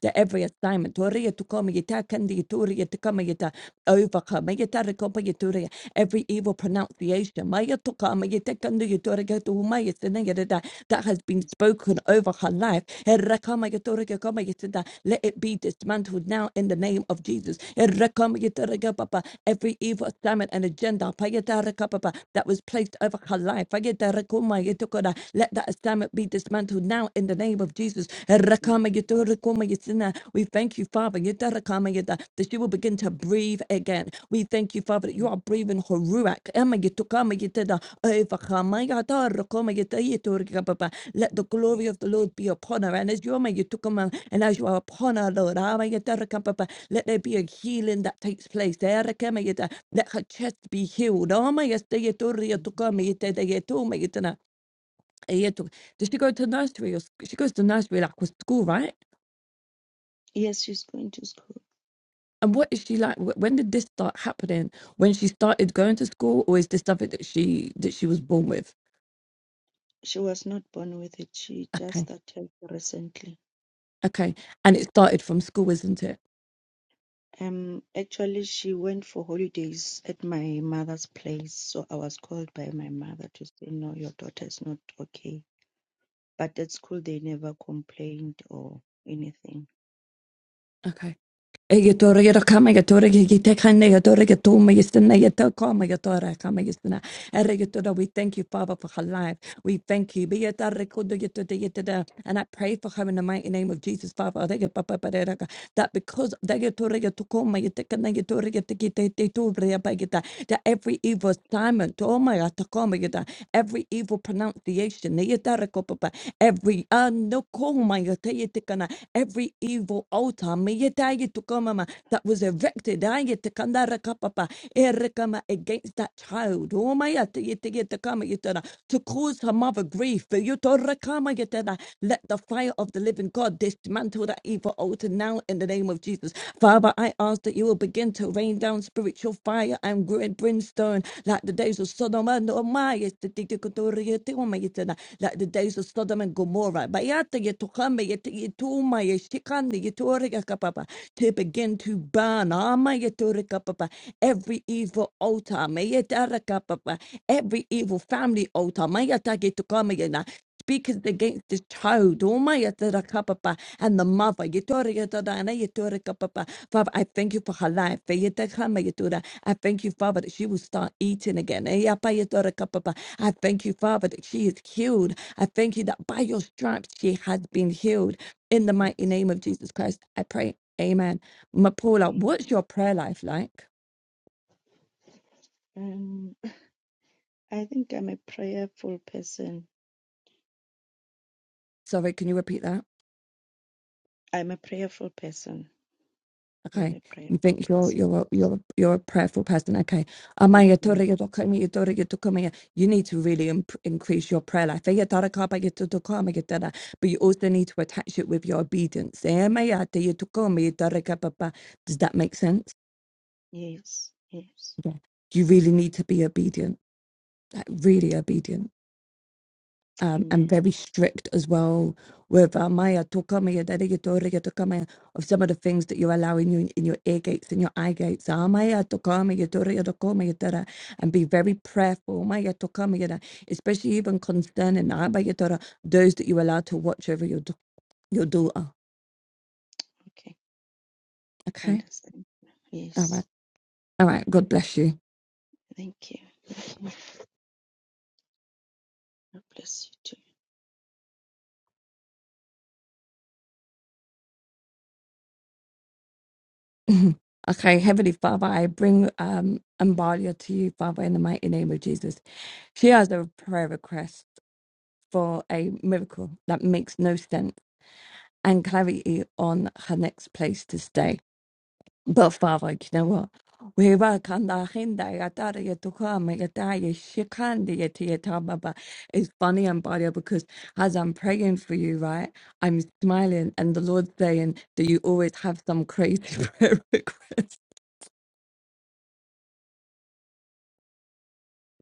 That every assignment tora yotokoma, every evil pronouncement pronunciation. Maya toka, maya tekando yotora gato, maya sinayada, that has been spoken over her life. Erraka maya tora gaka maya Let it be dismantled now in the name of Jesus. Erraka maya tora papa. Every evil assignment and agenda paya tara papa, that was placed over her life. Paya tara maya toko Let that assignment be dismantled now in the name of Jesus. Erraka maya tora maya sina. We thank you, Father, yada raka maya da, that she will begin to breathe again. We thank you, Father, that you are breathing Haruach. Emagetukamegeteda, Evakamayatarakamagetayetorekababa. Let the glory of the Lord be upon her. And as you are Magetukama, and as you are upon her, Lord, Amagetarakababa, let there be a healing that takes place. Derekamegeta, Let her chest be healed. Amayastayetoriatukamegetedeyetumegetana. Ayetu- Does she go to nursery? Or sc- she goes to nursery like with school, right? Yes, she's going to school. And what is she like? Wh- When did this start happening? When she started going to school, or is this something that she that she was born with? She was not born with it. She just Okay, started recently. okay, and it started from school, isn't it? Um, actually, she went for holidays at my mother's place, so I was called by my mother to say, "No, your daughter is not okay." But at school, they never complained or anything. Okay. Egetore yero kama getore gigite kane getore getuma yisina yeto kama getore kama yisina. Eregetore, we thank you, Father, for her life. We thank you. Be yetare kudo yetote yeteda. And I pray for her in the mighty name of Jesus, Father. Orege papa pareraka. That because dagetore getukoma yetekana getore getekite teture yapagita. That every evil assignment, oh my God, every evil pronunciation, Yetarikopapa, every anokomayateyetikana, every evil altar Meyetayetukamama, that was erected Ayetikandarakapapa, Erikama, against that child. Omayateyeteyetakama, to cause her mother grief. Yotorakama yetana. Let the fire of the living God dismantle that evil altar now in the name of Jesus. Father, Father, I ask that you will begin to rain down spiritual fire and great brimstone like the days of Sodom and Gomorrah, like the days of Sodom and Gomorrah. Bayata yetokame yet- yetuma yeshikande yetoreka kapapa, To begin to burn ama yetoreka papa, every evil altar, mayetara kapapa, every evil family altar, mayata yetokame yena, speaketh against the child. oh my Omayatarakapaapa, And the mother. you you tore, it, and you tore, Yetoriyatadana, yetorikapaapa. Father, I thank you for her life. Eh, you take her, my Feyetakamayatuna. I thank you, Father, that she will start eating again. Eh, ya, pa, you tore, Eyapayatorikapaapa. I thank you, Father, that she is healed. I thank you that by your stripes she has been healed. In the mighty It's name of Jesus Christ, I pray. Amen. Ma Paula, okay. what's your prayer life like? Um, I think I'm a prayerful person. Sorry, can you repeat that? I'm a prayerful person. Okay, Very you prayerful think you're person. you're a, you're a, you're a prayerful person. Okay, Amaya tora Ye- ya toka mi, you need to really imp- increase your prayer life. Ya tara ka ya to toka ya tara. But you also need to attach it with your obedience. Eh, amaya te ya toka ya tara ka ba Does that make sense? Yes, yes. Yeah. You really need to be obedient, like really obedient. um, and Amen. very strict as well with uh, maya toka maya deregeto regetoka maya of some of the things that you're allowing you in your ear gates and your eye gates Ah, maya toka maya to regetoko maya tara and be very prayerful maya toka maya da, especially even concerning ah, maya tara, those that you allow to watch over your da- your daughter Okay, I okay understand. all Yes. right all right god bless you Thank you. Thank you. God bless you. too. okay heavenly father i bring um Ambalia to you father in the mighty name of jesus she has a prayer request for a miracle that makes no sense and clarity on her next place to stay. But Father, you know what? We welcome the agenda, ya tada ya tukama, ya da ya shikandi ya tia ta baba. It's funny, Ambadia, because as I'm praying for you, right, I'm smiling and the Lord's saying that you always have some crazy prayer request.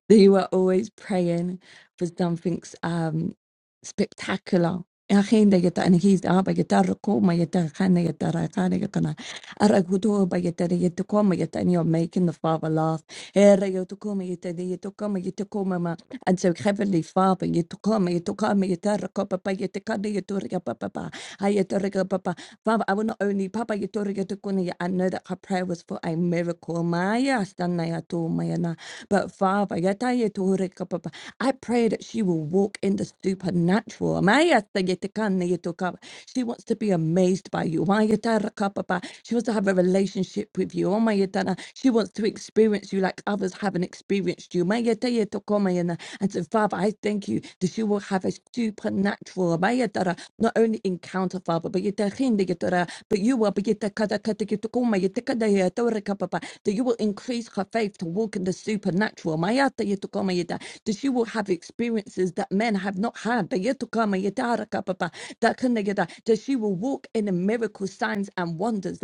They were always praying for something um, spectacular. الحين دقت أنا هي أبا يتر قوم يتر خان يتر خان يتر أرجو توبا يتر يتر قوم يتر and you're making the father laugh here, you to come, you to you to come, you to come, ma. And so, Heavenly Father, you to come, you to come, you to recover, papa, you to come, you to recover, papa, I you to recover, papa. Father, I will not only, papa, you to recover, you to come, you. I know that her prayer was for a miracle, Maya, Stanaya, to Mayana. But Father, you to you to ring, papa. I pray that she will walk in the supernatural. Maya, say you to come, you to come. She wants to be amazed by you. Maya, ta, ra, ka, papa. She wants to have a relationship with you. Oh, my, you done. She wants to experience you like others haven't experienced you. Maya Daya Tokomayana. And so, Father, I thank you that she will have a supernatural, Maya Dara, not only encounter, Father, but yet a hinder, yet a- but you will be yet a kada kata yet a koma, yet a kada yet a ora kapa pa, that you will increase her faith to walk in the supernatural. Maya Daya Tokoma Yada, That she will have experiences that men have not had. Daya Tokoma Yada Ara Kapa Pa, That kana yada, that she will walk in the miracle signs and wonders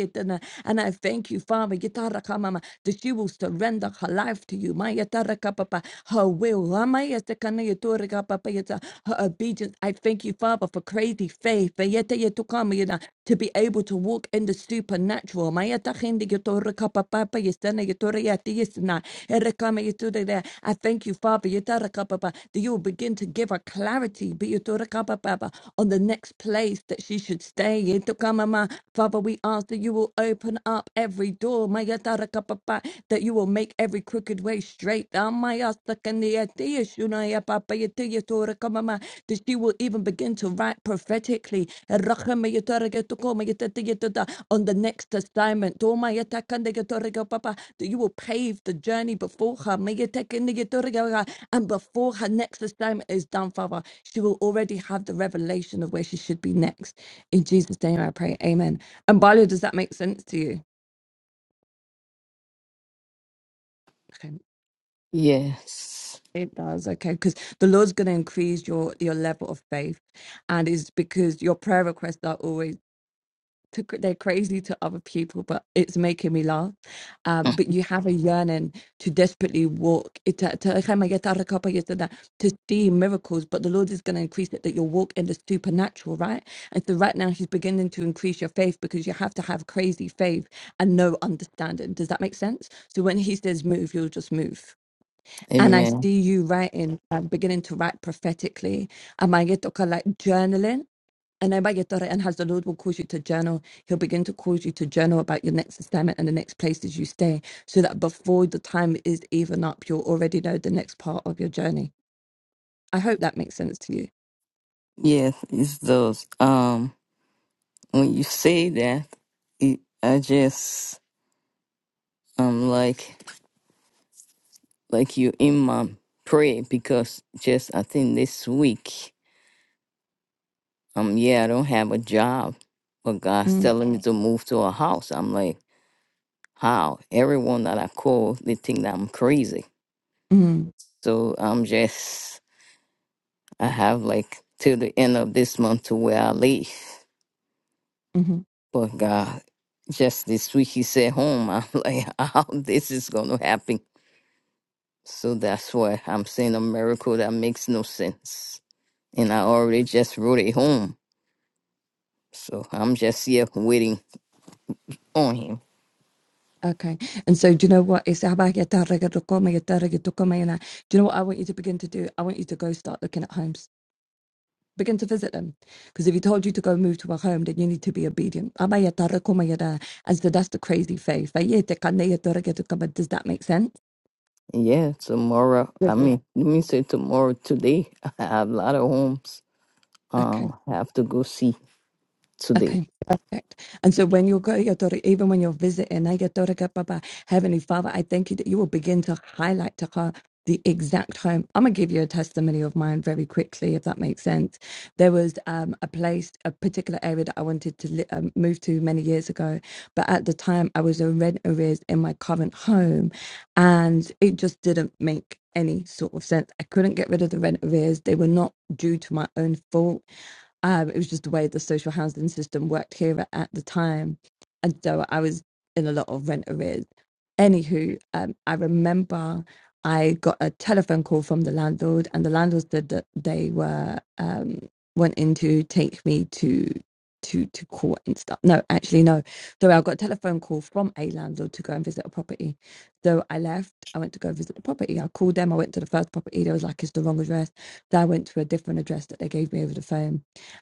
yetana. And I thank you, Father, yetaraka mama, that she will surrender her life to you. Ma yetaraka papa, Her will. Ama yetakana yetoraka papa yeta, Her obedience. I thank you, Father, for crazy faith. Ve yeta yena, To be able to walk in the supernatural. Ma yetakindi yetoraka papa pa yesana yetora yati yesana. Erekama yetude I thank you, Father, yetaraka papa, that you will begin to give her clarity. Be yetoraka papa, on the next place that she should stay. Mama. Father, we ask that you will open up every door, Maya Tarakapapa, that you will make every crooked way straight. Amaya Sakania Tia Shunaya Papa Yatia Toraka mama that she will even begin to write prophetically. Rakamaya Tarakatokoma Yatata on the next assignment. Domaya Takandaya papa that you will pave the journey before her. Maya Takanaya Torakawa, And before her next assignment is done, Father, she will already have the revelation of where she should be next. In Jesus' name I pray. Amen. And Barlow, does that make sense to you? Okay. Yes. It does, okay, because the Lord's going to increase your your level of faith, and it's because your prayer requests are always. to, they're crazy to other people, but it's making me laugh. Um, Mm, but you have a yearning to desperately walk it- to to- to see miracles, but the Lord is going to increase it that you'll walk in the supernatural, right? And so right now, He's beginning to increase your faith because you have to have crazy faith and no understanding. Does that make sense? So when He says move, you'll just move. And I Amen. see you writing, uh, beginning to write prophetically. Am I like journaling? And then when your daughter and has the Lord will cause you to journal. He'll begin to cause you to journal about your next assignment and the next places you stay, so that before the time is even up, you'll already know the next part of your journey. I hope that makes sense to you. Yes, it's those. Um, when you say that, it, I just um like like you in my prayer because just I think this week um yeah I don't have a job, but God's Mm, telling me to move to a house. I'm like how everyone that I call they think that I'm crazy. mm, So I'm just I have like till the end of this month to where I leave. mhm. But God, just this week he said home. I'm like, how this is gonna happen? So that's why I'm saying a miracle that makes no sense. And I already just wrote it home. So I'm just here waiting on him. Okay. And so, do you know what? It's about your target, your comma, your target, your comma, you know. Do you know what I want you to begin to do? I want you to go start looking at homes. Begin to visit them. Because if he told you to go move to a home, then you need to be obedient. Aba ya target, comma, ya da. And so that's the crazy faith. Ba ye te kane ya target, your comma. Does that make sense? Yeah, tomorrow. I Mhm. mean, let me say tomorrow. Today, I have a lot of homes. Okay. Um, I have to go see today. Okay, perfect. And so when you go, your even when you're visiting, I get daughter, Baba, Heavenly Father, I thank you that you will begin to highlight to her the exact home. I'm gonna give you a testimony of mine very quickly, if that makes sense. There was um, a place, a particular area that I wanted to li- um, move to many years ago, but at the time I was in rent arrears in my current home, and it just didn't make any sort of sense. I couldn't get rid of the rent arrears; they were not due to my own fault um, it was just the way the social housing system worked here at, the time. And so I was in a lot of rent arrears. Anywho, um, I remember I got a telephone call from the landlord, and the landlord said that they were um, wanting to take me to to to court and stuff. No, actually, no. So I got a telephone call from a landlord to go and visit a property. So I left. I went to go visit the property. I called them. I went to the first property. They was like, "It's the wrong address." So I went to a different address that they gave me over the phone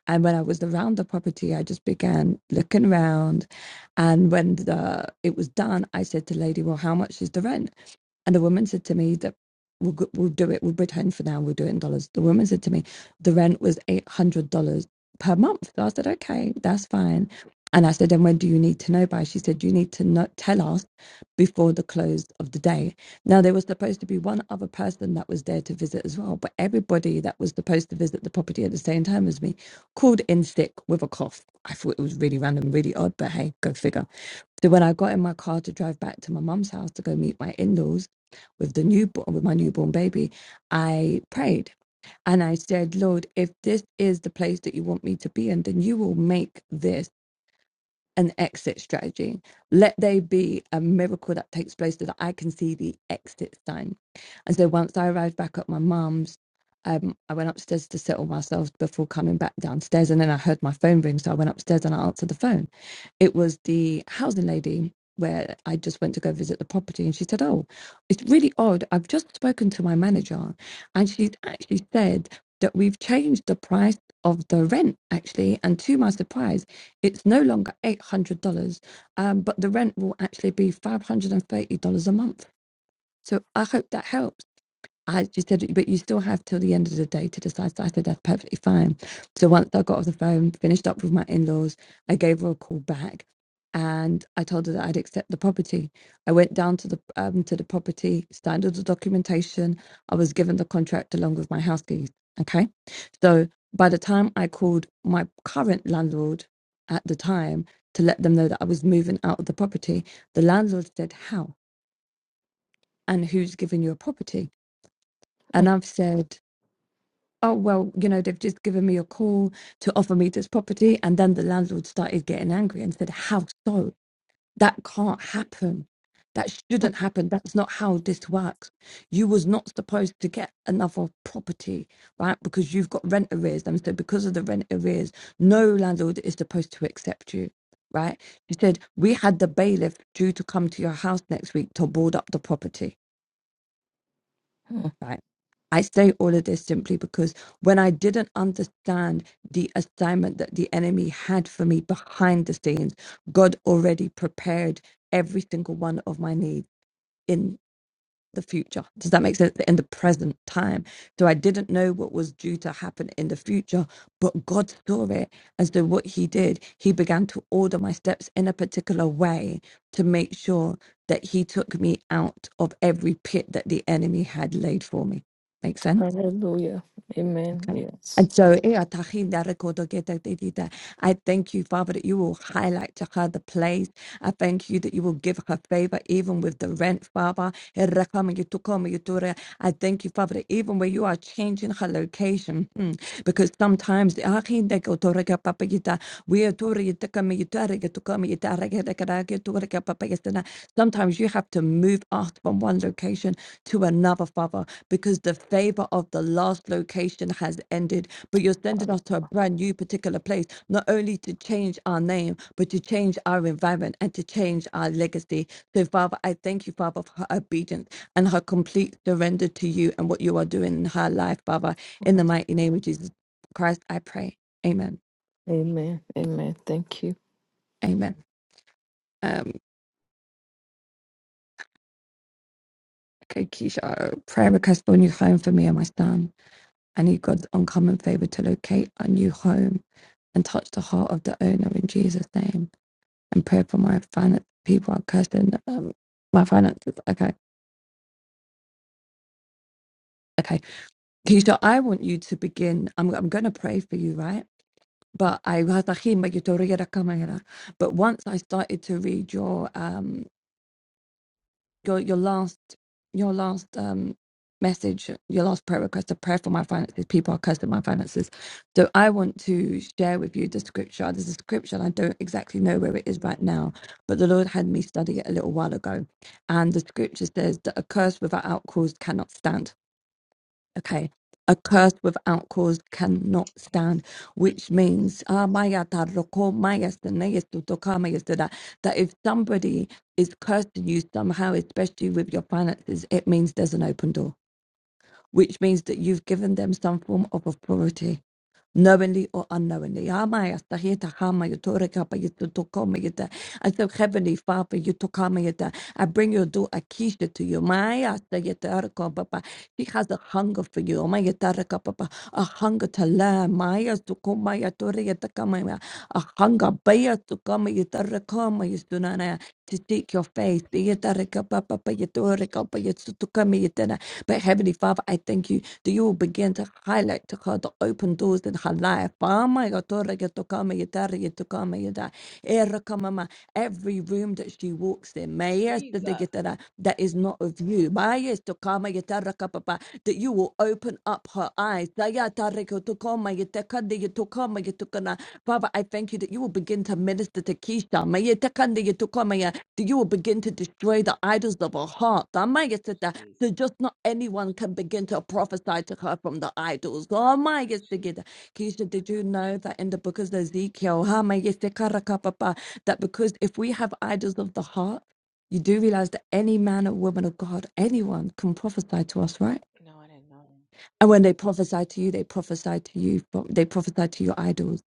and when I was around the property, I just began looking around. And when the it was done, I said to the lady, "Well, how much is the rent?" And the woman said to me that we'll, we'll do it, we'll pretend for now, we'll do it in dollars. The woman said to me, the rent was $800 per month. So I said, okay, that's fine. And I said, then when do you need to know by? She said, you need to not tell us before the close of the day. Now, there was supposed to be one other person that was there to visit as well, but everybody that was supposed to visit the property at the same time as me called in sick with a cough. I thought it was really random, really odd, but hey, go figure. So when I got in my car to drive back to my mum's house to go meet my in-laws with the newborn with my newborn baby, I prayed and I said, Lord, if this is the place that you want me to be in, then you will make this an exit strategy. Let there be a miracle that takes place so that I can see the exit sign. And so once I arrived back at my mum's, um, I went upstairs to settle myself before coming back downstairs. And then I heard my phone ring. So I went upstairs and I answered the phone. It was the housing lady where I just went to go visit the property. And she said, Oh, it's really odd. I've just spoken to my manager. And she's actually said that we've changed the price of the rent, actually. And to my surprise, it's no longer eight hundred dollars, um, but the rent will actually be five hundred and thirty dollars a month. So I hope that helps. I just said, but you still have till the end of the day to decide. So I said, that's perfectly fine. So once I got off the phone, finished up with my in laws, I gave her a call back and I told her that I'd accept the property. I went down to the um, to the property, signed all the documentation. I was given the contract along with my house keys. Okay. So by the time I called my current landlord at the time to let them know that I was moving out of the property, the landlord said, How? And who's given you a property? And I've said, oh well you know they've just given me a call to offer me this property and then the landlord started getting angry and said how so that can't happen that shouldn't happen that's not how this works you was not supposed to get another property right because you've got rent arrears and so because of the rent arrears no landlord is supposed to accept you right she said we had the bailiff due to come to your house next week to board up the property Hmm. right? I say all of this simply because when I didn't understand the assignment that the enemy had for me behind the scenes, God already prepared every single one of my needs. in the future. Does that make sense? In the present time. So I didn't know what was due to happen in the future, but God saw it. And so what he did, he began to order my steps in a particular way to make sure that he took me out of every pit that the enemy had laid for me. Make sense? Hallelujah. Amen. Okay. And Yes. so, eh, atahi na rekodo geta de de da. I thank you, Father, that you will highlight to her the place. I thank you that you will give her favor even with the rent, Father. Eh, rakama yutukoma yutura. I thank you, Father, that even where you are changing her location, hmm, because sometimes the ahi de koto papa yita, we are tori Sometimes you have to move us from one location to another, Father, because the favor of the last location has ended. But you're sending us to a brand new particular place, not only to change our name, but to change our environment and to change our legacy. So, Father, I thank you, Father, for her obedience and her complete surrender to you and what you are doing in her life, Father. In the mighty name of Jesus Christ, I pray. Amen. Amen. Amen. Thank you. Amen. Um, Okay, Keisha, prayer request for a new home for me and my son. I need God's uncommon favor to locate our new home and touch the heart of the owner in Jesus' name. And pray for my finance. People are cursing um, my finances. Okay, okay. Keisha, I want you to begin. I'm, I'm going to pray for you, right? But I but once I started to read your um, your your last your last um message, your last prayer request, a prayer for my finances. People are cursed at my finances. So I want to share with you the scripture. There's a scripture and I don't exactly know where it is right Yes, now, but the Lord had me study it a little while ago. And the scripture says that a curse without cause cannot stand. Okay. A curse without cause cannot yes, stand, which means ah, maya ta yes. roko, maya sta ne estu toka, maya sta da, that if somebody is cursing you somehow, especially with your finances, it means there's an open door, which means that you've given them some form of authority knowingly or unknowingly. Ama yastahita kama yutoreka pa yututokoma yita. I said, Heavenly Father, yutokama yita. I bring your do Akisha to you. Maya yastareka papa. She has a hunger for you. Ama yatareka papa. A hunger to learn. Maya sukoma yatore yatakama ya. A hunger. Baya sukama yitarekama yistunana. To seek your face. Yatareka papa pa yatoreka pa yutukama yitana. But Heavenly Father, I thank you that you will begin to highlight to her the open doors in her life. Ama ya tora ya tokama ya tara ya tokama ya da. Era kamama. Every room that she walks in, maya tada Jesus. get that that is not of you. Maya tokama ya tara ka papa, That you will open up her eyes. Da ya tara ya tokama ya tekande ya tokama ya tokana. Father, I thank you that you will begin to minister to Keisha. Maya tekande ya tokama ya, That you will begin to destroy the idols of her heart. Jesus. So just not anyone can begin to prophesy to her from the idols. My Oh my God, yes, they Jesus. get- Keisha, did you know that in the book of Ezekiel, ha, my yes, they karakapapa, that because if we have idols of the heart, you do realize that any man or woman of God, anyone can prophesy to us, right? No, I didn't know that. And when they prophesy to you, they prophesy to you. pro- They prophesy to your idols.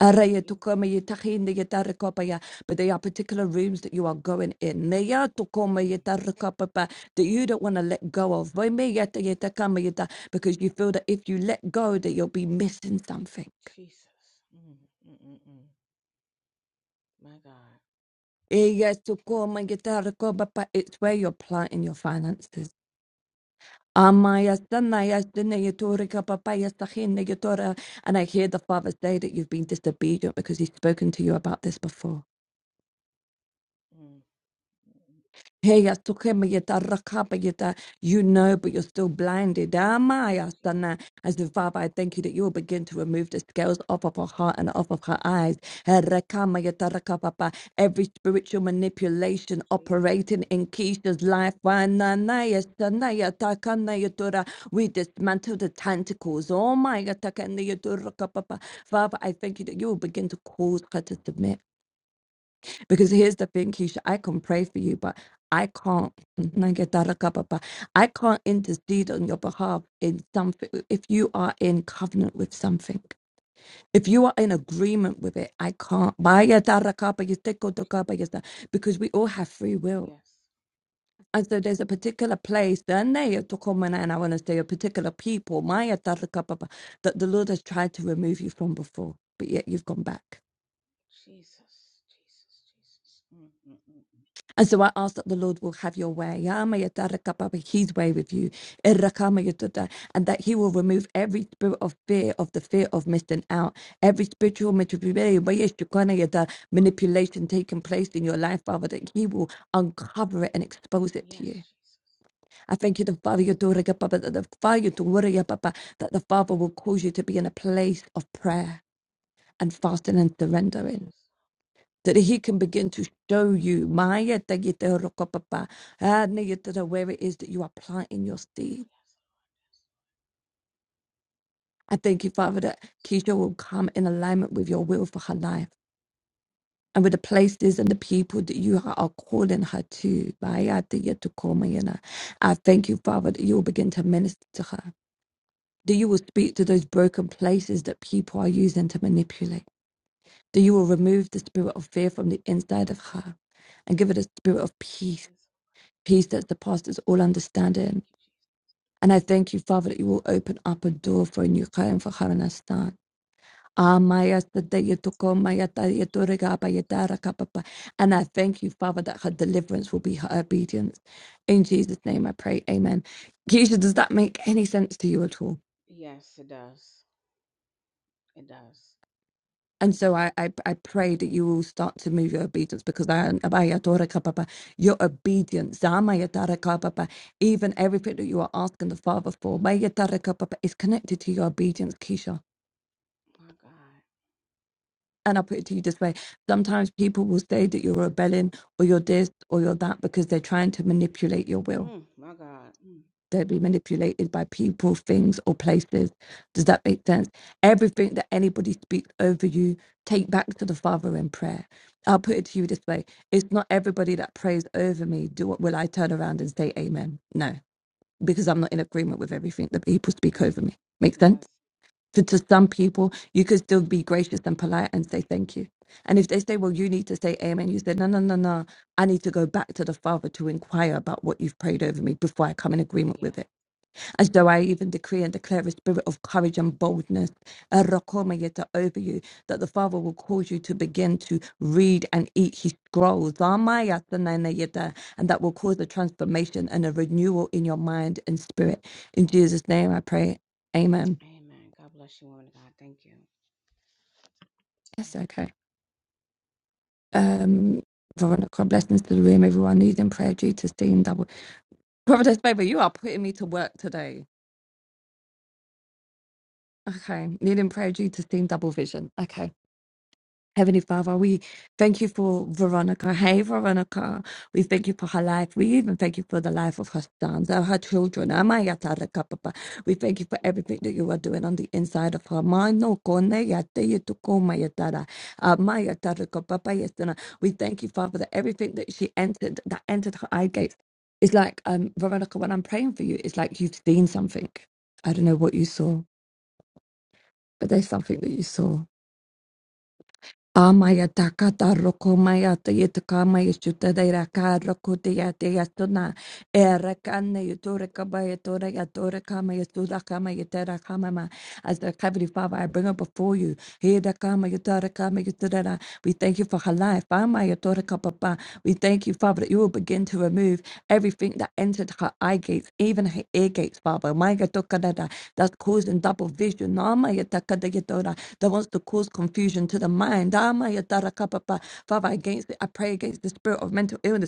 Araya Jesus. tukoma yitahinde yetarekopaya. But there are particular rooms that you are going in. Neya tukoma Mm, yetarekopapa, That you don't want to let go of. Boime yeta yetakama yeta, Because you feel that if you let go, that you'll be missing something. Jesus. Mm, mm, mm, mm. My God. Eya tukoma yetarekopapa, It's where you're planting your finances. Amma yasanna yasdinna yatorika papa yasakhinna yatora. And I hear the Father say that you've been disobedient because He's spoken to you about this before. Mm, mm, mm. Hey, ya toke me yeta raka me Je- yeta. You know, but you're still blinded. Amaya Je- sana. As the Father, I thank you that you will begin to remove the scales off of her heart and off of Jesus. her eyes. Hey, raka me yeta raka papa. Every spiritual manipulation operating Jesus. in Keisha's life. Wananaya sanaya takana yatura. We dismantle the tentacles. Oh my, yatakana yatura raka papa. Father, I thank you that you will begin to cause her to submit. Because here's the thing, Keisha, I can pray for you, but I can't. I can't intercede on your behalf in something. If you are in covenant with something, if you are in agreement with it, I can't. Jesus. Because we all have free will. Yes. And so there's a particular place, then they took on when- and I want to say a particular people, Maya that the Lord has tried to remove you from before, but yet you've gone back. Jesus. Jesus. Jesus. Mm, mm, mm, mm. And so I ask that the Lord will have your way. Ya ma ya da His way with you. Eh, ra And that He will remove every spirit of fear, of the fear of missing out, every spiritual manipulation where yes, you kinda ya da, manipulation taking place in your life, Father, that He will uncover it and expose it to Yes, you. Jesus. I thank you, the Father, your daughter, Papa, that the Father, your daughter, ya Papa, that the Father will cause you to be in a place of prayer and fasting and Yes. surrendering that he can begin to show you Maya tagite rokopapa, ah, negetata, where it is that you are planting your seed. Yes, Lord. I thank you, Yes. Father, that Keisha will come in alignment with your will for her life and with the places and the people that you are calling her to. Maya tagite komayana. I thank you, Father, that you will begin to minister to her, that you will speak to those broken places that people are using to manipulate, that you will remove the spirit of fear from the inside of her and give her the spirit of peace Yes. peace that surpasses all understanding. Thank you, Jesus. And I thank you, Father, that you will open up a door for a new Karen for Haranistan. And I thank you, Father, that her deliverance will be her obedience. In Jesus' name I pray, Amen. Keisha, does that make any sense to you at all? Yes, it does. It does. And so I, I, I pray that you will start to move your obedience because I, I adore ka Papa, your obedience, Zama ya tara ka Papa, even everything that you are asking the Father for, may ya ka Papa, is connected to your obedience, Keisha. My God. And I put it to you this way sometimes people will say that you're rebelling or you're this or you're that because they're trying to manipulate your will. Mm, my God. Mm, Don't be manipulated by people, things, or places. Does that make sense? Everything that anybody speaks over you, take back to the Father in prayer. I'll put it to you this way it's not everybody that prays over me. Do what will I turn around and say amen? No, because I'm not in agreement with everything that people speak over right. me. Make sense? Yes. So to some people, you could still be gracious and polite and say thank you. And if they say, well, you need to say amen, you say, no, no, no, no. I need to go back to the Father to inquire about what you've prayed over me before I come in agreement with it Yeah. as though I even decree and declare a spirit of courage and boldness, a rakoma yeta over you, that the Father will cause you to begin to read and eat his scrolls, Amaya sanana yeta, and that will cause a transformation and a renewal in your mind and spirit. In Jesus' name I pray. Amen. Amen. God bless you, woman of God. Thank you. Amen. Yes, okay. Um, Veronica, blessings to the room, everyone needing prayer due to seeing double. Providence, baby, you are putting me to work today. Okay, needing prayer due to seeing double vision. Okay. Heavenly Father, we thank you for Veronica. Hey, Veronica. We thank you for her life. We even thank you for the life of her sons and her children. Amaya taraka, Papa. We thank you for everything that you are doing on the inside of her mind. No kone ya te ye tu ko ma ya tara. Amaya taraka, Papa, yes, We thank you, Father, that everything that she entered, that entered her eye gates, is like, um, Veronica, when I'm praying for you, it's like you've seen something. I don't know what you saw, but there's something that you saw Amaya takata rokomaya tayetakama yashutadera ka rokoteya teyatuna erakane yutura kabaya tora yatora kama yasuda kama yatera kamama. As the Heavenly Father, I bring her before you. Heda kama yutara kama yutara. We thank you for her life. Amaya tora kapapa. We thank you, Father, that you will begin to remove everything that entered her eye gates, even her ear gates, Father. Maya tokadada. That's causing double vision. Amaya takada yatora that wants to cause confusion to the mind. Amaya darakapapa. Father, against it, I pray against the spirit of mental illness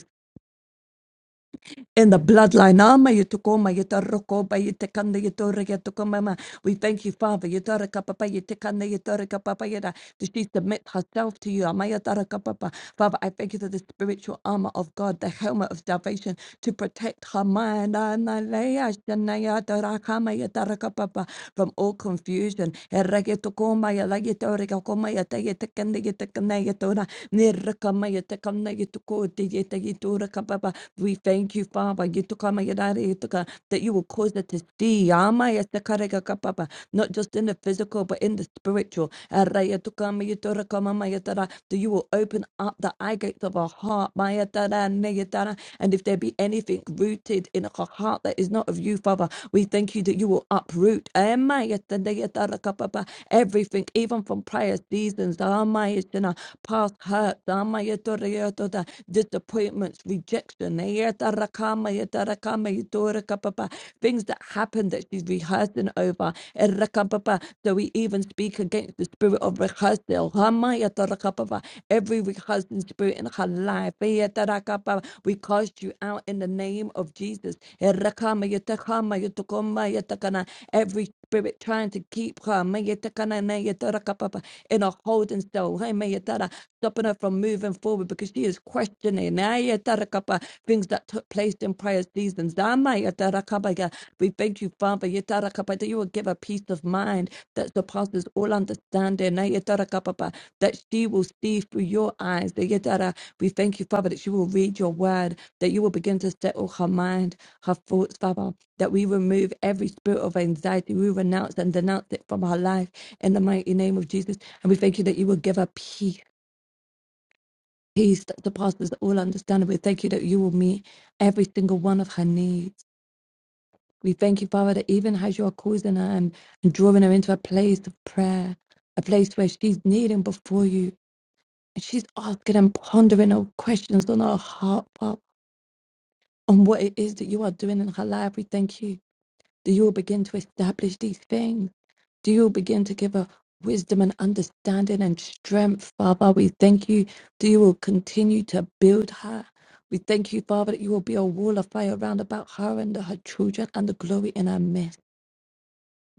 in the bloodline. Ama yutukoma yutaroko ba yitekanda yutora yutukomama. We thank you, Father. Yutaraka papa yitekanda yutaraka papa yada. That she submit herself to you. Ama yutaraka papa. Father, I thank you for the spiritual armor of God, the helmet of salvation to protect her mind. Ana leya shanaya tarakama yutaraka papa from all confusion. Erragetukoma yalagitorikakoma yatayetekanda yetekana yatora. Nirrakama yetekana yetuko yetekiturakapapa. We thank you, Father, Yitukama Yadari Yituka, that you will cause us to see, Yama Yasakarega Kapapa, not just in the physical, but in the spiritual. Araya Tukama Yitora Kamama Yatara, That you will open up the eye gates of our heart, Maya Tara, and if there be anything rooted in our heart that is not of you, Father, we thank you that you will uproot Amaya, Yatandeya Kapapa, everything, even from prior seasons, Ama Yatana, past hurt, Ama Yatora Yatota, disappointment disappointments, rejection, eh, yada rakama, yada rakama, yadora kapapa, things that happen that she's rehearsing over. eh, rakapapa. So we even speak against the spirit of rehearsal. hama, yada rakapapa, Every rehearsing spirit in her life, eh, yada rakapa, we cast you out in the name of Jesus. eh, rakama, yada kama, yada koma, yada kana, Every spirit trying to keep her mayetakana, nayetara, kapapa, in a holding cell, hey, mayetara, stopping her from moving forward because she is questioning nayetara, kapa, things that took place in prior seasons. Damayetara, kabaya. We thank you, Father, yetara, kapa, that you will give her peace of mind that surpasses all understanding, nayetara, kapapa, that she will see through your eyes. nayetara. We thank you, Father, that she will read your word, that you will begin to settle her mind, her thoughts, Father that we remove every spirit of anxiety. We renounce and denounce it from our life in the mighty name of Jesus. And we thank you that you will give us peace, peace that surpasses all understanding. We thank you that you will meet every single one of her needs. We thank you, Father, that even as you are causing her and drawing her into a place of prayer, a place where she's kneeling before you and she's asking and pondering her questions on her heart, Father, on what it is that you are doing in her life. We thank you. Do you begin to establish these things? Do you begin to give her wisdom and understanding and strength, Father? We thank you that you will continue to build her. We thank you, Father, that you will be a wall of fire round about her and her children and the glory in her midst.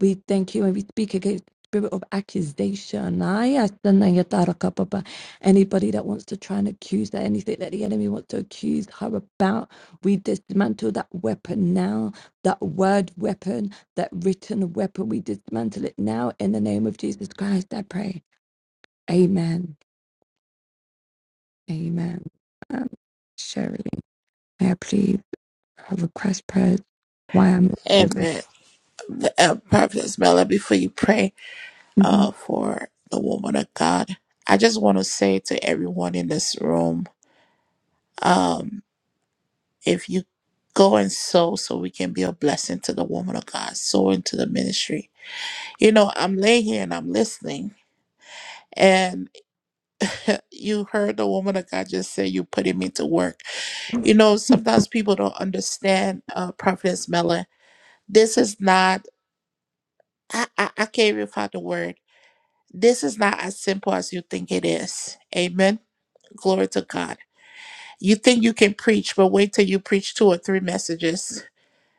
We thank you and we speak against the spirit of accusation. I ask the name of Tara Kapapa. Anybody that wants to try and accuse her, anything that the enemy wants to accuse her about, we dismantle that weapon now, that word weapon, that written weapon. We dismantle it now in the name of Jesus Christ. I pray. Amen. Amen. Um, Sherry, may I please have request prayers? Why I'm not moving? Amen. Uh, Prophetess Mela, before you pray Mm-hmm. uh, for the woman of God, I just want to say to everyone in this room, um. If you go and sow so we can be a blessing to the woman of God, sow into the ministry. You know, I'm laying here and I'm listening. And you heard the woman of God just say, You're putting me to work. You know, sometimes people don't understand uh, Prophetess Mellon. This is not, I, I, I can't even find the word. This is not as simple as you think it is. Amen. Glory to God. You think you can preach, but wait till you preach two or three messages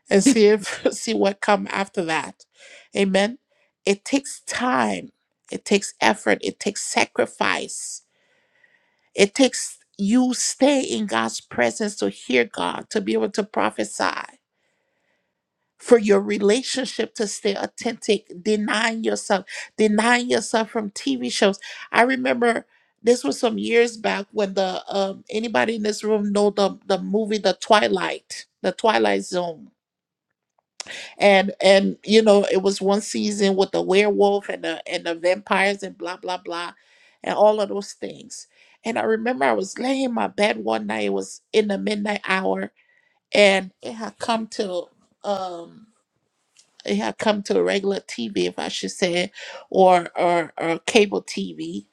and see if see what come after that. Amen. It takes time. It takes effort. It takes sacrifice. It takes you stay in God's presence to hear God, to be able to prophesy, for your relationship to stay authentic, denying yourself, denying yourself from TV shows. I remember this was some years back when the um, anybody in this room know the the movie The Twilight, The Twilight Zone and and you know it was one season with the werewolf and the and the vampires and blah blah blah and all of those things and i remember i was laying in my bed one night it was in the midnight hour and it had come to um it had come to a regular tv if i should say or or, or cable tv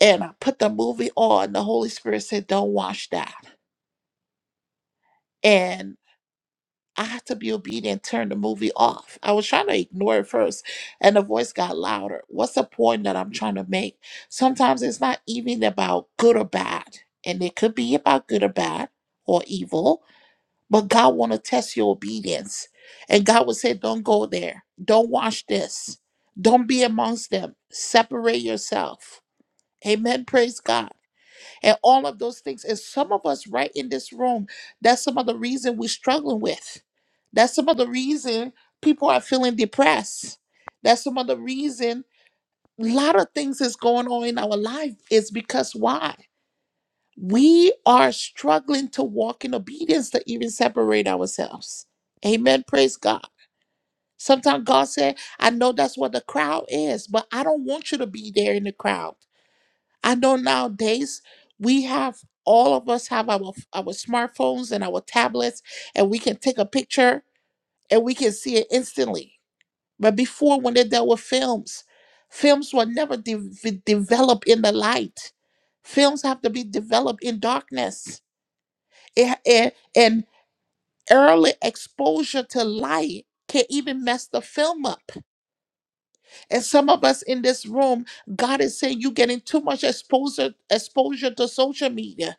and i put the movie on the holy spirit said don't watch that I have to be obedient, turn the movie off. I was trying to ignore it first, and the voice got louder. What's the point that I'm trying to make? Sometimes it's not even about good or bad, and it could be about good or bad or evil, but God want to test your obedience. And God would say, Don't go there. Don't watch this. Don't be amongst them. Separate yourself. Amen. Praise God and all of those things. And some of us right in this room, that's some of the reason we're struggling with. That's some of the reason people are feeling depressed. That's some of the reason a lot of things is going on in our life is because why? We are struggling to walk in obedience to even separate ourselves. Amen. Praise God. Sometimes God said, I know that's what the crowd is, but I don't want you to be there in the crowd. I know nowadays we have all of us have our our smartphones and our tablets, and we can take a picture and we can see it instantly. But before, when they dealt with films, films were never de- v- developed in the light. Films have to be developed in darkness, and, and, and early exposure to light can even mess the film up. And some of us in this room, God is saying you're getting too much exposure exposure to social media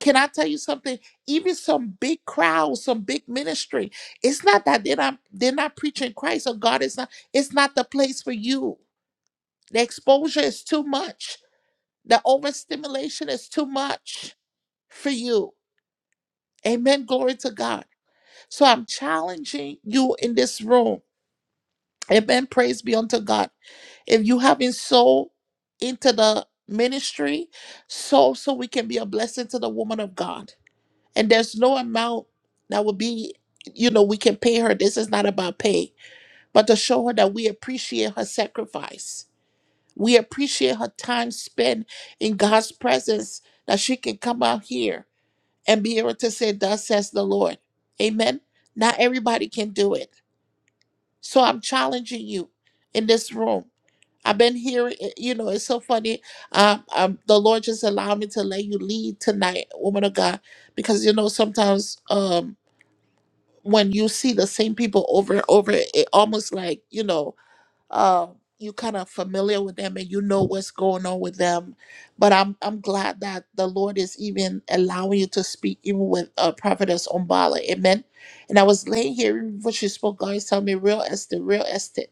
Can I tell you something? Even some big crowds, some big ministry, it's not that they're not they're not preaching Christ or God is not, it's not the place for you. The exposure is too much. The overstimulation is too much for you. Amen. Glory to God. So I'm challenging you in this room. Amen. Praise be unto God. If you haven't sold into the ministry, so so we can be a blessing to the woman of God. And there's no amount that will be, you know, we can pay her. This is not about pay, but to show her that we appreciate her sacrifice. We appreciate her time spent in God's presence, that she can come out here and be able to say, Thus says the Lord. Amen. Not everybody can do it. So I'm challenging you in this room. I've been hearing, eh, you know, it's so funny. Um, um, the Lord just allowed me to let you lead tonight, woman of God, because, you know, sometimes. Um, when you see the same people over and over, it almost like, you know, uh, you kind of familiar with them and you know what's going on with them. But I'm I'm glad that the Lord is even allowing you to speak even with uh, Prophetess Umbala. Amen. And I was laying here even before she spoke, God is telling me real estate, real estate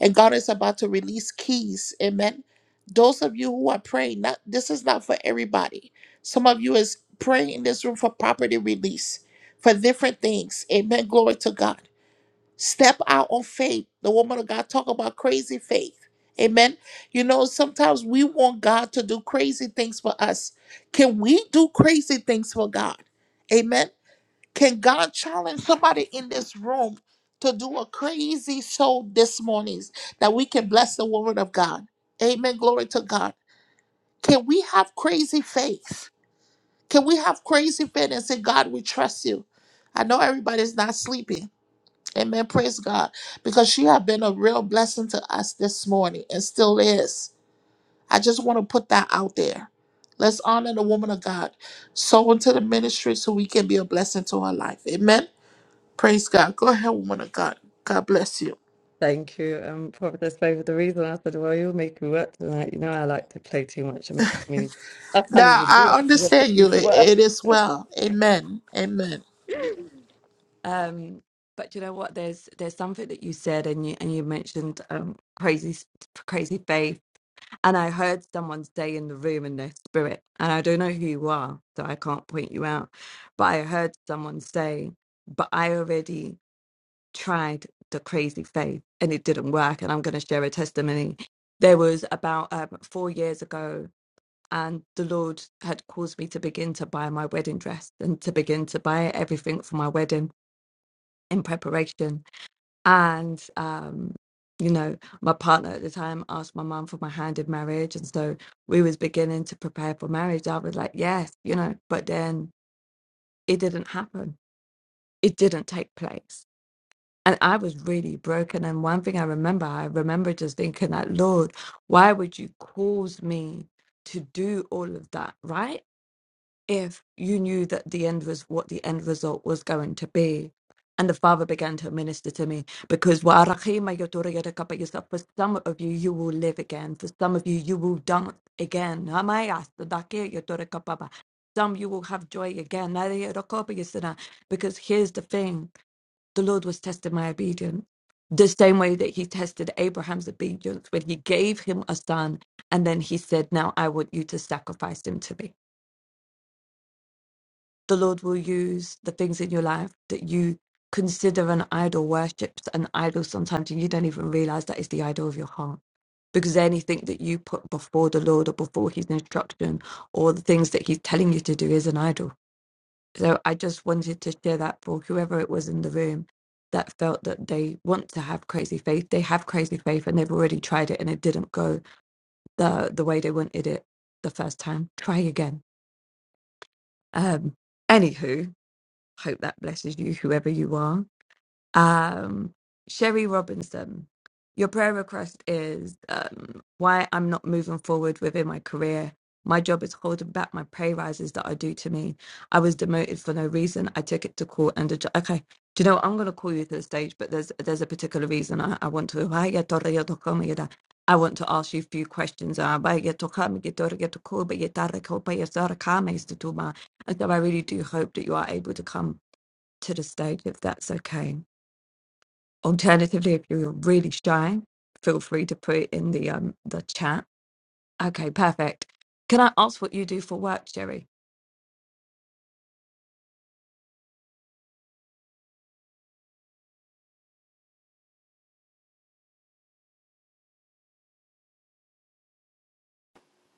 and God is about to release keys. Amen. Those of you who are praying, not this is not for everybody. Some of you is praying in this room for property release, for different things. Amen. Glory to God. Step out on faith. The woman of God talk about crazy faith. Amen. You know, sometimes we want God to do crazy things for us. Can we do crazy things for God? Amen. Can God challenge somebody in this room to do a crazy show this morning that we can bless the word of God? Amen. Glory to God. Can we have crazy faith? Can we have crazy faith and say, God, we trust you? I know everybody's not sleeping. Amen. Praise God. Because you have been a real blessing to us this morning and still is. I just want to put that out there. Let's honor the woman of God. Sow into the ministry so we can be a blessing to her life. Amen. Praise God. Go ahead, woman of God. God bless you. Thank you. Um, probably that's probably the reason I said, well, you'll make me work tonight. You know, I like to play too much. I mean, I mean, I can't Now even do I that. You have to understand you. leave to It, work. it is well. Amen. Amen. Um, but you know what? There's there's something that you said, and you and you mentioned um, crazy s- crazy faith, and I heard someone say in the room in their spirit, and I don't know who you are, so I can't point you out, but I heard someone say, "But I already." tried the crazy faith and it didn't work. And I'm going to share a testimony. There was about um, four years ago, and the Lord had caused me to begin to buy my wedding dress and to begin to buy everything for my wedding in preparation. And, um, you know, my partner at the time asked my mum for my hand in marriage. And so we was beginning to prepare for marriage. I was like, yes, you know, but then it didn't happen. It didn't take place And I was really broken. And one thing I remember, I remember just thinking that, Lord, why would you cause me to do all of that, right? If you knew that the end was what the end result was going to be. And the Father began to minister to me because "Wa'arachima yotoriyadaka," but you for some of you, you will live again. For some of you, you will dance again. Hamayastadake yotorikapapa. Some you will have joy again. Nariyadakopayasana. Because here's the thing the Lord was testing my obedience. The same way that he tested Abraham's obedience when he gave him a son, and then he said, Now I want you to sacrifice him to me. The Lord will use the things in your life that you consider an idol worships an idol sometimes, and you don't even realize that is the idol of your heart. Because anything that you put before the Lord or before his instruction or the things that he's telling you to do is an idol So I just wanted to share that for whoever it was in the room that felt that they want to have crazy faith. They have crazy faith and they've already tried it and it didn't go the the way they wanted it the first time. Try again. Um anywho, hope that blesses you, whoever you are. Um, Sherry Robinson, your prayer request is um, why I'm not moving forward within my career. My job is holding back my pay rises that are due to me. I was demoted for no reason. I took it to court and a ju- okay. Do you know what? I'm going to call you to the stage, but there's there's a particular reason I, I want to. I want to ask you a few questions. uh, but to call, you don't call, And so I really do hope that you are able to come to the stage if that's okay. Alternatively, if you're really shy, feel free to put it in the um the chat. Okay, perfect. Can I ask what you do for work, Jerry?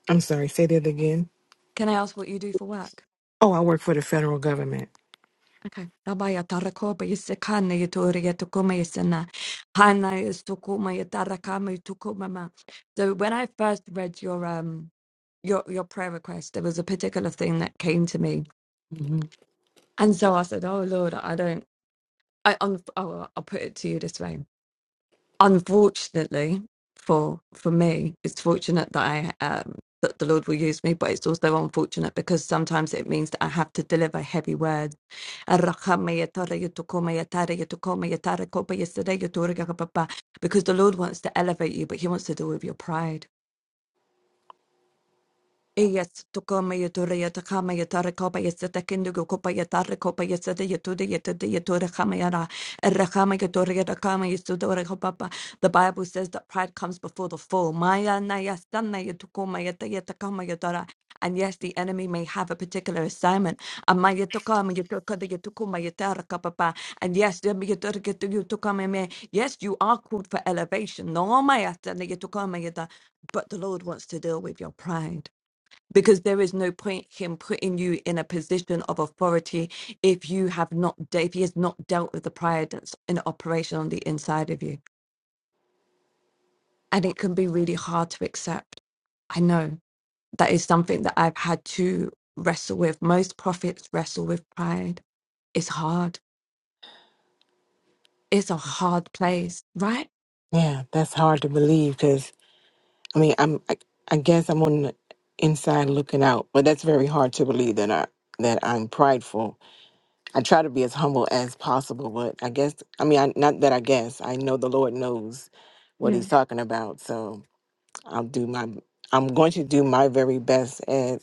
I'm sorry, say that again. Can I ask what you do for work? Oh, I work for the federal government. Okay. Abaya tarakoma yisikana yatori yatukuma yisana. Hana yisukuma yatarakama yitukumama. So when I first read your um your your prayer request, there was a particular thing that came to me. hmm And so I said, Oh Lord, I don't I, I'm, I'll put it to you this way. unfortunately for for me it's fortunate that i um that the lord will use me but it's also unfortunate because sometimes it means that i have to deliver heavy words because the lord wants to elevate you but he wants to deal with your pride Yes, to come yetura yatakama yatara kopa yatakindugu kopa yatara kopa yatada yatuda yatada yatura kamayara rakama yatura yatakama yatudora kopapa. The Bible says that pride comes before the fall. Maya na yatukoma yata yatara. And yes, the enemy may have a particular assignment. And maya tokama yatuka the yatukuma yatara kapapa. And yes, the yatura yatukama me. Yes, you are called for elevation. No maya yatana yatukama yata. But the Lord wants to deal with your pride because there is no point him putting you in a position of authority if you have not de- if he has not dealt with the pride that's in operation on the inside of you and it can be really hard to accept i know that is something that i've had to wrestle with most prophets wrestle with pride it's hard it's a hard place right Yeah, that's hard to believe because I mean, I'm I, I guess I'm on the inside looking out, but that's very hard to believe that I that I'm prideful. I try to be as humble as possible, but I guess I mean, I, not that I guess I know the Lord knows what yeah He's talking about, so I'll do my I'm going to do my very best at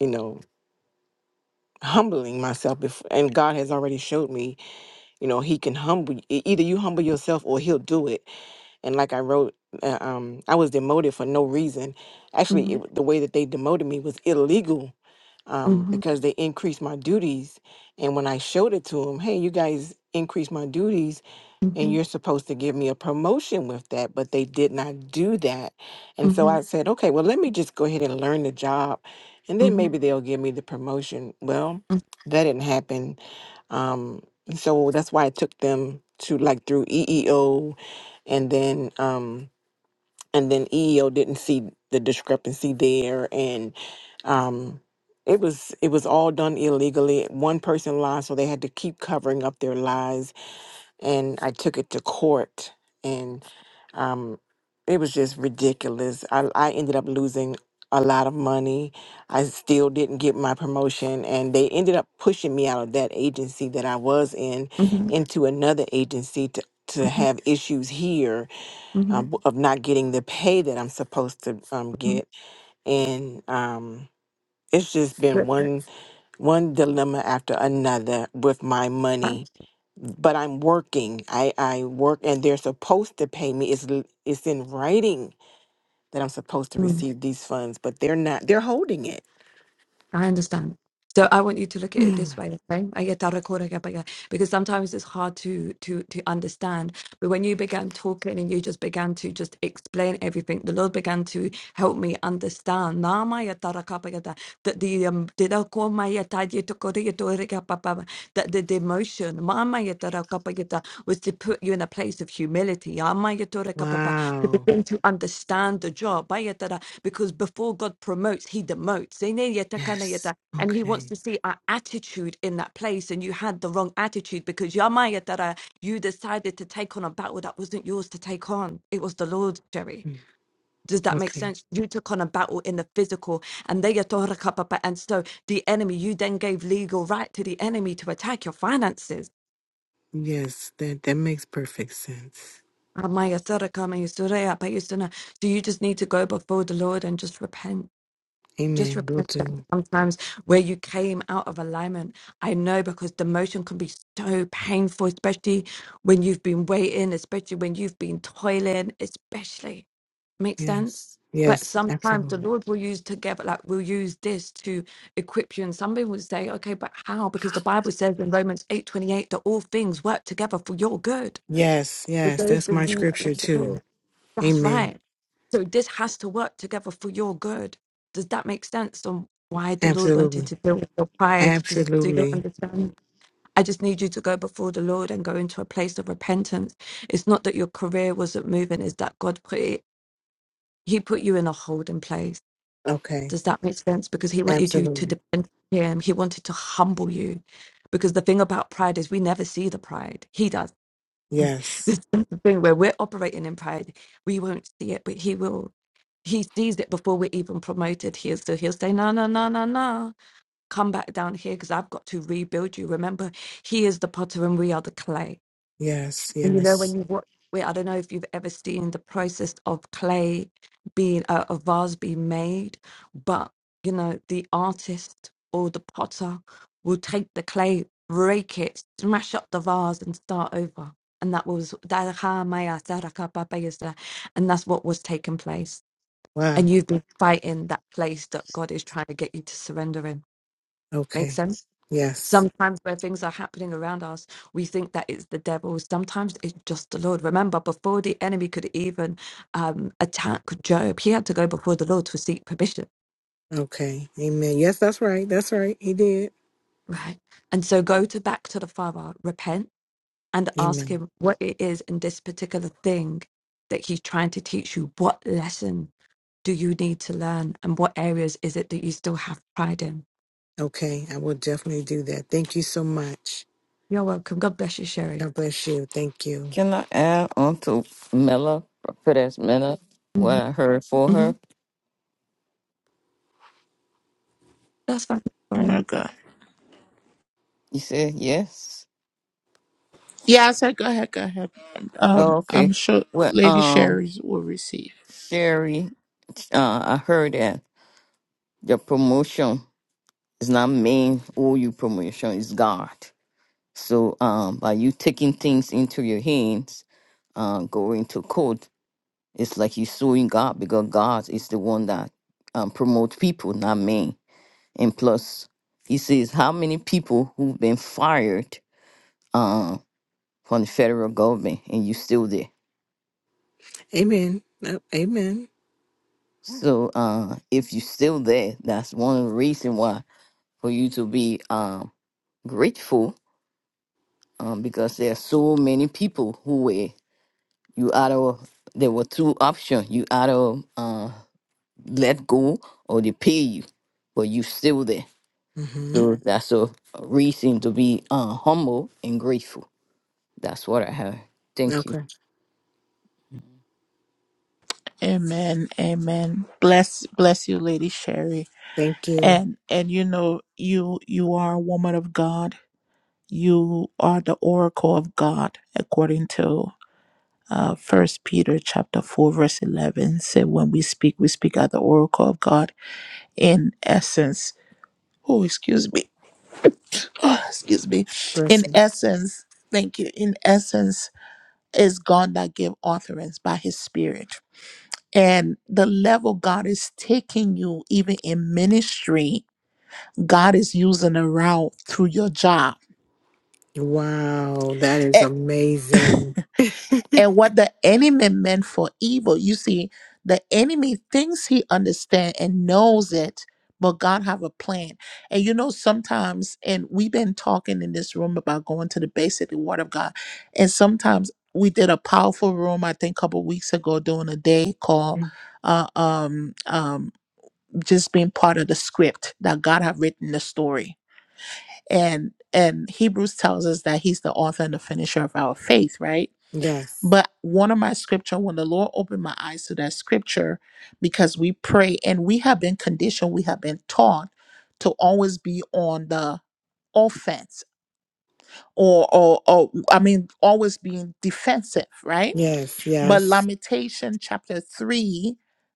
you know humbling myself, before, and God has already showed me you know he can humble y- e- either you humble yourself or he'll do it and like i wrote uh, um i was demoted for no reason actually it, mhm wa- the way that they demoted me was illegal um mhm because they increased my duties and when i showed it to them hey you guys increased my duties and mhm you're supposed to give me a promotion with that but they did not do that and so i mhm said okay well let me just go ahead and learn the job and then mhm maybe they'll give me the promotion well that didn't happen um, and so that's why it took them to like through EEO and then um and then EEO didn't see the discrepancy there and um it was it was all done illegally. One person lied, so they had to keep covering up their lies and I took it to court, and um, it was just ridiculous. I, I ended up losing a lot of money. I still didn't get my promotion, and they ended up pushing me out of that agency that I was in mhm into another agency to to have issues here mhm um, of not getting the pay that I'm supposed to um, mhm get, and um, it's just been one one dilemma after another with my money but I'm working. I, I work and they're supposed to pay me. It's, l- it's in writing that I'm supposed to mhm. receive these funds, but they're not, they're holding it. I understand. So I want you to look at it Mm. this way, okay? I get that record, I get back, yeah. Because sometimes it's hard to to to understand. But when you began talking and you just began to just explain everything, the Lord began to help me understand. Na ma ya tara ka pa ya da- That the um did I call my ya ta ya to ko re ya to re ka pa pa ma, that the demotion ma ma ya tara ka pa ya da, was to put you in a place of humility. Ya ma ya to re ka pa pa, To Wow. begin to understand the job because before God promotes, He demotes. Zene yeta kana Yes. yeta. And He wants Okay. to see our attitude in that place. And you had the wrong attitude because yama yetara, you decided to take on a battle that wasn't yours to take on. It was the Lord's, Jerry. Mm. Does that make Okay. sense? You took on a battle in the physical, and they yatora kapapa. And so the enemy, you then gave legal right to the enemy to attack your finances. Yes. That that makes perfect sense. Ama yetara kama yusurea pa yusuna. So you just need to go before the Lord and just repent just Amen. Will repent that do. sometimes where you came out of alignment. I know because the motion can be so painful, especially when you've been waiting, especially when you've been toiling, especially. Makes sense? Yes. But Yes. sometimes the Absolutely. Lord will use together, like we'll use this to equip you. And somebody would say, okay, but how? Because the Bible says in Romans eight twenty eight that all things work together for your good. Yes. For Yes. those That's my of you that love scripture the Lord. too. That's Amen. right. So this has to work together for your good. Does that make sense on why the Lord wanted Absolutely. to deal with your pride? Does, do you Absolutely. understand? I just need you to go before the Lord and go into a place of repentance. It's not that your career wasn't moving, it's that God put it, He put you in a holding place. Okay. Does that make sense? Because He wanted you to Absolutely. depend on Him, He wanted to humble you. Because the thing about pride is we never see the pride, He does Yes. there's something where we're operating in pride. We won't see it, but he will. He sees it before we're even promoted here. So he'll say, No, no, no, no, no. Come back down here because I've got to rebuild you. Remember, he is the potter and we are the clay. Yes. And you know, when Yes. you watch, wait, I don't know if you've ever seen the process of clay being uh, a vase being made, but you know, the artist or the potter will take the clay, break it, smash up the vase, and start over. And that was that ha maya saraka papa yasa. and that's what was taking place. Wow. And you've been fighting that place that God is trying to get you to surrender in. Make Okay. sense? Yes. Sometimes where things are happening around us, we think that it's the devil. Sometimes it's just the Lord. Remember, before the enemy could even um, attack Job, he had to go before the Lord to seek permission, Okay. Amen. Yes, that's right. That's right. He did. right? And so go to back to the Father, repent, and ask Amen. Him what it is in this particular thing that He's trying to teach you. What lesson do you need to learn, and what areas is it that you still have pride in? Okay. I will definitely do that. Thank you so much. You're welcome. God bless you, Sherry. God bless you. Thank you. Can I add on to Mela, Prophetess Mela, what hmm I heard for hmm her? That's fine. Woman of God. You said yes? Yeah, I said go ahead, go ahead. Um, Oh, I'm okay. sure Well, Lady um, Sherry will receive. Sherry, uh, I heard that your promotion is not mean or your promotion is God. So, um, by you taking things into your hands, uh, going to court, it's like you suing God because God is the one that um, promotes people, not me. And plus, he says, how many people who've been fired Um, from the federal government and you still there. Amen. Uh, Amen. So uh, if you still there, that's one of the reason why for you to be um, grateful um, because there are so many people who were you out of there were two options you out of uh, let go or they pay you, but you still there. Mm-hmm. So that's a a reason to be uh, humble and grateful. That's what I have. Thank you. Okay. Amen. Amen. Bless bless you, Lady Sherry. Thank you. And and you know, you you are a woman of God. You are the oracle of God, according to uh first Peter chapter four, verse eleven. Say when we speak, we speak at the oracle of God in essence oh excuse me oh, excuse me in Blessing. essence thank you in essence is god that give utterance by his spirit and the level god is taking you even in ministry god is using around through your job Wow. That is amazing. and what the enemy meant for evil. You see, the enemy thinks he understands and knows it, but God have a plan. And you know, sometimes, and we've been talking in this room about going to the basic word of God. And sometimes we did a powerful room, I think a couple weeks ago during a day called uh, um, um, just being part of the script that God have written the story. And and Hebrews tells us that he's the author and the finisher of our faith, right? yes. But one of my scripture, when the Lord opened my eyes to that scripture, because we pray and we have been conditioned, we have been taught to always be on the offense or or, or I mean always being defensive, right? Yes. But Yes. Lamentation chapter 3,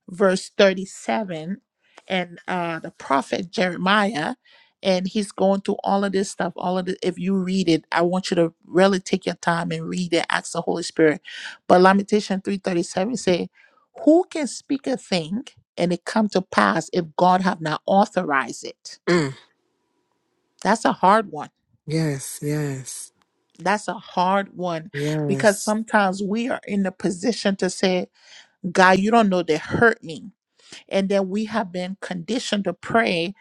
verse 37, and uh, the prophet Jeremiah, and he's going through all of this stuff. All of the, if you read it, I want you to really take your time and read it. Ask the Holy Spirit. But Lamentation 3:37 say, Who can speak a thing and it come to pass if God have not authorized it? Mm. That's a hard one. Yes. Yes. That's a hard one because Yes. sometimes we are in the position to say, God, you don't know they hurt me and then we have been conditioned to pray.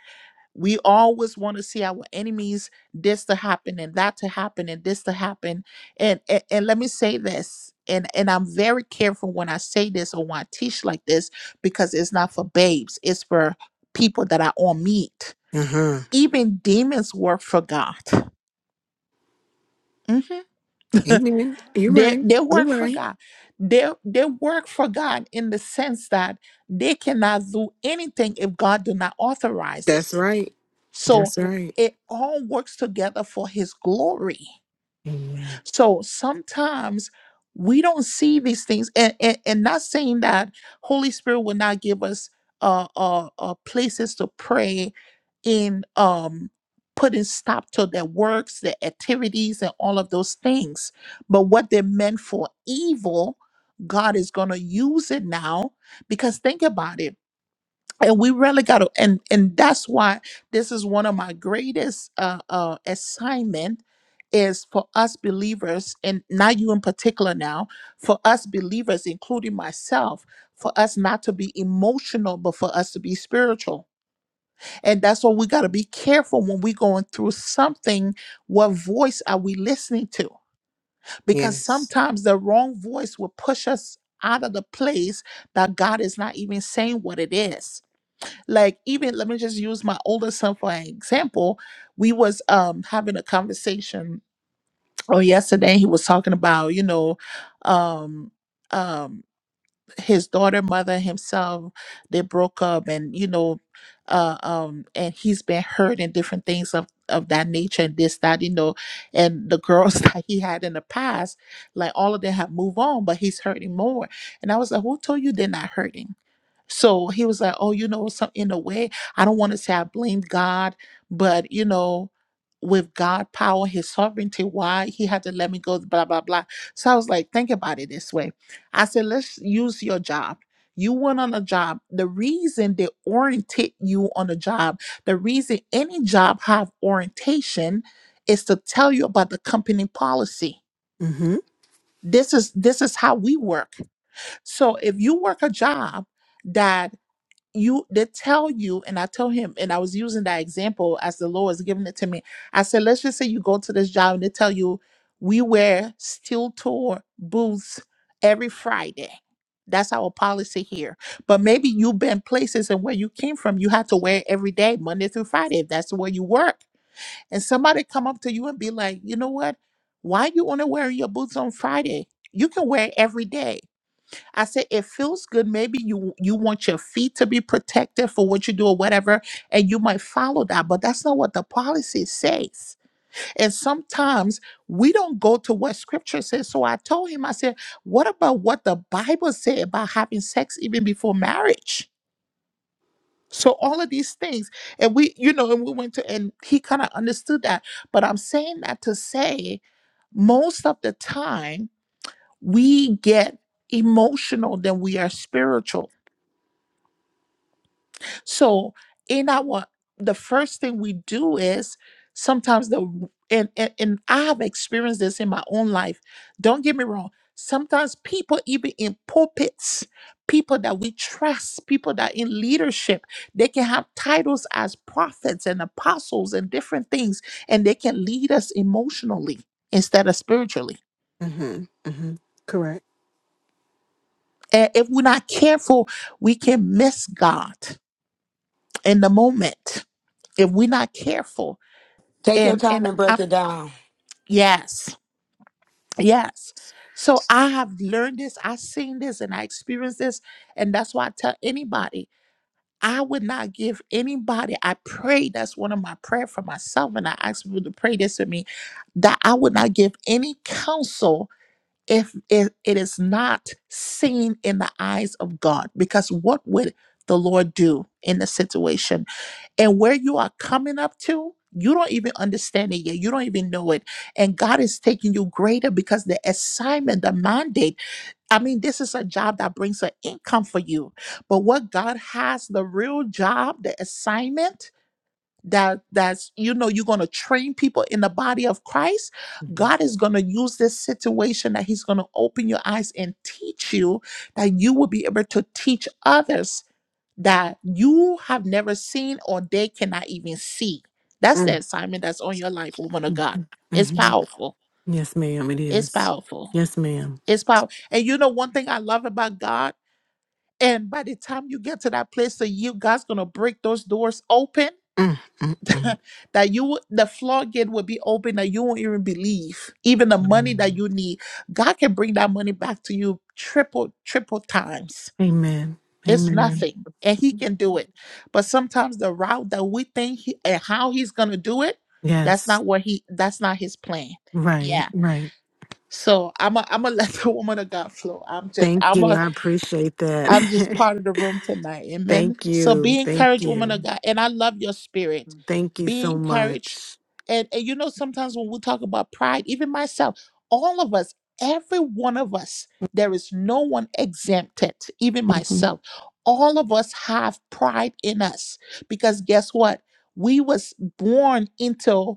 We always want to see our enemies this to happen and that to happen and this to happen. And and, and let me say this, and and I'm very careful when I say this or when I teach like this because it's not for babes. It's for people that are on meat. Uh huh. Even demons work for God. Mhm. Amen. You're They right. they You're work for right. God. They they work for God in the sense that they cannot do anything if God do not authorize That's it right. So That's right. it all works together for his glory. Amen. So sometimes we don't see these things, and, and, and not saying that Holy Spirit will not give us uh, uh, uh, places to pray in um, putting stop to their works, their activities, and all of those things. But what they meant for evil, God is going to use it now because think about it and we really got to and and that's why this is one of my greatest uh uh assignment is for us believers and not you in particular now for us believers including myself for us not to be emotional but for us to be spiritual and that's why we got to be careful when we're going through something what voice are we listening to because Yes. sometimes the wrong voice will push us out of the place that god is not even saying what it is like even let me just use my oldest son for an example we was um having a conversation or yesterday he was talking about you know um um his daughter mother himself they broke up and you know uh um and he's been hurt and different things of of that nature and this that you know and the girls that he had in the past like all of them have moved on but he's hurting more and i was like who told you they're not hurting so he was like, Oh, you know, some in a way, I don't want to say I blame God, but you know, with God power, his sovereignty, why he had to let me go, blah, blah, blah. So I was like, think about it this way. I said, let's use your job. You went on a job. The reason they orientate you on a job, the reason any job have orientation is to tell you about the company policy. Mm hmm. This is this is how we work. So if you work a job, that." you they tell you and i told him and i was using that example as the lord was giving it to me i said let's just say you go to this job and they tell you we wear steel toe boots every friday that's our policy here but maybe you've been places and where you came from you have to wear it every day monday through friday if that's where you work and somebody come up to you and be like you know what why you only wearing your boots on friday you can wear it every day I said it feels good. Maybe you you want your feet to be protected for what you do or whatever, and you might follow that, but that's not what the policy says. And sometimes we don't go to what scripture says. So I told him, I said, what about what the Bible said about having sex even before marriage? So all of these things. And we, you know, and we went to and he kind of understood that. But I'm saying that to say most of the time we get emotional than we are spiritual So in our the first thing we do is sometimes the and, and and I have experienced this in my own life. Don't get me wrong. Sometimes people even in pulpits, people that we trust, people that in leadership, they can have titles as prophets and apostles and different things, and they can lead us emotionally instead of spiritually. Mm hmm. Mm hmm. Correct. And if we're not careful, we can miss God in the moment. If we're not careful, Take your and time and and I break it down. yes, yes. So I have learned this, I've seen this, and I experienced this, and that's why I tell anybody I would not give anybody. I pray that's one of my prayer for myself, and I ask people to pray this with me that I would not give any counsel if it, it is not seen in the eyes of God, because what would the Lord do in the situation? And where you are coming up to, you don't even understand it yet. You don't even know it. And God is taking you greater because the assignment, the mandate, I mean, this is a job that brings an income for you. But what God has, the real job, the assignment, that that's you know you're going to train people in the body of Christ Mm hmm. God is going to use this situation that he's going to open your eyes and teach you that you will be able to teach others that you have never seen or they cannot even see. That's the assignment that's on your life, woman of God. It's Mm-hmm. powerful. Yes, ma'am. It It's is. powerful. Yes, ma'am. It's powerful. And you know, one thing I love about God, and by the time you get to that place of you, God's gonna break those doors open. Mm, mm, mm, that you would- the floodgate will be open that you won't even believe even the money that mm. you need god can bring that money back to you triple triple times Amen. It's Amen. nothing, and he can do it. But sometimes the route that we think he, and how he's gonna do it, that's Yes. not what he. That's not his plan. Right. Yeah. Right. So I'm a, I'm gonna let the woman of God flow. I'm just Thank I'm a you. I appreciate that. I'm just part of the room tonight. Amen. Thank So you. be Thank encouraged, woman of you. God. And I love your spirit. Thank you Be so encouraged. much. And, and you know, sometimes when we talk about pride, even myself, all of us, every one of us, there is no one exempted, even myself. All of us have pride in us because guess what? We was born into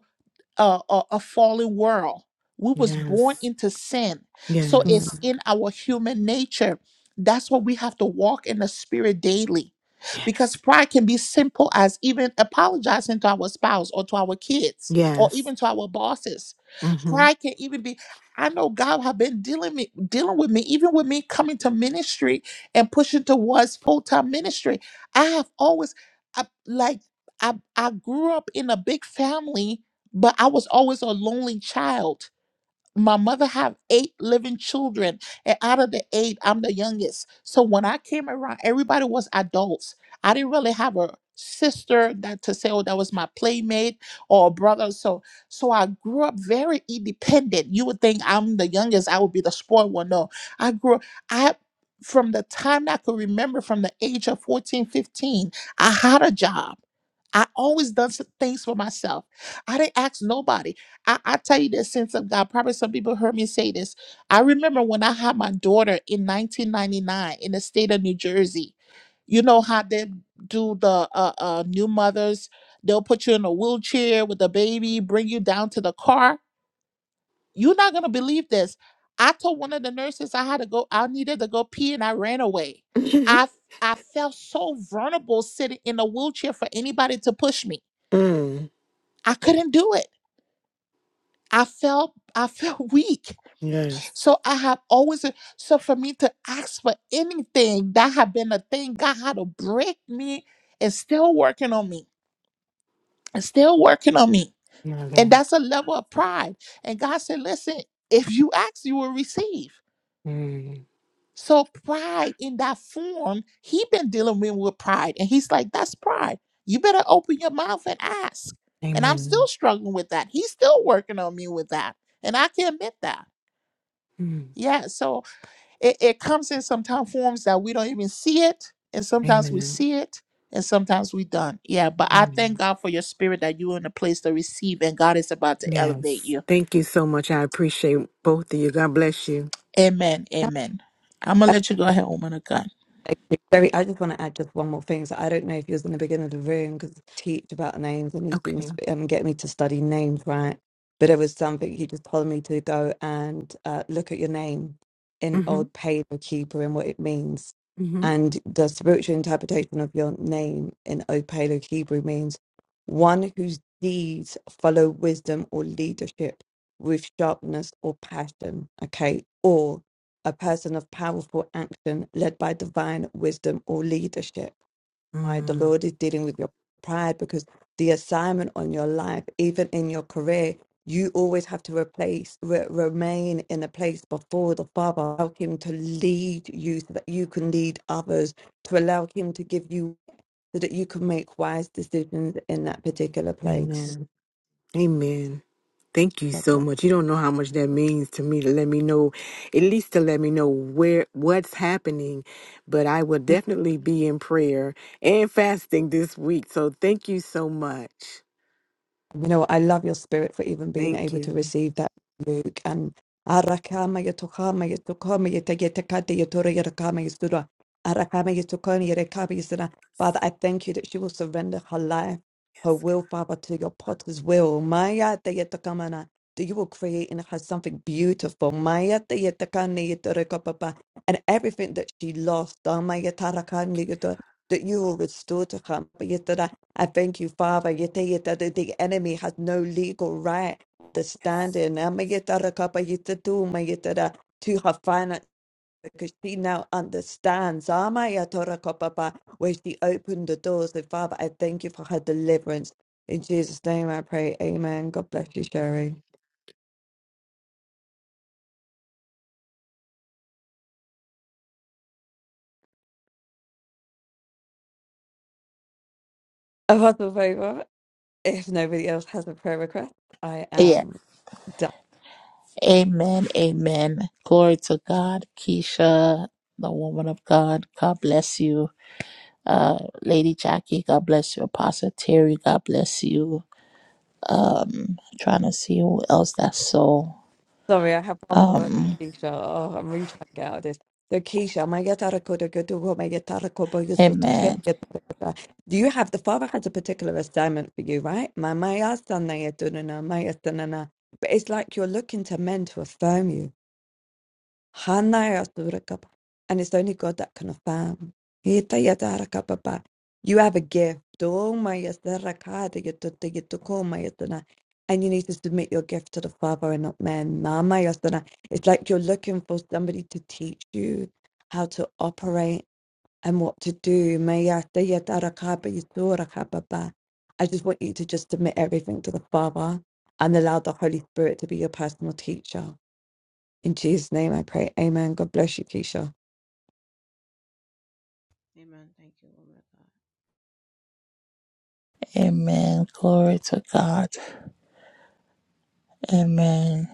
a, a, a fallen world. We was born Yes. into sin. So hmm Yes. it's in our human nature. That's why we have to walk in the spirit daily. Because Yes. pride can be simple as even apologizing to our spouse or to our kids or Yes. even to our bosses. Mm-hmm. Pride can even be I know God have been dealing me dealing with me even with me coming to ministry and pushing towards full-time ministry. I have always I, like I I grew up in a big family but I was always a lonely child. My mother had eight living children, and out of the eight, I'm the youngest. So when I came around, everybody was adults. I didn't really have a sister that to say, oh, that was my playmate or a brother. So so I grew up very independent. You would think I'm the youngest, I would be the spoiled one. No, I grew up I from the time I could remember from the age of 14, 15, I had a job. I always done some things for myself. I didn't ask nobody. I, I tell you this sense of God. Probably some people heard me say this. I remember when I had my daughter in 1999 in the state of New Jersey. You know how they do the uh, uh, new mothers? They'll put you in a wheelchair with the baby, bring you down to the car. You're not gonna believe this. I told one of the nurses I had to go. I needed to go pee, and I ran away. I I felt so vulnerable sitting in a wheelchair for anybody to push me. mm. I couldn't do it. I felt I felt weak. Yes. So I have always uh, so for me to ask for anything that had been a thing God had to break me is still working on me. It's still working on me. My And God. that's a level of pride. And God said, listen, if you ask, you will receive. Mm. So pride in that form, he been dealing with, with pride. And he's like, that's pride. You better open your mouth and ask. And I'm still Amen. struggling with that. He's still working on me with that. And I can admit that. Mm. Yeah, so it, it comes in sometimes forms that we don't even see it, and sometimes we Amen. see it, and sometimes we don't. Yeah, but I thank Mm. God for your spirit that you're in a place to receive, and God is about to elevate Yes. you. Thank you so much. I appreciate both of you. God bless you. Amen. Amen. I'm gonna let you go ahead, woman of God. Okay, Very, I just want to add just one more thing. So I don't know if you was in the beginning of the room because he teach about names and he's been Okay. sp- um, getting me to study names, right? But it was something he just told me to go and uh, look at your name in Mm-hmm. Old paleo Paleokeeper and what it means. Mm-hmm. And the spiritual interpretation of your name in Old paleo Hebrew means one whose deeds follow wisdom or leadership with sharpness or passion, okay? a person of powerful action led by divine wisdom or leadership. Why the Mm. Lord is dealing with your pride because the assignment on your life, even in your career, you always have to replace, re- remain in a place before the Father. Allow Him to lead you so that you can lead others, to allow Him to give you so that you can make wise decisions in that particular place. Amen. Amen. Thank you God so bless. much. You don't know how much that means to me to let me know, at least to let me know where what's happening. But I will definitely be in prayer and fasting this week. So thank you so much. You know, I love your spirit for even being Thank able to you. receive that, Luke. And Arakama Yatokama Yatokama Yatayatakata Yatora Yarakama Yasura. Arakama Yatokama Yarakama Yasura. Father, I thank you that she will surrender her life, her will, Father, to your potter's will. Maya Tayatakamana. That you will create in her something beautiful. Maya Tayatakana Yatorakapapa. And everything that she lost, Amaya Tarakani Yatora, that you will restore to her. I thank you, Father, you tell it that the enemy has no legal right to stand Yes. in. Ama yitara kapa yitatu, ma yitara To do. I that uh, to her finance, because she now understands Ama yatora kapa pa, where she opened the doors. So, Father, I thank you for her deliverance. In Jesus' name I pray. Amen. God bless you, Sherry. Apostle Favor, if nobody else has a prayer request, I Yeah. am done. Amen. Amen. Glory to God, Keisha, the woman of God. God bless you. Uh, Lady Jackie, God bless you. Apostle Terry, God bless you. Um, trying to see who else that's so. Sorry, I have one more word for Um, Keisha. Oh, I'm really trying to get out of this. The Keisha, my yatara kodo godo wo, my yatara kobo yosuto hem amen. yatara kodo. Do you have the father has a particular assignment for you, right? My my asana yatunana, my yatanana. But it's like you're looking to men to affirm you. Hanayadurakapa. And it's only God that can affirm. Hitayadarakapapai. You have a gift. Domayasarakadigitutigitukoma. And you need to submit your gift to the Father and not men. Namayasana. It's like you're looking for somebody to teach you how to operate and what to do. Mayasayadarakabiyasurakapapa. I just want you to just submit everything to the Father and allow the Holy Spirit to be your personal teacher. In Jesus' name I pray. Amen. God bless you, Keisha. Amen. Thank you, woman of God. Amen. Glory to God. Amen.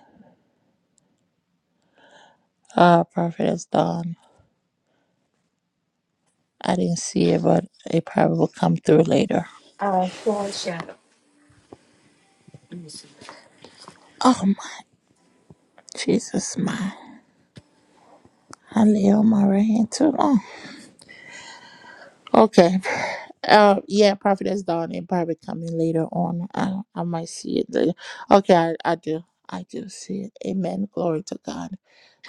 Ah, prophet is done. I didn't see it, but it probably will come through later. Uh, Sunshine. Oh my Jesus, my. I lay on my right hand too long. Okay. Uh, yeah, prophet is done. It probably coming later on. I, I might see it later. Okay, I, I do. I do see it. Amen. Glory to God.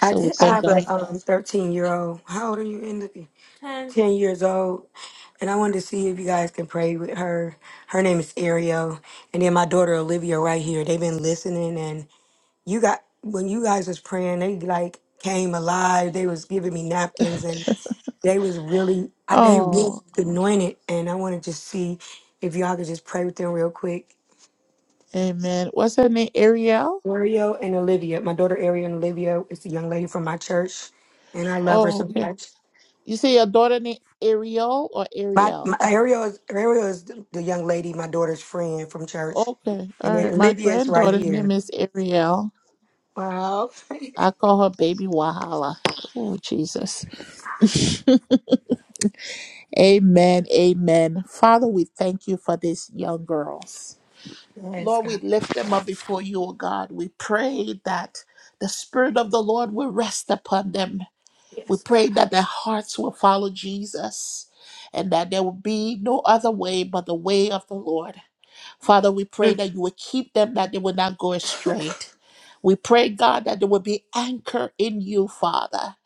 I, we did, I thank have God. a um, 13 year old. How old are you, Emily? 10. 10 years old. And I wanted to see if you guys can pray with her. Her name is Ariel. And then my daughter Olivia right here. They've been listening you got when you guys was praying, they like came alive. They was giving me napkins and they was really I they really oh, anointed and I wanna just see if y'all could just pray with them real quick. amen. What's her name? Ariel? Ariel and Olivia, my daughter Ariel and Olivia is a young lady from my church and I love her Oh, so okay. much. You say your daughter named Ariel or My, Ariel? my Ariel is Ariel is the, the young lady, my daughter's friend from church. Okay. And All then right. My Olivia is right granddaughter name here. is Ariel. Wow. I call her baby Wahala. Oh, Jesus. amen. Amen. Father, we thank you for these young girls. Yes, Lord, we God. lift them up before you, oh God. We pray that the Spirit of the Lord will rest upon them. We Yes, pray that their hearts will follow Jesus and that there will be no other way but the way of the Lord. Father, we pray God. that you would keep them, that they would not go astray. We pray, God, that they will be anchored in you, Father.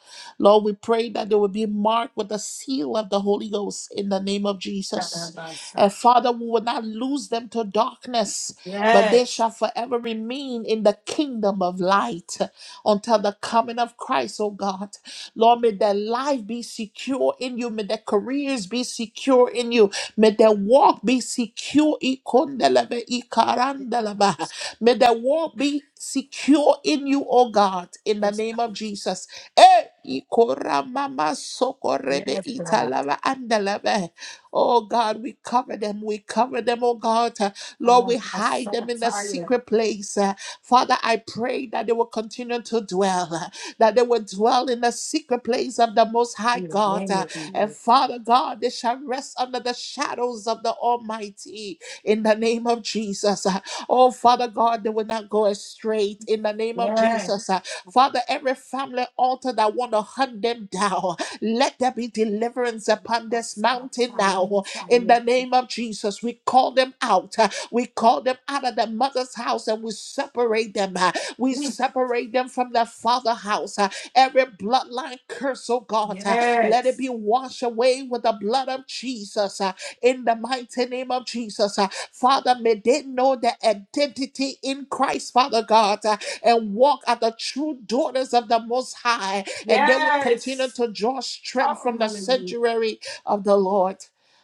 Lord, we pray that they will be marked with the seal of the Holy Ghost in the name of Jesus. And Mm. Father, we will not lose them to darkness, but they shall forever remain in the kingdom of light until the coming of Christ, oh God. Lord, may their life be secure in you. May their careers be secure in you. May the walk be secure. Ikondelebe, ikarandelebe. May the walk be secure in you, O God, in the Yes. name of Jesus. Eh, ikoramama sokorebe Yes, God. italaba andelebe. Oh God, we cover them. We cover them, oh God. Lord, we I'm hide so them in the tired. secret place. Uh, Father, I pray that they will continue to dwell, uh, that they will dwell in the secret place of the Most In High the God. name of Jesus. And Father God, they shall rest under the shadows of the Almighty in the name of Jesus. Oh, Father God, they will not go astray in the name of Yes. Jesus. Father, every family altar that want to hunt them down, let there be deliverance upon I'm this so mountain tired. You now. In the tired name of Jesus, we call them out. We call them out of the mother's house and we separate them. We to- separate them from the father house. Every bloodline curse, oh God. Let it Yes. be washed away with the blood of Jesus uh, in the mighty name of Jesus. uh. Father, may they know their identity in Christ, Father God, uh, and walk as the true daughters of the Most High, and they will continue Yes. to draw strength Oh, from the hallelujah. sanctuary of the Lord.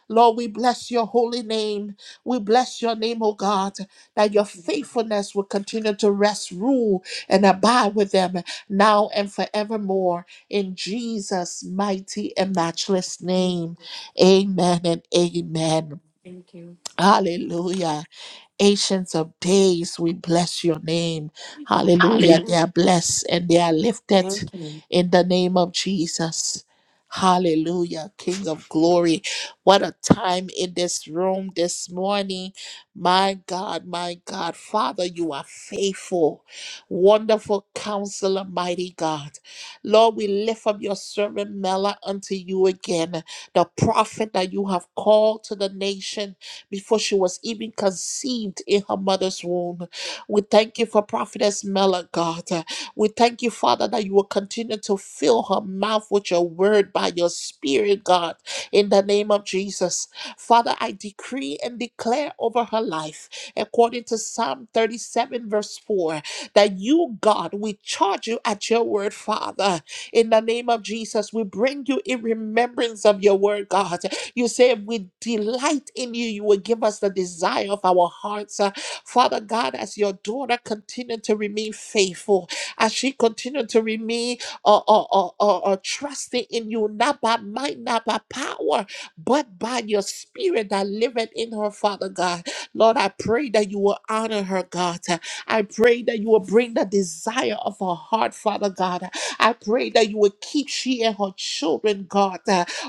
Lord, we bless your holy name. We bless your name, O God, that your Thank you, Lord. faithfulness will continue to rest, rule, and abide with them now and forevermore in Jesus' mighty and matchless Thank name. you. Amen and amen. Thank you. Hallelujah. Ancients of days, we bless your name. Hallelujah. Hallelujah. They are blessed and they are lifted Thank you. in the name of Jesus. Hallelujah, King of glory. What a time in this room this morning. My God, my God, Father, you are faithful, wonderful counselor, mighty God. Lord, we lift up your servant Mela unto you again, the prophet that you have called to the nation before she was even conceived in her mother's womb. We thank you for Prophetess Mela, God. We thank you, Father, that you will continue to fill her mouth with your word by your spirit, God, in the name of Jesus. Father, I decree and declare over her life, according to Psalm 37, verse 4, that you, God, we charge you at your word, Father. In the name of Jesus, we bring you in remembrance of your word, God. You say, if we delight in you, you will give us the desire of our hearts. Uh, Father God, as your daughter continued to remain faithful, as she continued to remain uh, uh, uh, uh, uh, trusting in you, not by might, not by power, but by your spirit that liveth in her, Father God. Lord, I pray that you will honor her, God. I pray that you will bring the desire of her heart, Father God. I pray that you will keep she and her children, God.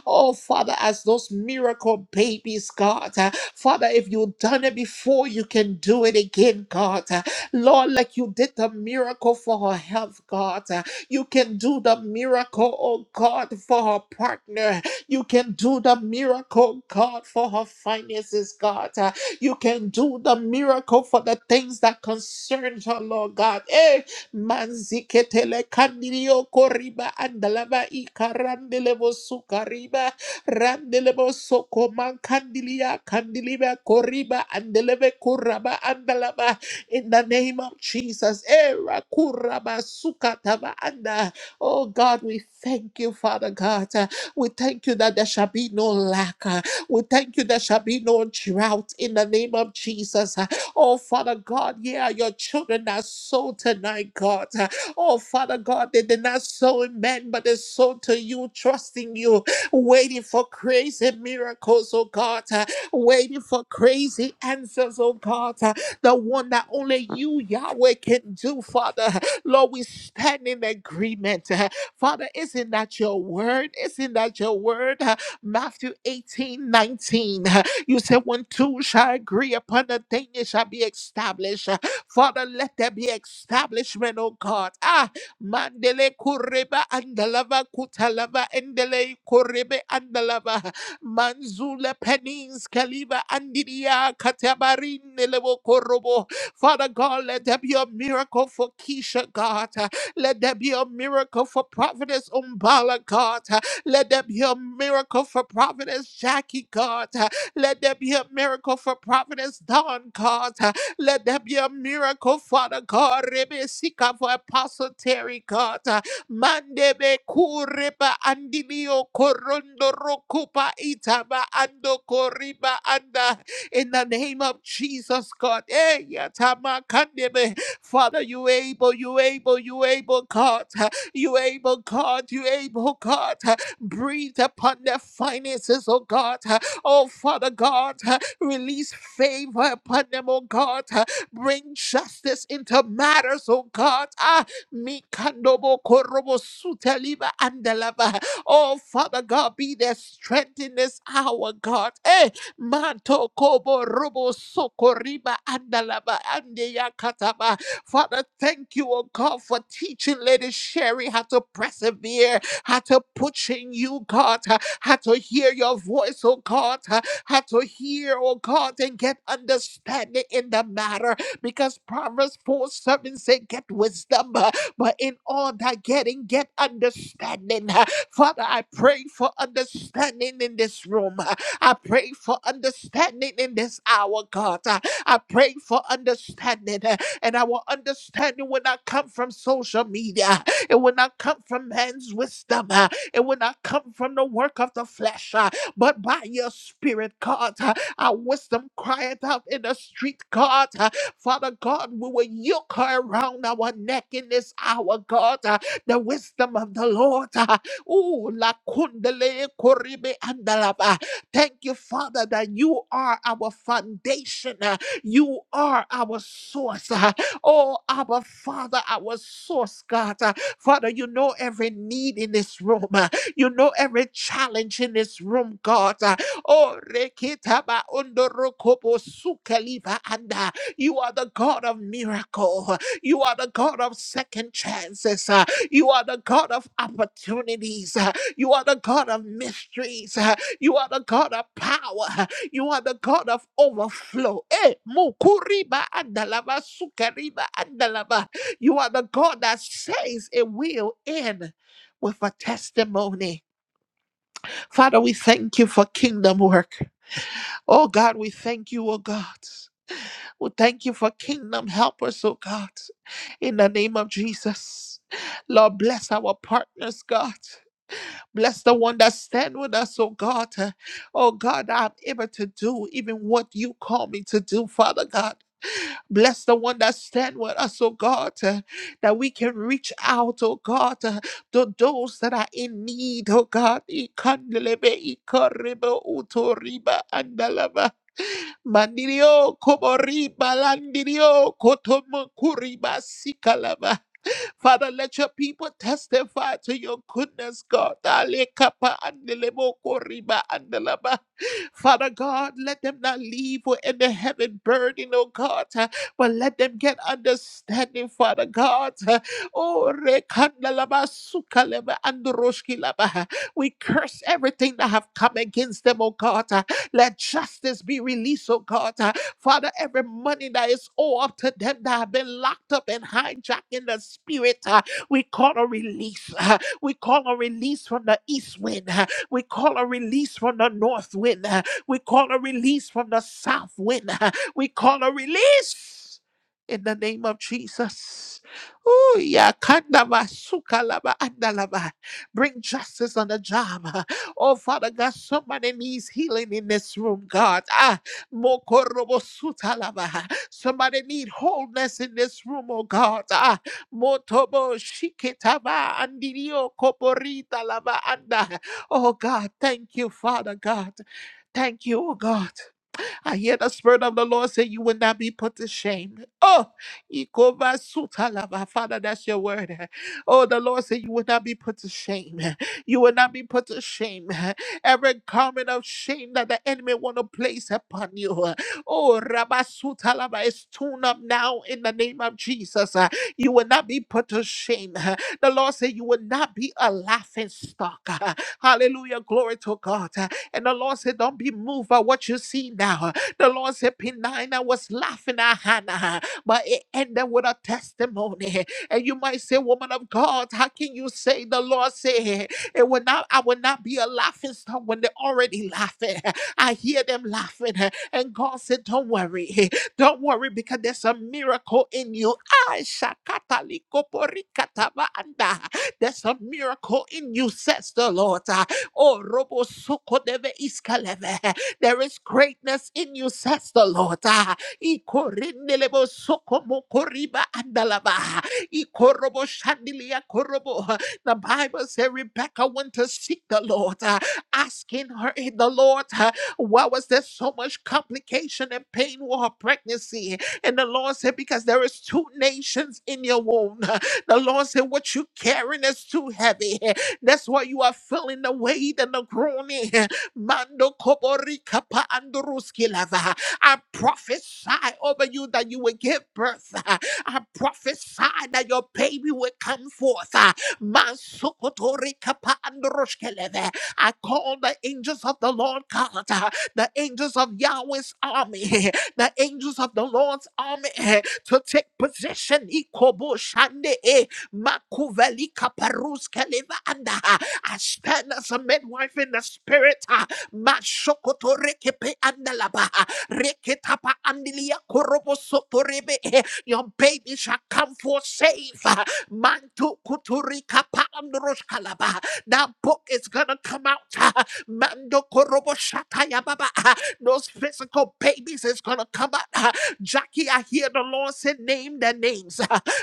Oh, Father, as those miracle babies, God. uh, Father, if you've done it before, you can do it again, God. Uh, Lord, like you did the miracle for her health, God. uh, You can do the miracle, oh God, for her partner. You can do the miracle, God, for her finances, God. Uh, You can do the miracle for the things that concern her, Lord God. eh. Manziketele kandirio koriba andalava ikarandelebo sukariba randelebo soko mankandilia kandiliba koriba andeleve kuraba andalava in the name of Jesus. Era kuraba sukatava anda. Oh God, we thank you, Father God. We thank you that there shall be no lack. We thank you there shall be no drought in the name of Jesus. Oh, Father God, yeah, your children are sold tonight, God. Oh, Father God, they did not sow in men, but they sold to you, trusting you, waiting for crazy miracles, oh God, waiting for crazy answers, oh God. The one that only you, Yahweh, can do, Father. Lord, we stand in agreement. Father, isn't that your word? Isn't that your word? Matthew 18 19. You said, when two shall agree upon a thing, it shall be established. Father, let there be establishment, oh God. Ah, Mandele Kureba Andalava Kutalava Endele Kurebe Andalava Manzula Penins Kaliva Andidia Katabarin Nelevo Korobo. Father God, let there be a miracle for Keisha, God. Let there be a miracle for Providence Umbala, God. Let there be a miracle for Providence Jackie, God. Let there be a miracle for Providence Dawn, God. Let there be a miracle, Father God. Rebe Sika for Apostle Terry, God. Mandebe kureba andilio korondo rokupa itaba ando koriba anda. In the name of Jesus, God. Eh, yatama kandebe. Father, you able, you able, you able, God. You able, God, you able, God. Breathe upon their finances, oh God. Oh, Father God, uh, release favor upon them, oh God. uh, Bring justice into matters, oh God. Ah, Mikandobo korobo suteliba andalava. Oh, Father God, be their strength in this hour, God. Eh, Manto kobo robo sokoriba andalava andeyakataba. Father, thank you, oh God, for teaching Lady Sherry how to persevere how to put in you, God, how to hear your voice, oh God, how to hear, oh God, and get understanding in the matter. Because Proverbs 4 7 say, get wisdom, uh, but in all that getting, get understanding. uh. Father, I pray for understanding in this room. uh. I pray for understanding in this hour, God. uh. I pray for understanding, uh, and our understanding will not come from social media. It will not come from man's wisdom. uh, It will not come from the work of the flesh, uh, but by your spirit, God. uh, Our wisdom crieth out in the street, God. uh, Father God, we will yoke her around our neck in this hour, God. uh, The wisdom of the Lord. uh, Ooh, la kundale koribe andalaba. Thank you, Father, that you are our foundation. uh, You are our source. uh, Oh, our Father, our source, God. Uh, Father, you know every need in this room. uh, You know every challenge in this room, God. uh, Oh, rekitaba undorokobo sukeliva anda. You are the God of miracle. uh, You are the God of second chances. uh, You are the God of opportunities. uh, You are the God of mysteries. uh, You are the God of power. uh, You are the God of overflow. Eh, mukuriba andalaba sukeriba andalaba. You are the God that says it will end with a testimony. Father, we thank you for kingdom work. Oh God, we thank you, oh God. We thank you for kingdom helpers, oh God. In the name of Jesus. Lord, bless our partners, God. Bless the one that stand with us, oh God. Oh God, I'm able to do even what you call me to do, Father God. Bless the one that stand with us, oh God, uh, that we can reach out, oh God, uh, to those that are in need, oh God. Ikandelebe, ikorebe, utoriba, andalaba. Mandirio, komoriba, landirio, kotomo, sikalaba. Father, let your people testify to your goodness, God. Alekapa andelebo koriba andelaba. Father God, let them not leave with in the heaven burden, oh God, uh, but let them get understanding, Father God. Uh, Oh, rekandalaba sukaleba androshkilaba. we curse everything that have come against them, oh God. Uh, Let justice be released, oh God. Uh, Father, every money that is owed up to them that have been locked up and hijacked in the spirit, uh, we call a release. uh, we call a release from the east wind. uh, we call a release from the north wind. uh, we call a release from the south wind. uh, we call a release in the name of Jesus. Ooh, yeah, kandaba, sukalaba, andalaba. Bring justice on the job. uh, Oh, Father God, somebody needs healing in this room, God. Ah, Mokorobosutalabaha. Somebody need wholeness in this room, oh God. Ah, motobo shiketaba andirio koporita lava anda. Oh God, thank you, Father God. Thank you, oh God. I hear the Spirit of the Lord say, You will not be put to shame. Oh, Ikoba sutalaba. Father, that's your word. Oh, the Lord said, You will not be put to shame. You will not be put to shame. Every garment of shame that the enemy want to place upon you. Oh, Rabasutalaba is tuned up now in the name of Jesus. You will not be put to shame. The Lord said, You will not be a laughing stock. Hallelujah. Glory to God. And the Lord said, Don't be moved by what you see now. The Lord said, Penina was laughing at Hannah, but it ended with a testimony. And you might say, Woman of God, how can you say the Lord said it will not, I will not be a laughing stock when they're already laughing? I hear them laughing. And God said, Don't worry, don't worry, because there's a miracle in you. Ah, shakata likoporikataba anda. There's a miracle in you, says the Lord. Ah, Oh, Robo Soko Deve Iskaleve. There is greatness in you, says the Lord. Ah, ikorindelebo sokomo koriba andalaba. Ikorobo shandilia korobo. The Bible says Rebecca went to seek the Lord, ah, asking her in the Lord, ah, why was there so much complication and pain with her pregnancy? And the Lord said, Because there is two nations in your womb. The Lord said, What you carrying is too heavy. That's why you are feeling the weight and the groaning. Mando kobori kapa andruski lava. I prophesy over you that you will give birth. I prophesy that your baby will come forth. Mansukotori kapa andruski lava. I call the angels of the Lord God, the angels of Yahweh's army, the angels of the Lord's army to take position. Ikobo shande. E. Makuveli kaparuske leva anda. I stand as a midwife in the spirit. ah. Mashokoto rekepe andalaba. Reketapa andilia korobo sotorebe. Your baby shall come forth safe. ah. Mantu kuturi kapa androsh kalaba. That book is gonna come out. ah. Mando korobo shataya baba. ah. Those physical babies is gonna come out. ah. Jackie, I hear the Lord say, name their names.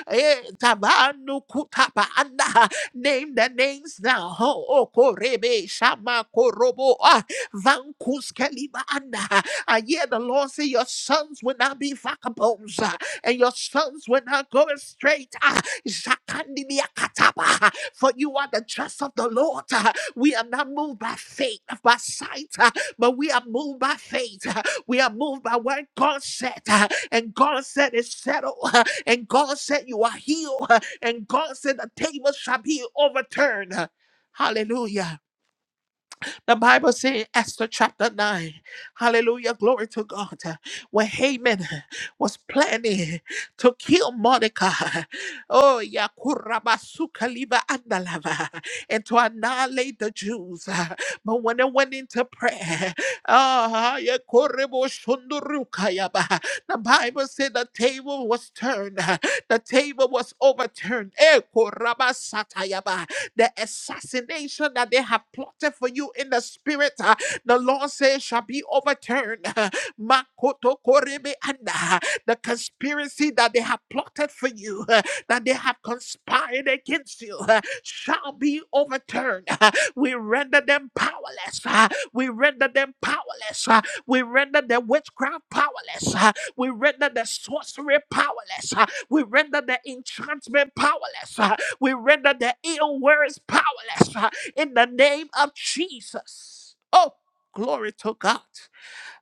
Eh, tabanu kutapa anda. Name the names now. Oh, oh, korebe shama korobo ah, vankus keliba anda. I hear the Lord say, Your sons will not be vagabonds, ah, and your sons will not go straight. ah. Zakandibia kataba. ah, For you are the trust of the Lord. ah. We are not moved by faith, by sight, ah, but we are moved by faith. ah. We are moved by what God said, ah, and God said it's settled. And God said, You are healed. And God said, The tables shall be overturned. Hallelujah. The Bible says, Esther chapter 9, hallelujah, glory to God. When Haman was planning to kill Mordecai, oh, yeah, kurabasuka liba andalava, and to annihilate the Jews. But when they went into prayer, ah, yeah, korebo shundurukayaba, the Bible said the table was turned, the table was overturned. Eh, korabasatayaba the assassination that they have plotted for you in the spirit, uh, the Lord says, shall be overturned. Makoto korebe anda. The conspiracy that they have plotted for you, uh, that they have conspired against you, uh, shall be overturned. We render them powerless. uh, We render them powerless. uh, We render the witchcraft powerless. uh, We render the sorcery powerless. uh, We render the enchantment powerless. We render the ill words powerless uh, in the name of Jesus. Oh, glory to God.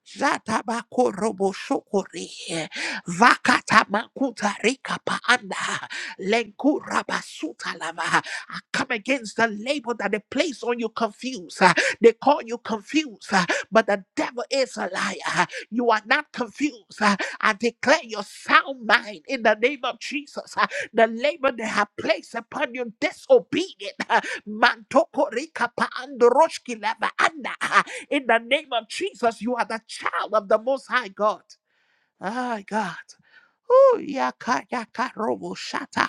Zatabako robo shokore. Vakata makuta rika paanda. Lenku rabasuta lava. I come against the label that they place on you confused. Uh, They call you confused, uh, but the devil is a liar. You are not confused. Uh, I declare your sound mind in the name of Jesus. Uh, The labor they have placed upon you disobedient. uh, Mantoko rika pa androshki lava anda. In the name of Jesus, you are the child of the Most High God. Ah, God. Oh, yaka yaka robo shata.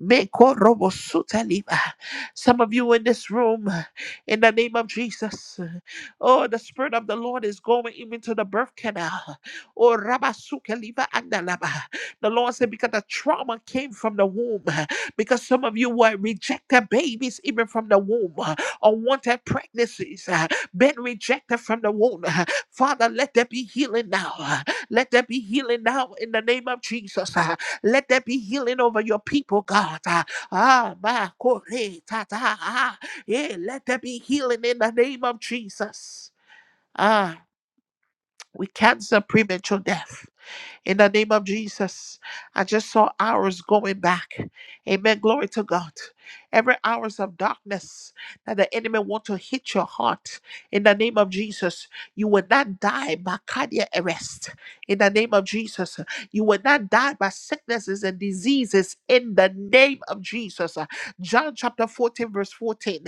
Meko robo suta liba. Some of you in this room, in the name of Jesus. Oh, the Spirit of the Lord is going even to the birth canal. Oh, Rabasuka Liva Andalaba. The Lord said, because the trauma came from the womb, because some of you were rejected babies even from the womb, unwanted pregnancies, uh, been rejected from the womb. Father, let there be healing now. Let there be healing now in the name of Jesus. uh, Let there be healing over your people, God. uh, Ah, ma kore tata yeah, let there be healing in the name of Jesus. Ah, we cancel premature death. In the name of Jesus, I just saw hours going back. Amen. Glory to God. Every hours of darkness that the enemy want to hit your heart. In the name of Jesus, you will not die by cardiac arrest. In the name of Jesus, you will not die by sicknesses and diseases. In the name of Jesus, John chapter 14, verse 14,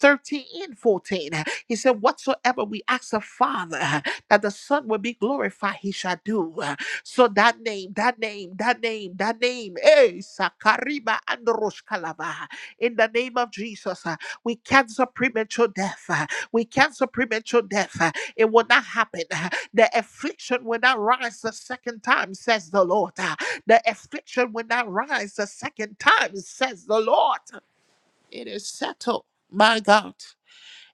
13 and 14. He said, Whatsoever we ask the Father that the Son will be glorified, he shall do. So that name, that name, that name, that name, eh, Sakariba and Roshkalaba. In the name of Jesus, uh, we cancel premature death. uh, we cancel premature death. uh, it will not happen. uh, the affliction will not rise the second time, says the Lord. uh, the affliction will not rise the second time, says the Lord. It is settled, my God.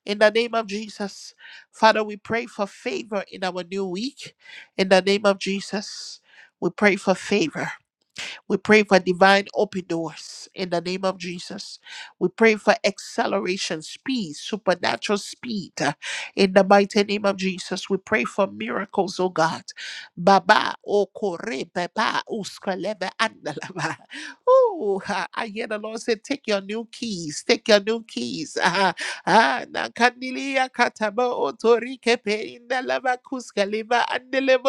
In the name of Jesus, Father, we pray for favor in our new week. In the name of Jesus, we pray for favor. We pray for divine open doors in the name of Jesus. We pray for acceleration, speed, supernatural speed uh, in the mighty name of Jesus. We pray for miracles, oh God. Baba oh kore, baba uskalebe andalaba. Ooh, ah, I hear the Lord say, take your new keys, take your new keys. Ah, ah, na kandilia kataba otorike pe indalaba kuskaleba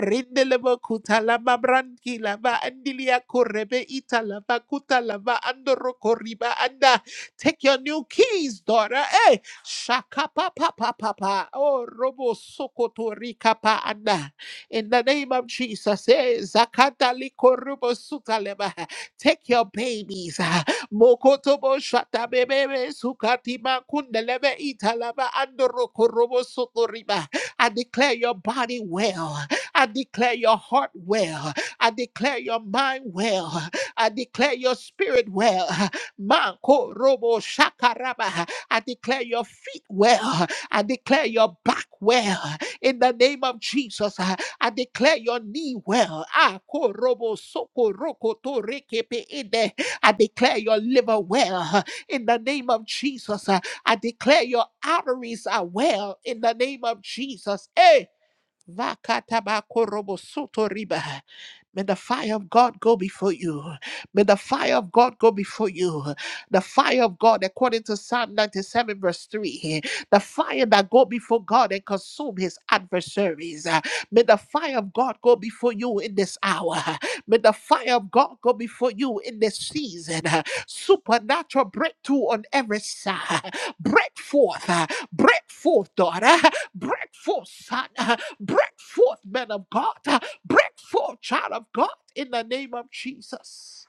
rindeleba kutalaba brankila ba andilia korebe italaba kutalaba andoro koriba anda. Take your new keys, daughter. Hey, shaka pa pa pa pa pa. Oh, robo sokoto rikapa anda. In the name of Jesus, hey, zakata likorobo sutaleba. Take your babies. ah, Mokotobo shata bebebe sukatima kundelebe italaba andoro korobo sotoriba. I declare your body well. I declare your heart well. I declare your mind well. I declare your spirit well. Manko robo shakaraba. I declare your feet well. I declare your back well. In the name of Jesus, I I declare your knee well. Ah, ko robo soko roko to reke pe ede. I declare your liver well. In the name of Jesus, I I declare your arteries are well. In the name of Jesus, eh. Vakatabakorobosotiriba. May the fire of God go before you. May the fire of God go before you. The fire of God, according to Psalm 97, verse 3. The fire that go before God and consume his adversaries. Uh, May the fire of God go before you in this hour. May the fire of God go before you in this season. Uh, Supernatural breakthrough on every side. Break forth. uh, Break forth, daughter. Break forth, son. Break forth, men of God. Break forth, child of God, in the name of Jesus.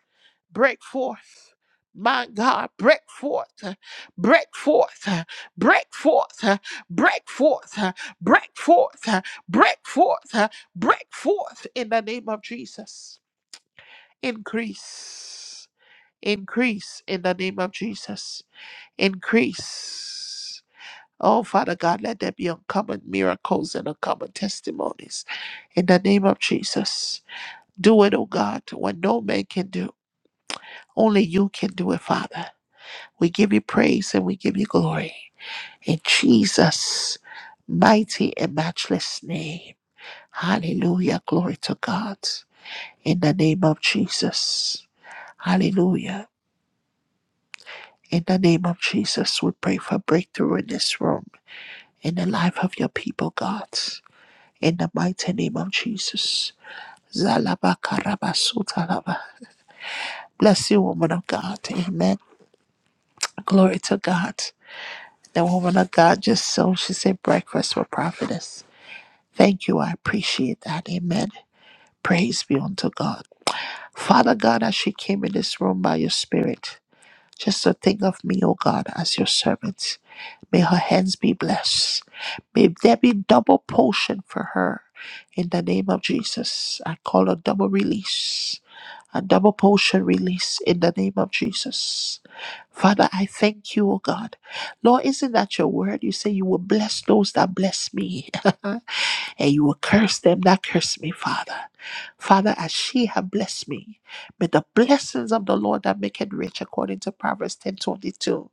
Break forth. My God, break forth, break forth, break forth, break forth, break forth, break forth, break forth in the name of Jesus. Increase, increase in the name of Jesus. Increase Oh, Father God, let there be uncommon miracles and uncommon testimonies. In the name of Jesus, do it, oh God, what no man can do. Only you can do it, Father. We give you praise and we give you glory. In Jesus' mighty and matchless name. Hallelujah. Glory to God. In the name of Jesus. Hallelujah. In the name of Jesus, we pray for breakthrough in this room, in the life of your people, God. in the mighty name of Jesus. Zalaba Zalabakarabasutalaba. Bless you, woman of God. Amen. Glory to God. The woman of God just so she said breakfast for prophetess. Thank you. I appreciate that. Amen. Praise be unto God. Father God, as she came in this room by your spirit, just to think of me, O God, as your servant. May her hands be blessed. May there be double portion for her. In the name of Jesus, I call a double release A double portion release in the name of Jesus. Father, I thank you, O God. Lord, isn't that your word? You say you will bless those that bless me, and you will curse them that curse me, Father. Father, as she have blessed me, may the blessings of the Lord that make it rich, according to Proverbs ten twenty two,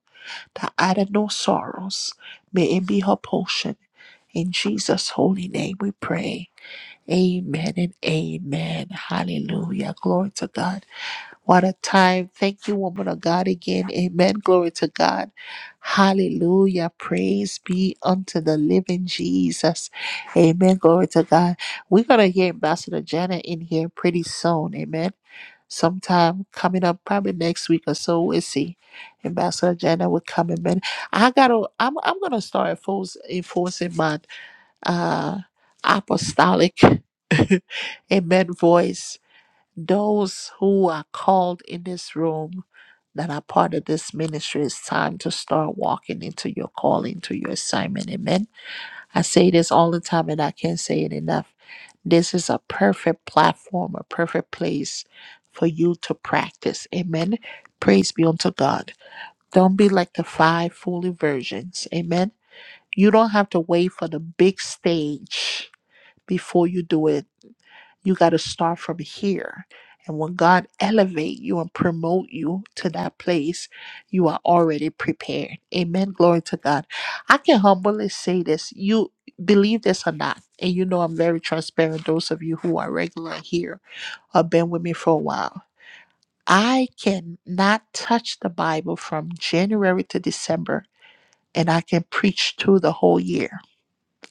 that added no sorrows, may it be her portion. In Jesus' holy name we pray. Amen and amen. Hallelujah. Glory to God. What a time. Thank you, woman of God, again. Amen. Glory to God. Hallelujah. Praise be unto the living Jesus. Amen. Glory to God. We're going to hear Ambassador Janet in here pretty soon. Amen. Sometime coming up, probably next week or so, we'll see. Ambassador Janet will come in. Man, I gotta. I'm. I'm gonna start enforce, enforcing my uh apostolic, amen. Voice those who are called in this room that are part of this ministry, it's time to start walking into your calling, to your assignment. Amen. I say this all the time and I can't say it enough. This is a perfect platform, a perfect place for you to practice. Amen. Praise be unto God. Don't be like the five fully virgins. Amen. You don't have to wait for the big stage before you do it you got to start from here and when god elevate you and promote you to that place you are already prepared amen glory to god i can humbly say this you believe this or not and you know i'm very transparent those of you who are regular here or been with me for a while i can not touch the bible from january to december and i can preach through the whole year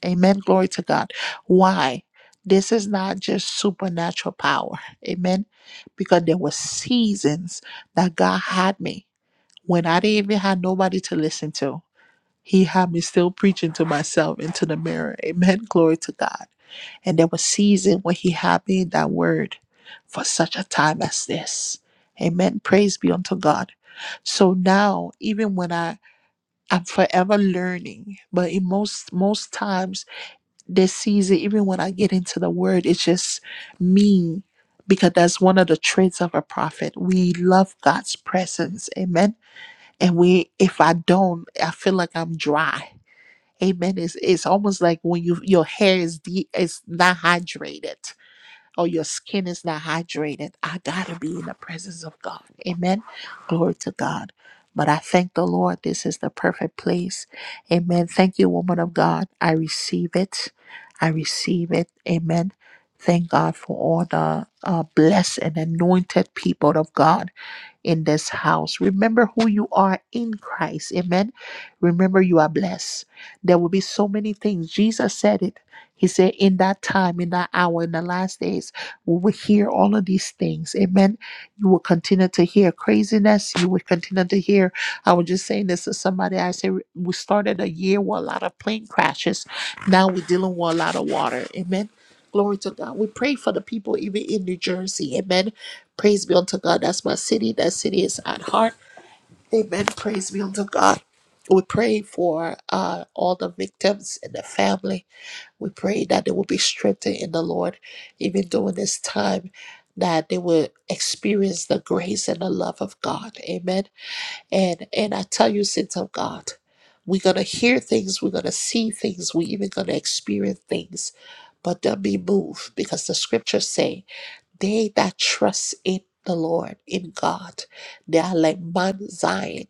Amen. Glory to God. Why? This is not just supernatural power. Amen. Because there were seasons that God had me when I didn't even have nobody to listen to. He had me still preaching to myself into the mirror. Amen. Glory to God. And there were seasons when he had me in that word for such a time as this. Amen. Praise be unto God. So now, even when I I'm forever learning, but in most most times this season, even when I get into the word, it's just me because that's one of the traits of a prophet. We love God's presence. Amen. And we if I don't, I feel like I'm dry. Amen. It's it's almost like when you your hair is de- is not hydrated or your skin is not hydrated. I got to be in the presence of God. Amen. Glory to God. But I thank the Lord. This is the perfect place. Amen. Thank you, woman of God. I receive it. I receive it. Amen. Thank God for all the uh, blessed and anointed people of God in this house. Remember who you are in Christ. Amen. Remember you are blessed. There will be so many things. Jesus said it. He said, in that time, in that hour, in the last days, we will hear all of these things. Amen. You will continue to hear craziness. You will continue to hear. I was just saying this to somebody. I said, we started a year with a lot of plane crashes. Now we're dealing with a lot of water. Amen. Glory to God. We pray for the people even in New Jersey. Amen. Praise be unto God. That's my city. That city is at heart. Amen. Praise be unto God. We pray for uh, all the victims and the family. We pray that they will be strengthened in the Lord, even during this time, that they will experience the grace and the love of God. Amen. And and I tell you, sins of God, we're gonna hear things, we're gonna see things, we're even gonna experience things, but don't be moved because the scriptures say. They that trust in the Lord, in God, they are like Mount Zion.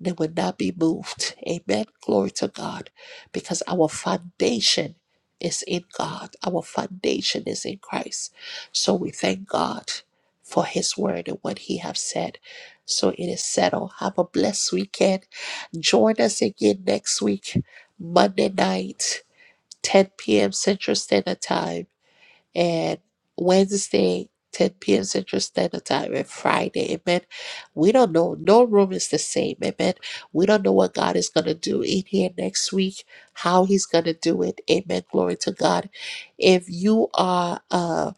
They will not be moved. Amen. Glory to God. Because our foundation is in God, our foundation is in Christ. So we thank God for his word and what he have said. So it is settled. Have a blessed weekend. Join us again next week, Monday night, 10 p.m. Central Standard Time and Wednesday, 10 p.m. Central Standard Time, and Friday. Amen. We don't know. No room is the same. Amen. We don't know what God is going to do in here next week, how He's going to do it. Amen. Glory to God. If you are, uh,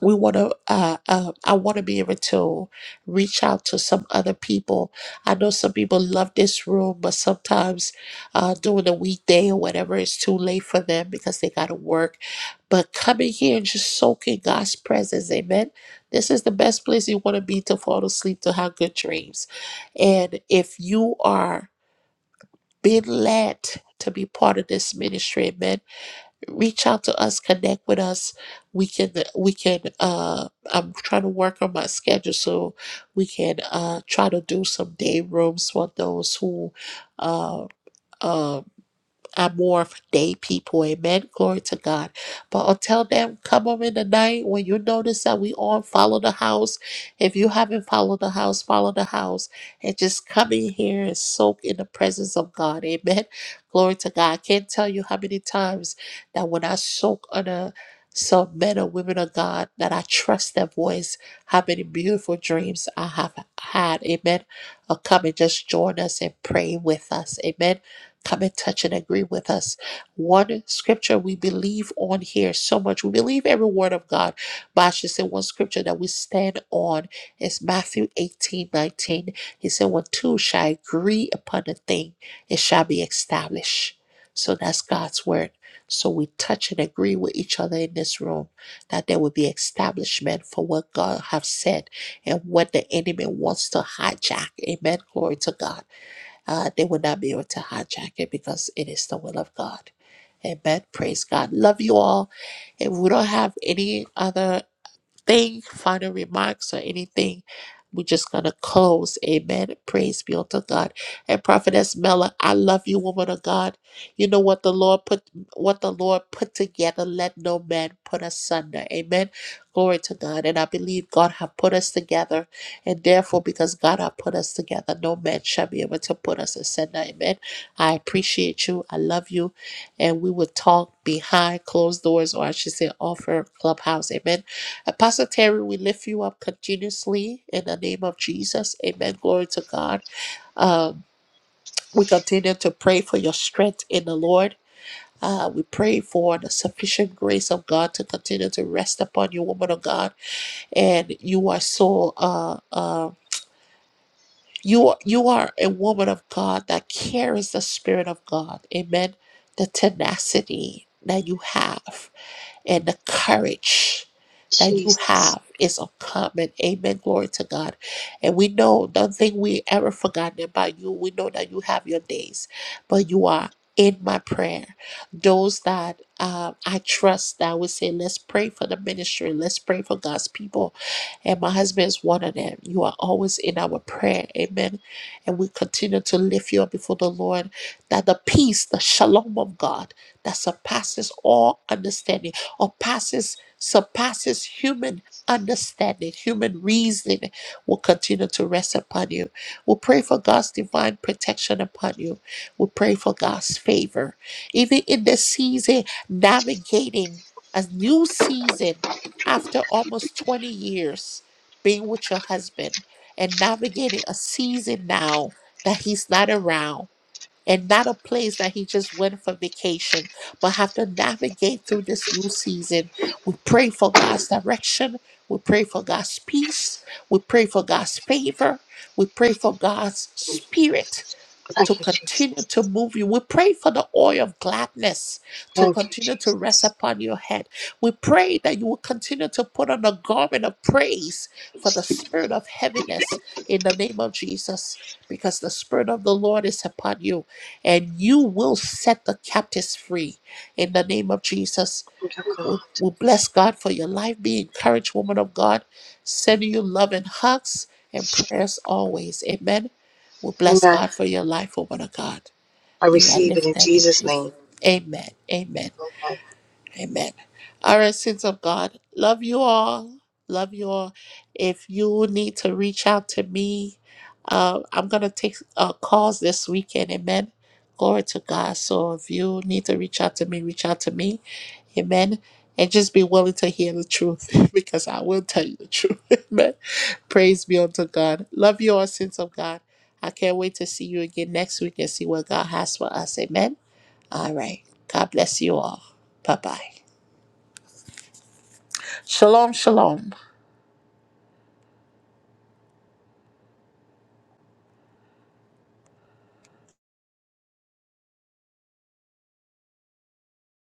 we want to uh, uh i want to be able to reach out to some other people i know some people love this room but sometimes uh during the weekday or whatever it's too late for them because they got to work but coming here and just soak in god's presence amen this is the best place you want to be to fall asleep to have good dreams and if you are being led to be part of this ministry amen reach out to us connect with us we can we can uh i'm trying to work on my schedule so we can uh try to do some day rooms for those who uh um, I'm more of a day people. Amen. Glory to God. But until then, come on in the night when you notice that we on follow the house. If you haven't followed the house, follow the house and just come in here and soak in the presence of God. Amen. Glory to God. I can't tell you how many times that when I soak under some men or women of God that I trust their voice, how many beautiful dreams I have had. Amen. Uh, come and just join us and pray with us. Amen. Come and touch and agree with us. One scripture we believe on here so much. We believe every word of God. But I should say one scripture that we stand on is Matthew 18 19. He said, When two shall agree upon a thing, it shall be established. So that's God's word. So we touch and agree with each other in this room that there will be establishment for what God has said and what the enemy wants to hijack. Amen. Glory to God uh, they will not be able to hijack it because it is the will of God. Amen. Praise God. Love you all. If we don't have any other thing, final remarks, or anything, we're just going to close. Amen. Praise be unto God. And Prophetess Mela, I love you, woman of God. You know what the Lord put what the Lord put together, let no man put asunder. Amen. Glory to God. And I believe God have put us together. And therefore, because God have put us together, no man shall be able to put us asunder. Amen. I appreciate you. I love you. And we will talk behind closed doors, or I should say off her clubhouse. Amen Apostle Terry, we lift you up continuously in the name of Jesus. Amen. Glory to God. Um, we continue to pray for your strength in the Lord. Uh, we pray for the sufficient grace of God to continue to rest upon you, woman of God. And you are so uh uh you are, you are a woman of God that carries the spirit of God. Amen. The tenacity that you have. and the courage that you Jesus. have is uncommon. Amen. Glory to God. And we know nothing we ever forgotten about you. We know that you have your days, but you are in my prayer. Those that um, I trust that would say, let's pray for the ministry, let's pray for God's people. And my husband is one of them. You are always in our prayer. Amen. And we continue to lift you up before the Lord that the peace, the shalom of God that surpasses all understanding or passes surpasses human understanding, human reasoning will continue to rest upon you. We pray for God's divine protection upon you. We pray for God's favor. Even in this season navigating a new season after almost 20 years being with your husband and navigating a season now that he's not around and not a place that he just went for vacation, but have to navigate through this new season. We pray for God's direction. We pray for God's peace. We pray for God's favor. We pray for God's spirit to Thank you, continue Jesus. to move you. We pray for the oil of gladness to Thank you, continue to rest Jesus. upon your head. We pray that you will continue to put on a garment of praise for the spirit of heaviness in the name of Jesus. Because the Spirit of the Lord is upon you, and you will set the captives free in the name of Jesus. Thank you, God. We, we bless God for your life. Be encouraged, woman of God. Sending you love and hugs and prayers always. Amen. We bless Amen. God for your life, woman of God. I You are receive it in lifted in Jesus' Jesus. name. Amen. Amen. Amen. Amen. All right, saints of God. Love you all. Love you all. If you need to reach out to me, uh, I'm going to take uh, calls this weekend. Amen. Glory to God. So if you need to reach out to me, reach out to me. Amen. And just be willing to hear the truth because I will tell you the truth. Amen. Praise be unto God. Love you all, saints of God. I can't wait to see you again next week and see what God has for us. Amen. All right. God bless you all. Bye bye. Shalom, shalom.